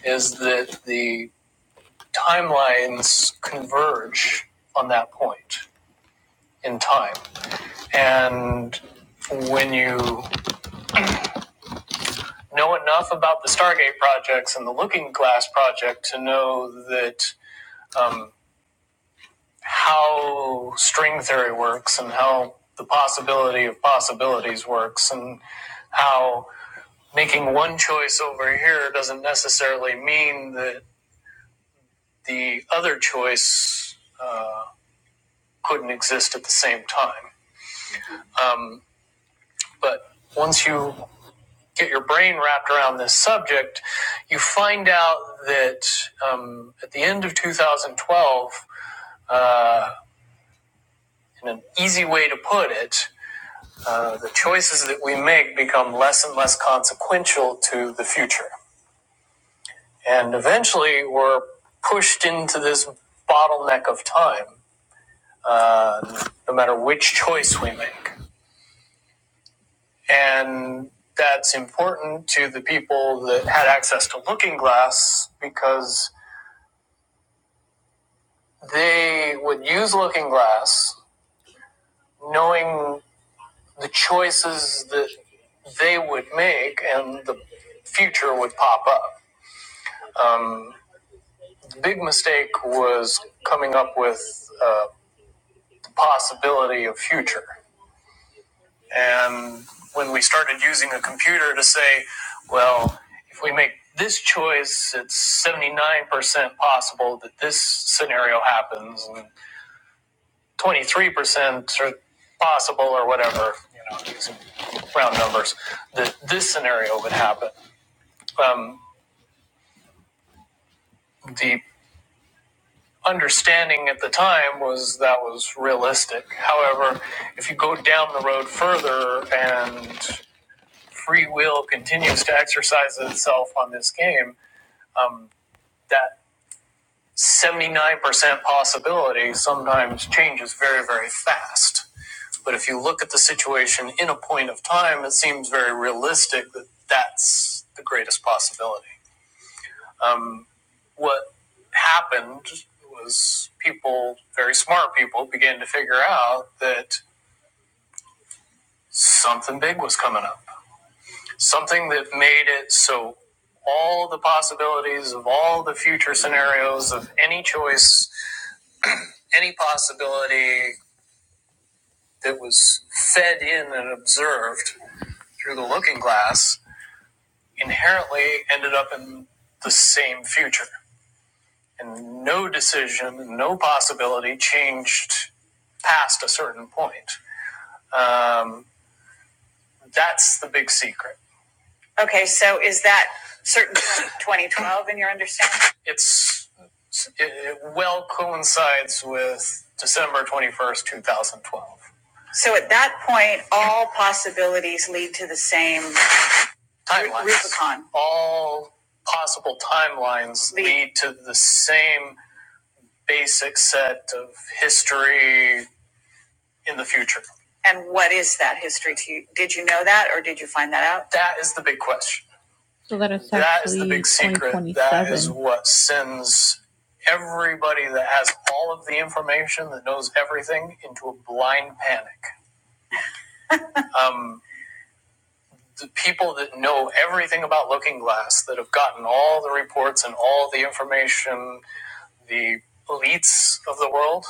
is that the timelines converge on that point in time. And when you know enough about the Stargate projects and the Looking Glass project to know that um, how string theory works and how the possibility of possibilities works and how making one choice over here doesn't necessarily mean that the other choice uh, couldn't exist at the same time. Um, but once you get your brain wrapped around this subject, you find out that um, at the end of 2012, uh, in an easy way to put it, uh, the choices that we make become less and less consequential to the future. And eventually, we're pushed into this bottleneck of time, uh, no matter which choice we make. And that's important to the people that had access to Looking Glass because They would use Looking Glass, knowing the choices that they would make, and the future would pop up. Um, the big mistake was coming up with uh, the possibility of future. And when we started using a computer to say, well, if we make this choice, it's 79% possible that this scenario happens. and 23% or possible or whatever, you know, these round numbers, that this scenario would happen. Um, the understanding at the time was that was realistic. However, if you go down the road further and free will continues to exercise itself on this game, um, that 79% possibility sometimes changes very, very fast. But if you look at the situation in a point of time, it seems very realistic that that's the greatest possibility. Um, what happened was people, very smart people, began to figure out that something big was coming up, something that made it so all the possibilities of all the future scenarios of any choice, any possibility that was fed in and observed through the looking glass inherently ended up in the same future. And no decision, no possibility changed past a certain point. Um, that's the big secret. Okay, so is that certain [coughs] 2012 in your understanding? It's it, it well coincides with December 21st, 2012. So at that point, all possibilities lead to the same timelines. Rubicon. All possible timelines lead, lead to the same basic set of history in the future. And what is that history to you? Did you know that, or did you find that out? That is the big question. So that is that is the big secret. That is what sends everybody that has all of the information that knows everything into a blind panic. Um, the people that know everything about Looking Glass, that have gotten all the reports and all the information, the elites of the world,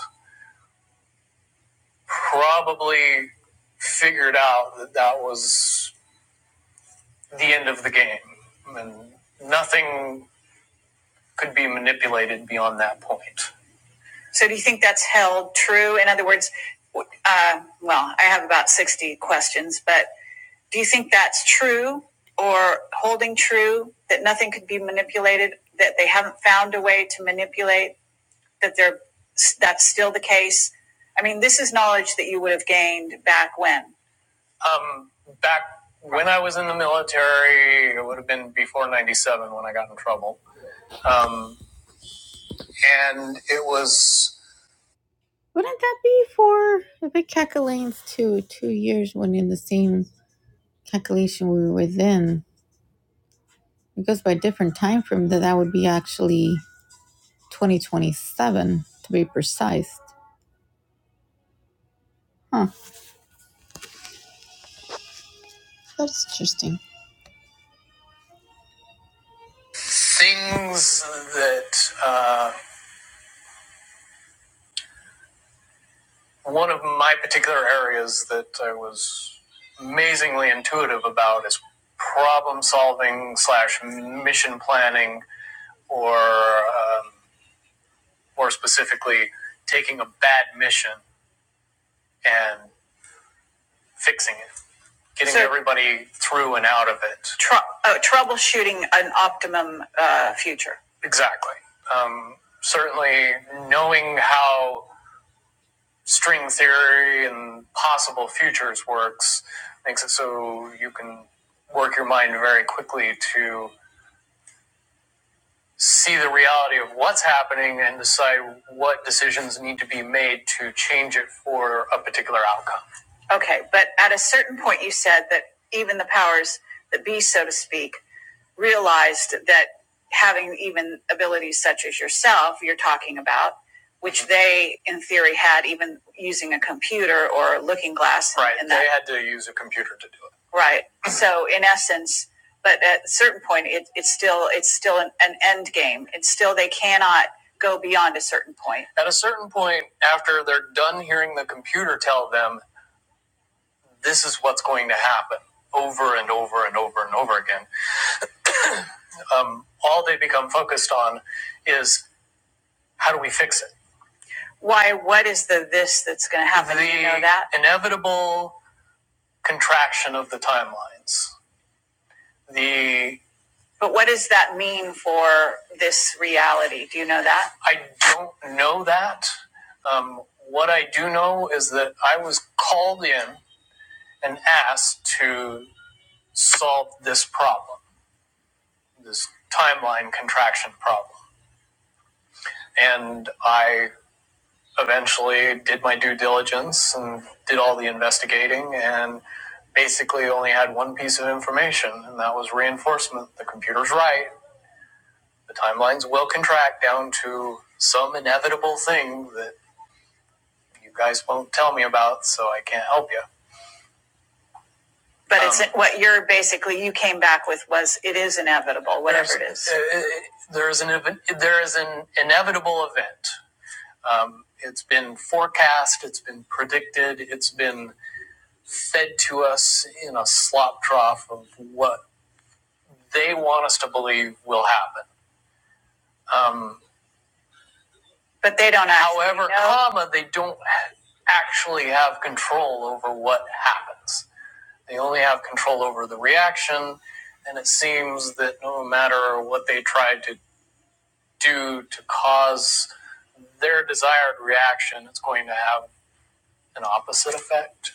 probably figured out that that was the end of the game. And nothing could be manipulated beyond that point. So, do you think that's held true? In other words, uh, well, I have about 60 questions, but Do you think that's true or holding true that nothing could be manipulated, that they haven't found a way to manipulate, that they're, that's still the case? I mean, this is knowledge that you would have gained back when? Um, back when I was in the military, it would have been before 97 when I got in trouble. Um, and it was. Wouldn't that be for the big Kekalanes too? Two years when in the same calculation we were then. It goes by a different time frame that that would be actually 2027 to be precise. Huh. That's interesting. Things that uh, one of my particular areas that I was amazingly intuitive about is problem solving slash mission planning, or um, more specifically, taking a bad mission and fixing it getting so, everybody through and out of it. Trou- uh, troubleshooting an optimum uh, future. Exactly. Um, certainly, knowing how string theory and possible futures works makes it so you can work your mind very quickly to see the reality of what's happening and decide what decisions need to be made to change it for a particular outcome. Okay, but at a certain point, you said that even the powers that be, so to speak, realized that having even abilities such as yourself you're talking about which they in theory had even using a computer or a looking glass right and they had to use a computer to do it right so in essence but at a certain point it, it's still it's still an, an end game it's still they cannot go beyond a certain point at a certain point after they're done hearing the computer tell them this is what's going to happen over and over and over and over again um, all they become focused on is how do we fix it? Why? What is the this that's going to happen? Do you know The that inevitable contraction of the timelines. The but what does that mean for this reality? Do you know that? I don't know that. Um, what I do know is that I was called in and asked to solve this problem, this timeline contraction problem, and I eventually did my due diligence and did all the investigating and basically only had one piece of information and that was reinforcement the computer's right the timelines will contract down to some inevitable thing that you guys won't tell me about so i can't help you but um, it's Um, what you're basically you came back with was it is inevitable whatever it is uh, there is an there is an inevitable event um, it's been forecast it's been predicted it's been fed to us in a slop trough of what they want us to believe will happen. Um, but they don't actually. However, know. comma, they don't actually have control over what happens. They only have control over the reaction, and it seems that no matter what they try to do to cause their desired reaction, it's going to have an opposite effect.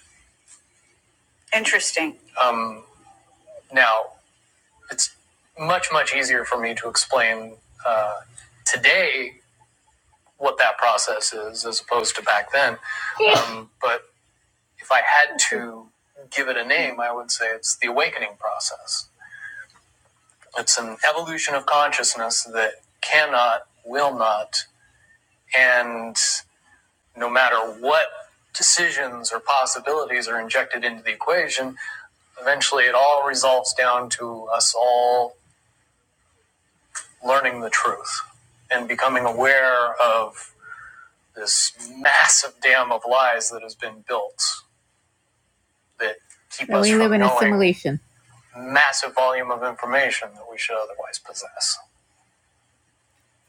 Interesting. Um, now, it's much much easier for me to explain uh, today what that process is as opposed to back then um, but if i had to give it a name i would say it's the awakening process it's an evolution of consciousness that cannot will not and no matter what decisions or possibilities are injected into the equation eventually it all resolves down to us all learning the truth and becoming aware of this massive dam of lies that has been built that keep so us we live from live in knowing assimilation. Massive volume of information that we should otherwise possess.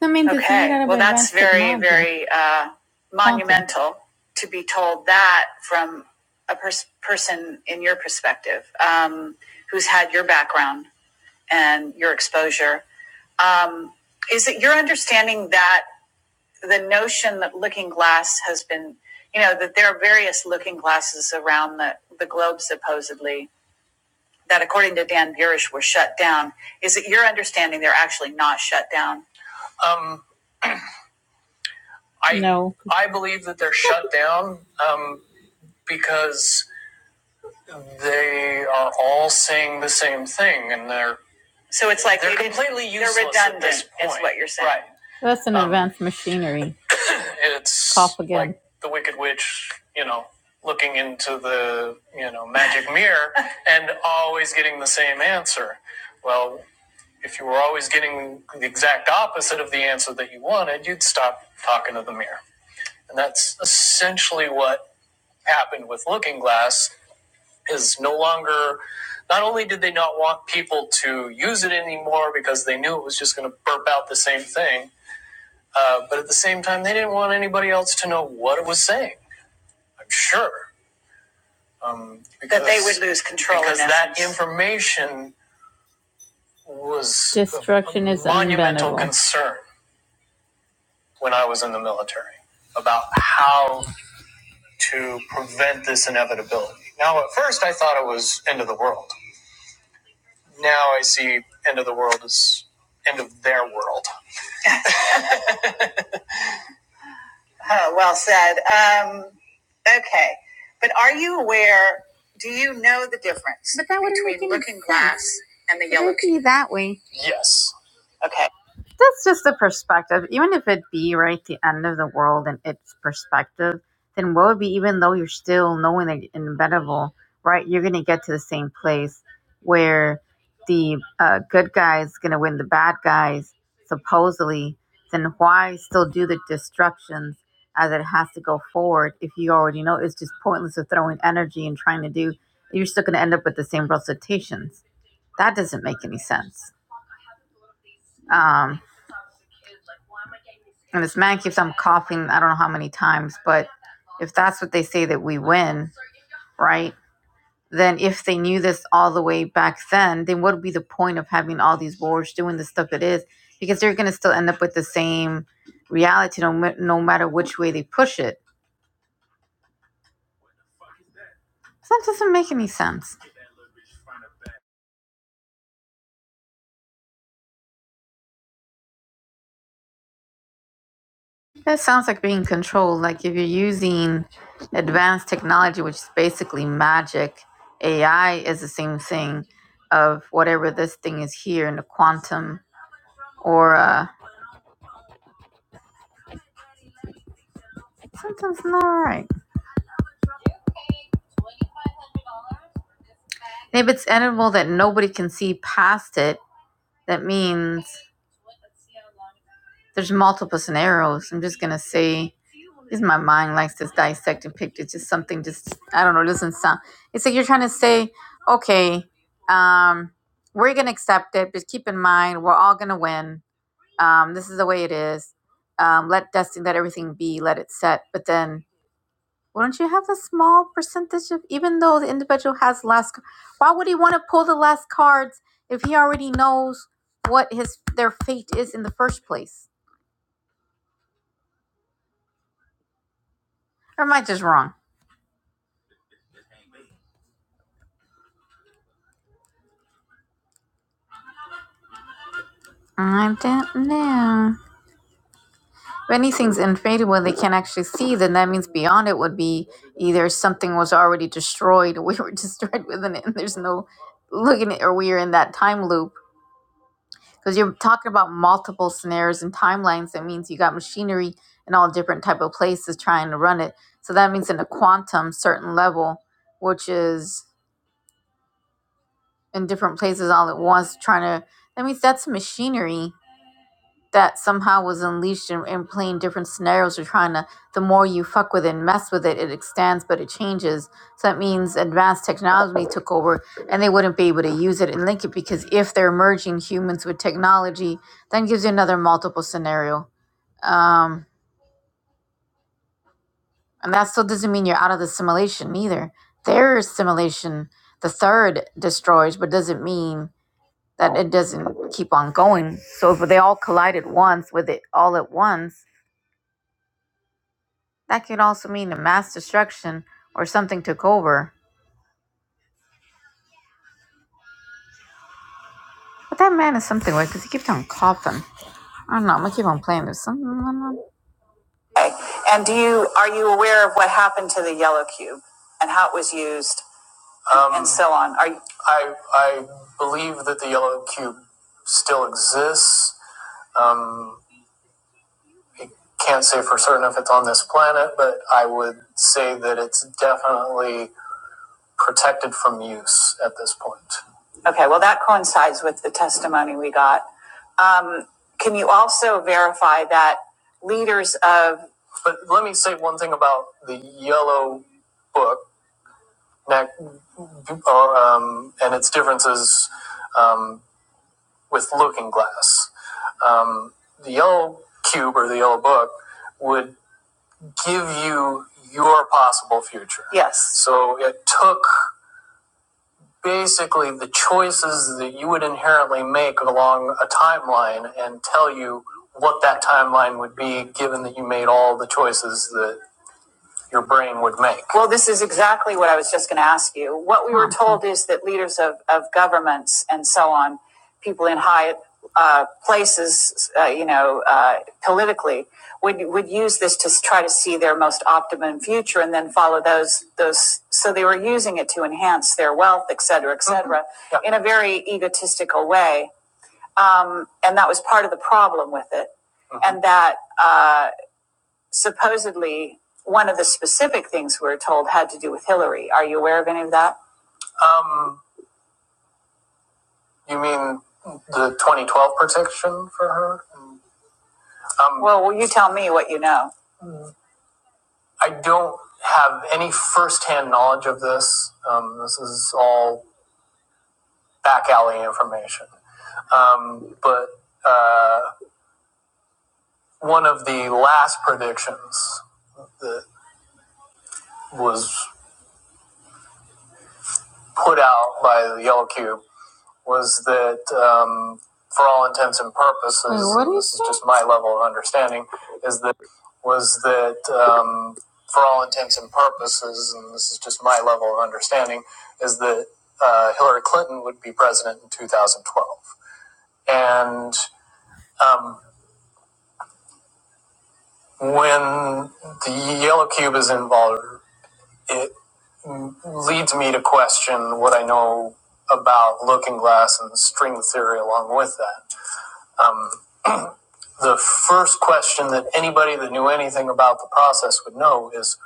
I mean, okay. well, that's very, very uh, monumental to be told that from a pers- person in your perspective, um, who's had your background and your exposure. Um, is it your understanding that the notion that looking glass has been, you know, that there are various looking glasses around the, the globe, supposedly, that according to Dan Burish were shut down. Is it your understanding they're actually not shut down? Um, I, no. I believe that they're shut down um, because they are all saying the same thing, and they're so it's like they're they are completely useless. They're redundant. At this point. Is what you're saying, right? That's an Um, advanced machinery. [coughs] [laughs] It's cough again. Like the Wicked Witch, you know, looking into the you know magic mirror [laughs] and always getting the same answer. Well, if you were always getting the exact opposite of the answer that you wanted, you'd stop talking to the mirror, and that's essentially what happened with Looking Glass is no longer not only did they not want people to use it anymore because they knew it was just going to burp out the same thing uh, but at the same time they didn't want anybody else to know what it was saying i'm sure um, because, that they would lose control in because in that information was destruction a, a is monumental untenable. concern when i was in the military about how to prevent this inevitability now at first i thought it was end of the world Now I see end of the world as end of their world. [laughs] Huh, well said. Um, okay, but are you aware? Do you know the difference but that between Looking Glass and the It Yellow would Key? Be that way. Yes. Okay. That's just the perspective. Even if it be right the end of the world and its perspective, then what would be even though you're still knowing the inevitable, right? You're gonna get to the same place where the uh, good guys gonna win the bad guys supposedly. Then why still do the destructions? uh, that has to go forward if you already know it's just pointless of throwing energy and trying to do you're still going to end up with the same recitations that doesn't make any sense um, and this man keeps on coughing i don't know how many times but if that's what they say that we win right then if they knew this all the way back then then what would be the point of having all these wars doing the stuff it is because they're going to still end up with the same reality no, no matter which way they push it so that doesn't make any sense That sounds like being controlled. Like if you're using advanced technology, which is basically magic, AI is the same thing of whatever this thing is here in the quantum or uh, something's not right. And if it's animal that nobody can see past it, that means There's multiple scenarios. I'm just gonna say, is my mind likes to dissect and pick. It's just something. Just I don't know. It doesn't sound. It's like you're trying to say, okay, um, we're gonna accept it, but keep in mind we're all gonna win. Um, this is the way it is. Um, let destiny, let everything be, let it set. But then, wouldn't you have a small percentage of, even though the individual has less, why would he want to pull the last cards if he already knows what his their fate is in the first place? Or am I just wrong? I don't know. If anything's infinity where they can actually see, then that means beyond it would be either something was already destroyed, [laughs] or we were [laughs] destroyed within it, and there's no looking at, or we are in that time loop. Because you're talking about multiple scenarios and timelines, that means you got machinery in all different type of places trying to run it. So that means in a quantum certain level, which is in different places all at once, trying to. That means that's machinery that somehow was unleashed and, and playing different scenarios you're trying to the more you fuck with it and mess with it it extends but it changes so that means advanced technology took over and they wouldn't be able to use it and link it because if they're merging humans with technology then gives you another multiple scenario um, and that still doesn't mean you're out of the simulation either their simulation the third destroys but doesn't mean that it doesn't keep on going so if they all collide at once with it all at once That could also mean a mass destruction or something took over. But that man is something weird because he keeps on coughing. I don't know. I'm gonna keep on playing. There's something going on. Okay. And do you are you aware of what happened to the yellow cube and how it was used um, and so on? Are you- I I believe that the yellow cube still exists. Um, can't say for certain if it's on this planet, but I would say that it's definitely protected from use at this point. Okay, well, that coincides with the testimony we got. Um, can you also verify that leaders of, But let me say one thing about the yellow book, um, and its differences um, with Looking Glass. Um, the yellow cube or the yellow book would give you your possible future. yes, So it took basically the choices that you would inherently make along a timeline and tell you what that timeline would be given that you made all the choices that your brain would make. Well, this is exactly what I was just going to ask you. What we were told is that leaders of, of governments and so on, people in high uh, places, uh, you know, uh, politically, would would use this to try to see their most optimum future and then follow those those. So they were using it to enhance their wealth, et cetera, et cetera, Mhm. in a very egotistical way, and that was part of the problem with it, Mm-hmm. and that. Uh, Supposedly, one of the specific things we are told had to do with Hillary. Are you aware of any of that? Um, you mean the 2012 protection for her? Um, well, will you tell me what you know? I don't have any firsthand knowledge of this. Um, this is all back alley information. Um, but uh, one of the last predictions that was put out by the Yellow Cube was that um, for all intents and purposes, Wait, what is this is just my level of understanding, is that was that um, for all intents and purposes, and this is just my level of understanding, is that uh, Hillary Clinton would be president in 2012. And um, when the yellow cube is involved, it leads me to question what I know about Looking Glass and string theory along with that. Um, the first question that anybody that knew anything about the process would know is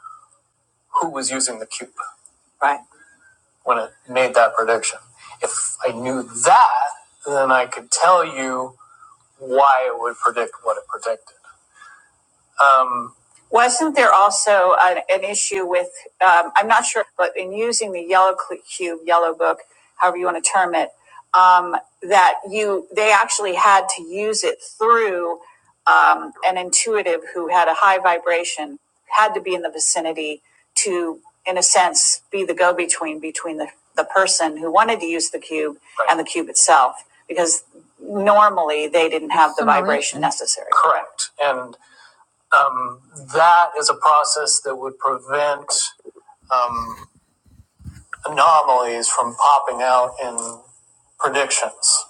who was using the cube. Right. When it made that prediction. If I knew that, then I could tell you why it would predict what it predicted. Um, Wasn't there also an, an issue with, um, I'm not sure, but in using the yellow cl- cube, yellow book, however you want to term it, um, that you, they actually had to use it through, um, an intuitive who had a high vibration, had to be in the vicinity to, in a sense, be the go-between between the, the person who wanted to use the cube and the cube itself, because normally they didn't have the vibration necessary. Correct. and. Um, that is a process that would prevent um, anomalies from popping out in predictions.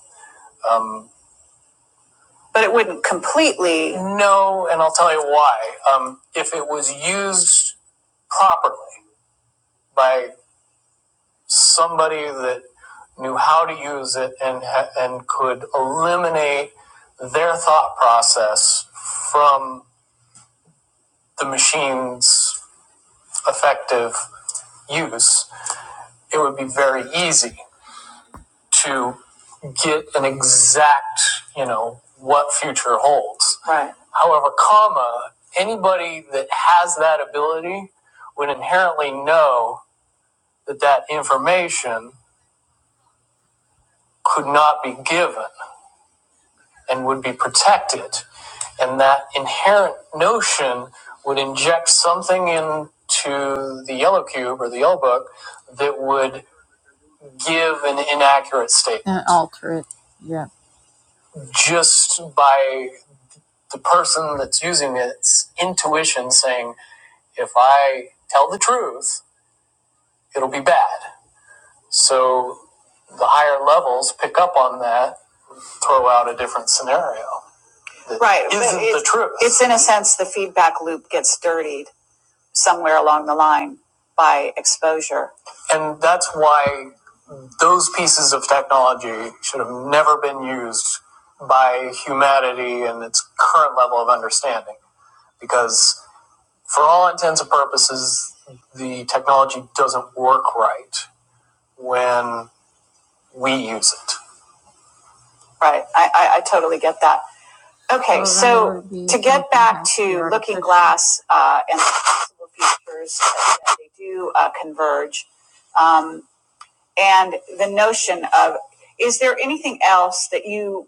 Um, but it wouldn't completely. No, and I'll tell you why. Um, if it was used properly by somebody that knew how to use it and and could eliminate their thought process from the machine's effective use, it would be very easy. to get an exact, you know, what future holds. Right. However, comma, anybody that has that ability would inherently know that that information could not be given and would be protected. And that inherent notion would inject something into the yellow cube or the yellow book that would give an inaccurate statement. And alter it, yeah. Just by the person that's using it's intuition saying, if I tell the truth, it'll be bad. So the higher levels pick up on that, throw out a different scenario. That Right. Isn't it, the truth. It's in a sense the feedback loop gets dirtied somewhere along the line by exposure. And that's why those pieces of technology should have never been used by humanity in its current level of understanding. Because for all intents and purposes, the technology doesn't work right when we use it. Right. I, I, I totally get that. Okay, Well, so to get back to Looking Glass uh, and the possible futures that they do uh, converge, Um, and the notion of is there anything else that you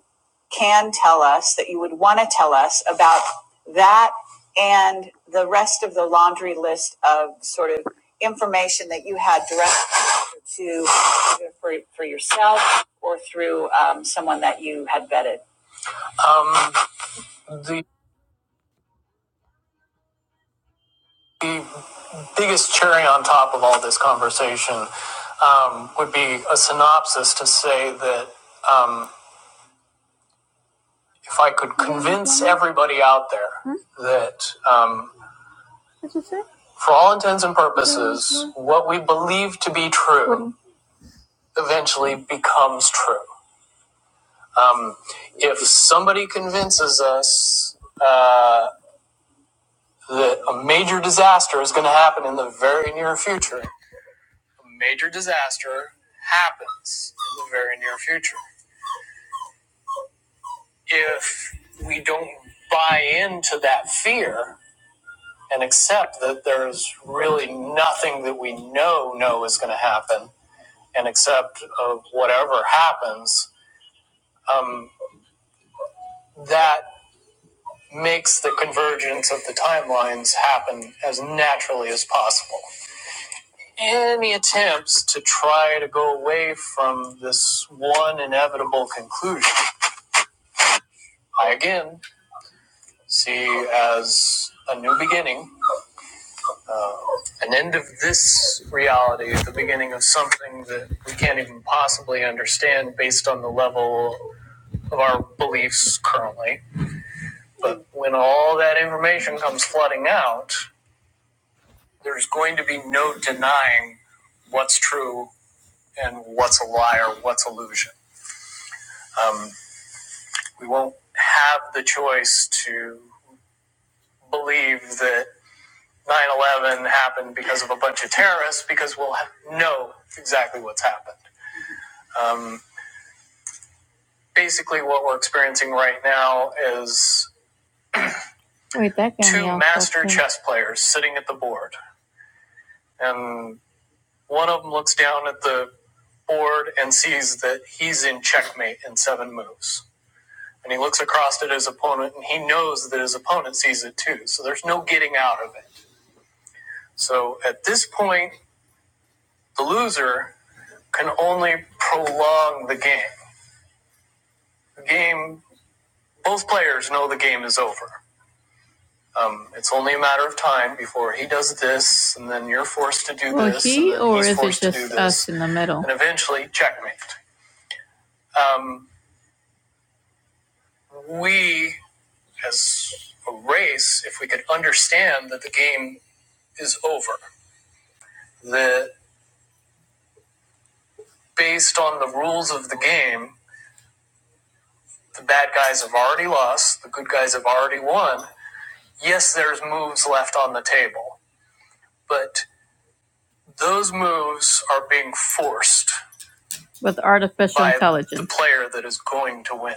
can tell us that you would want to tell us about that and the rest of the laundry list of sort of information that you had direct to either for, for yourself or through um, someone that you had vetted um, the, the biggest cherry on top of all this conversation um, would be a synopsis to say that um, if I could convince everybody out there that, um, for all intents and purposes, what we believe to be true eventually becomes true. Um, if somebody convinces us uh, that a major disaster is going to happen in the very near future, a major disaster happens in the very near future. If we don't buy into that fear, and accept that there's really nothing that we know know is going to happen and accept of whatever happens um, that makes the convergence of the timelines happen as naturally as possible any attempts to try to go away from this one inevitable conclusion i again see as a new beginning uh, an end of this reality, the beginning of something that we can't even possibly understand based on the level of our beliefs currently. But when all that information comes flooding out, there's going to be no denying what's true and what's a lie or what's illusion. Um, we won't have the choice to believe that 9 11 happened because of a bunch of terrorists because we'll know exactly what's happened. Um, basically what we're experiencing right now is Wait, two master chess players sitting at the board and one of them looks down at the board and sees that he's in checkmate in seven moves and he looks across at his opponent and he knows that his opponent sees it too so there's no getting out of it so at this point the loser can only prolong the game the game both players know the game is over Um, it's only a matter of time before he does this, and then you're forced to do Well, this. he and or he's is it forced to do just this, us? No. And eventually, checkmate. Um, we, as a race, if we could understand that the game is over, that based on the rules of the game, the bad guys have already lost, the good guys have already won. Yes, there's moves left on the table, but those moves are being forced special by intelligence. The player that is going to win.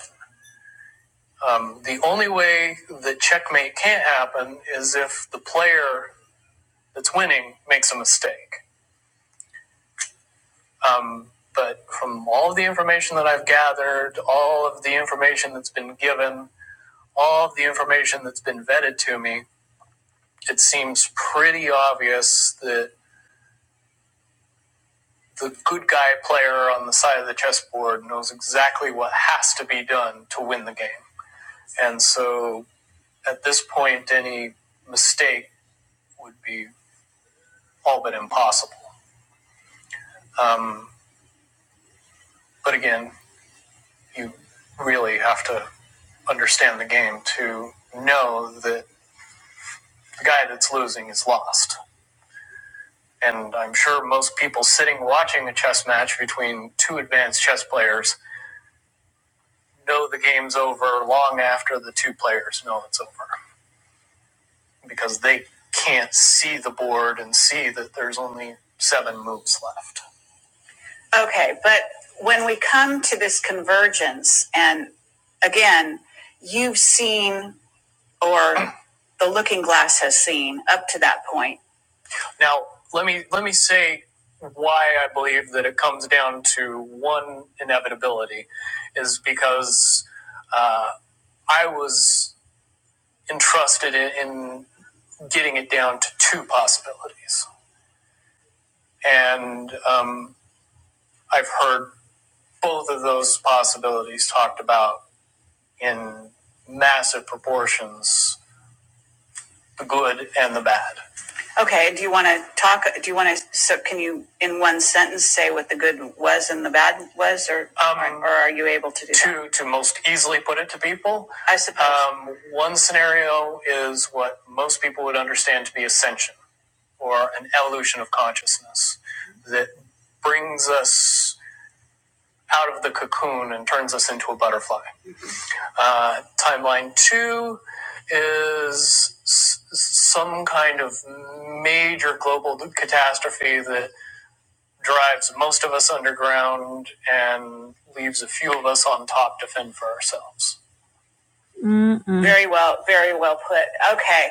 Um, the only way that checkmate can't happen is if the player that's winning makes a mistake. Um, but from all of the information that I've gathered, all of the information that's been given, all of the information that's been vetted to me, it seems pretty obvious that the good guy player on the side of the chessboard knows exactly what has to be done to win the game. And so at this point, any mistake would be all but impossible. Um, but again, you really have to understand the game to know that the guy that's losing is lost. And I'm sure most people sitting watching a chess match between two advanced chess players know the game's over long after the two players know it's over because they can't see the board and see that there's only seven moves left Okay, but when we come to this convergence, and again, you've seen or the looking glass has seen up to that point. Now, let me let me say why I believe that it comes down to one inevitability is because uh, I was entrusted in, in getting it down to two possibilities, and um, I've heard both of those possibilities talked about in massive proportions the good and the bad. Okay, do you want to talk, do you want to, so can you, in one sentence, say what the good was and the bad was, or, Um, or or are you able to do that? to, that? to most easily put it to people, I suppose. um, one scenario is what most people would understand to be ascension or an evolution of consciousness that brings us out of the cocoon and turns us into a butterfly. Uh, timeline two is s- some kind of major global catastrophe that drives most of us underground and leaves a few of us on top to fend for ourselves. Mm-mm. Very well, very well put. Okay.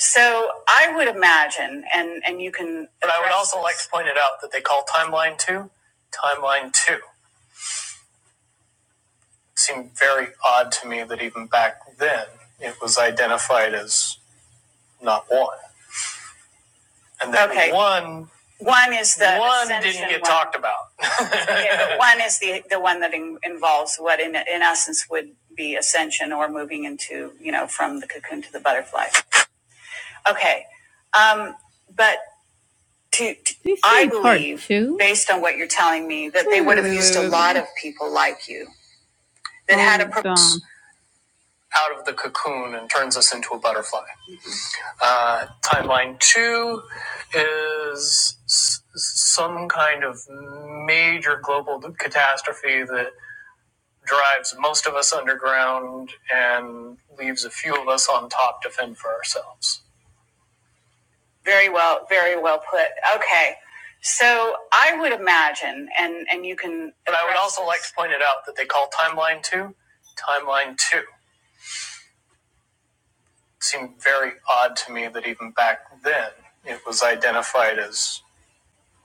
So I would imagine, and, and you can. But I would also this. like to point it out that they call timeline two timeline two. It seemed very odd to me that even back then it was identified as not one. And then Okay. one One is the one didn't get one. talked about. [laughs] Yeah, but one is the the one that in, involves what in in essence would be ascension or moving into you know from the cocoon to the butterfly. Okay, um, but to, to I believe based on what you're telling me that they would have used a lot of people like you that oh, had a Hold purpose. out of the cocoon and turns us into a butterfly. Uh, timeline two is s- some kind of major global catastrophe that drives most of us underground and leaves a few of us on top to fend for ourselves. Very well, very well put. Okay. So I would imagine, and, and you can. And I would also this. like to point it out that they call timeline two timeline two. It Seemed very odd to me that even back then it was identified as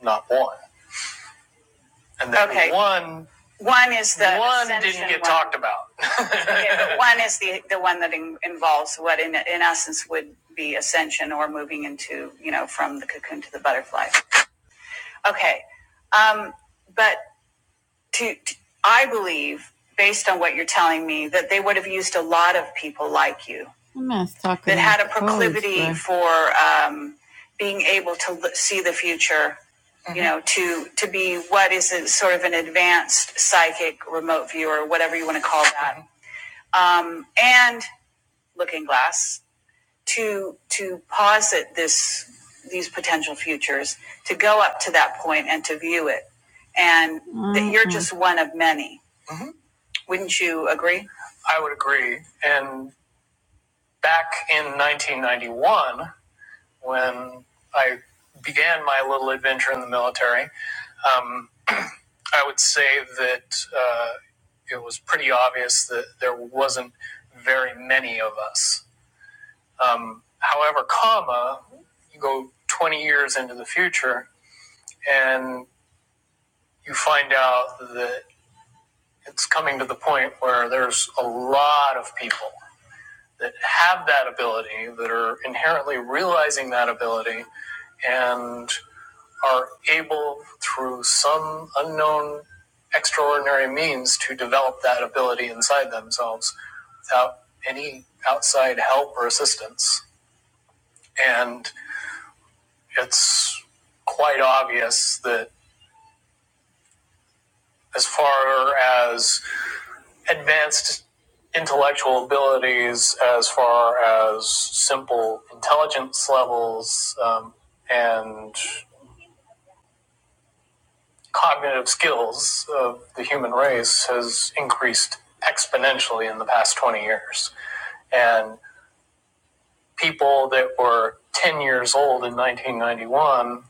not one. And then Okay. one, One is the one didn't get one. talked about. [laughs] Okay, but one is the, the one that in, involves what in, in essence would be ascension or moving into, you know, from the cocoon to the butterfly. Okay. Um, but to, to- I believe, based on what you're telling me, that they would have used a lot of people like you. that had a proclivity but- for um, being able to l- see the future. mm-hmm. You Mhm. know, to to be what is a, sort of an advanced psychic remote viewer, whatever you want to call that, Um, and Looking Glass to to posit this these potential futures, to go up to that point and to view it, and mm-hmm. that you're Mhm. just one of many Mm-hmm. Wouldn't you agree? I would agree. And back in 1991, when I began my little adventure in the military, um, I would say that uh, it was pretty obvious that there wasn't very many of us. Um, however, comma, you go 20 years into the future and you find out that it's coming to the point where there's a lot of people that have that ability, that are inherently realizing that ability, and are able through some unknown extraordinary means to develop that ability inside themselves without any outside help or assistance. And it's quite obvious that as far as advanced intellectual abilities as far as simple intelligence levels um, and cognitive skills of the human race has increased exponentially in the past 20 years. And people that were 10 years old in 1991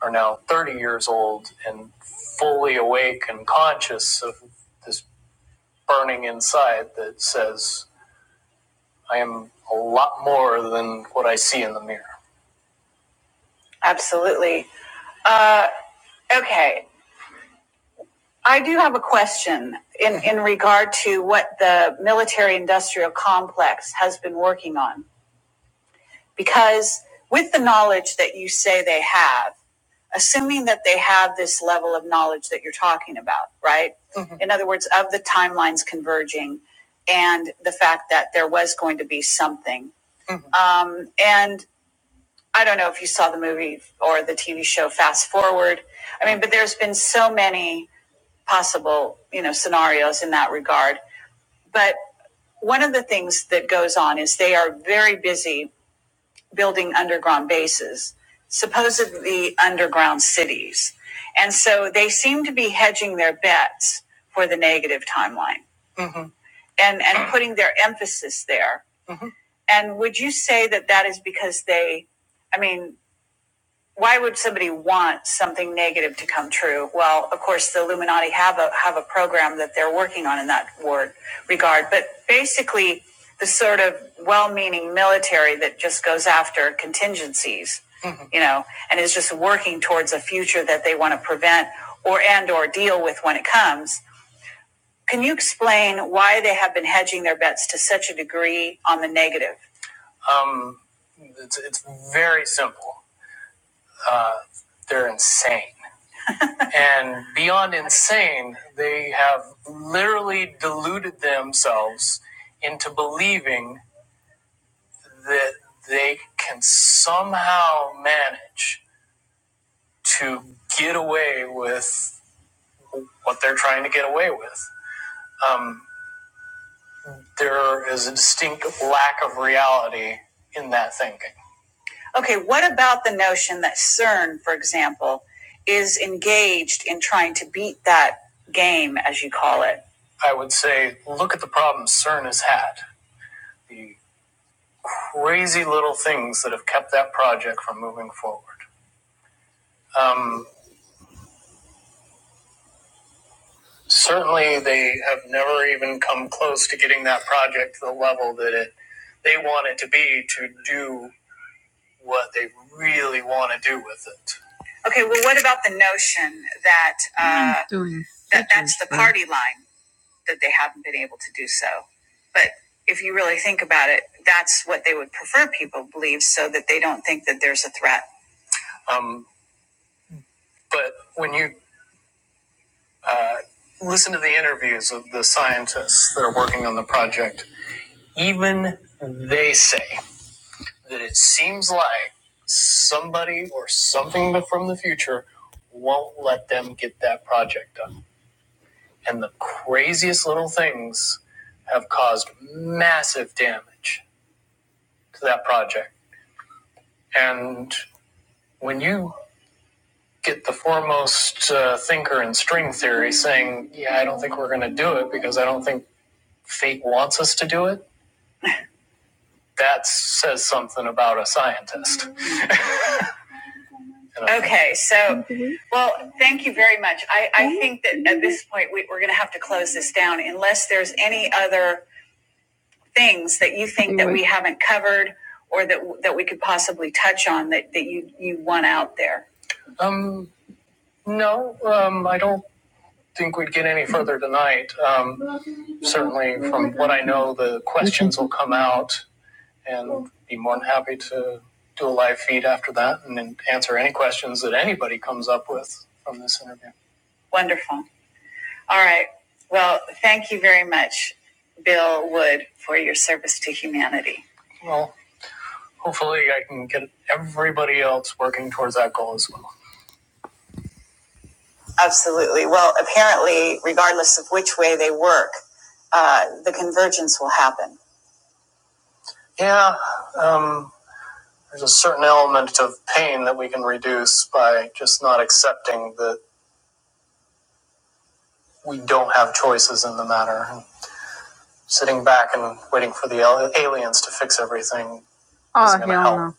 are now 30 years old and fully awake and conscious of this burning inside that says I am a lot more than what I see in the mirror. Absolutely. Uh, okay. I do have a question in, in regard to what the military industrial complex has been working on. Because with the knowledge that you say they have, assuming that they have this level of knowledge that you're talking about, right? Mhm. In other words, of the timelines converging and the fact that there was going to be something. And I don't know if you saw the movie or the TV show Fast Forward. I mean, but there's been so many possible, you know, scenarios in that regard. But one of the things that goes on is they are very busy building underground bases, supposedly underground cities. And so they seem to be hedging their bets for the negative timeline and, and putting their emphasis there. And would you say that that is because they, I mean, why would somebody want something negative to come true? Well, of course, the Illuminati have a have a program that they're working on in that word regard, but basically, the sort of well-meaning military that just goes after contingencies, mm-hmm. you know, and is just working towards a future that they want to prevent or and or deal with when it comes. Can you explain why they have been hedging their bets to such a degree on the negative? Um, it's, it's very simple. Uh, they're insane and beyond insane, they have literally deluded themselves into believing that they can somehow manage to get away with what they're trying to get away with. Um, there is a distinct lack of reality in that thinking. Okay, what about the notion that CERN, for example, is engaged in trying to beat that game, as you call it? I would say, look at the problems CERN has had, the crazy little things that have kept that project from moving forward. Um, certainly, they have never even come close to getting that project to the level that it they want it to be to do what they really want to do with it. Okay, well, what about the notion that uh, doing that that's the party line that they haven't been able to do so? But if you really think about it, that's what they would prefer people believe, so that they don't think that there's a threat. Um, but when you uh, listen to the interviews of the scientists that are working on the project, even they say that it seems like somebody or something from the future won't let them get that project done. And the craziest little things have caused massive damage to that project. And when you get the foremost uh, thinker in string theory saying, Yeah, I don't think we're going to do it because I don't think fate wants us to do it, that says something about a scientist. Okay, so, well, thank you very much. I, I think that at this point, we, we're going to have to close this down unless there's any other things that you think that we haven't covered or that, that we could possibly touch on that, that you, you want out there. Um, no, um, I don't think we'd get any further tonight. Um, certainly from what I know, the questions will come out and be more than happy to do a live feed after that and then answer any questions that anybody comes up with from this interview. Wonderful. All right. Well, thank you very much, Bill Wood, for your service to humanity. Well, hopefully I can get everybody else working towards that goal as well. Absolutely. Well, apparently, regardless of which way they work, uh, the convergence will happen. Yeah. Um, there's a certain element of pain that we can reduce by just not accepting that we don't have choices in the matter. And sitting back and waiting for the al- aliens to fix everything is not going to help. No.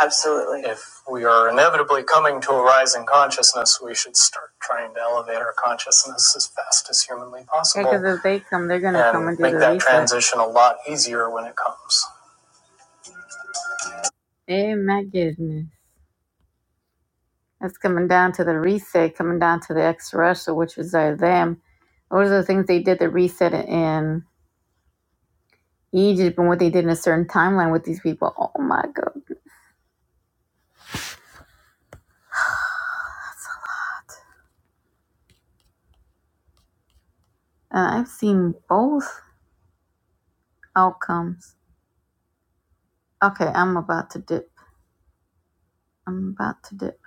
Absolutely. If we are inevitably coming to a rising consciousness, we should start trying to elevate our consciousness as fast as humanly possible. Because yeah, if they come, they're going to come and do make the that reset. transition a lot easier when it comes. Hey, my goodness. That's coming down to the reset, coming down to the ex Russia, which was uh, them. Those are the things they did the reset in Egypt and what they did in a certain timeline with these people. Oh my God. Uh, I've seen both outcomes. Okay, I'm about to dip. I'm about to dip.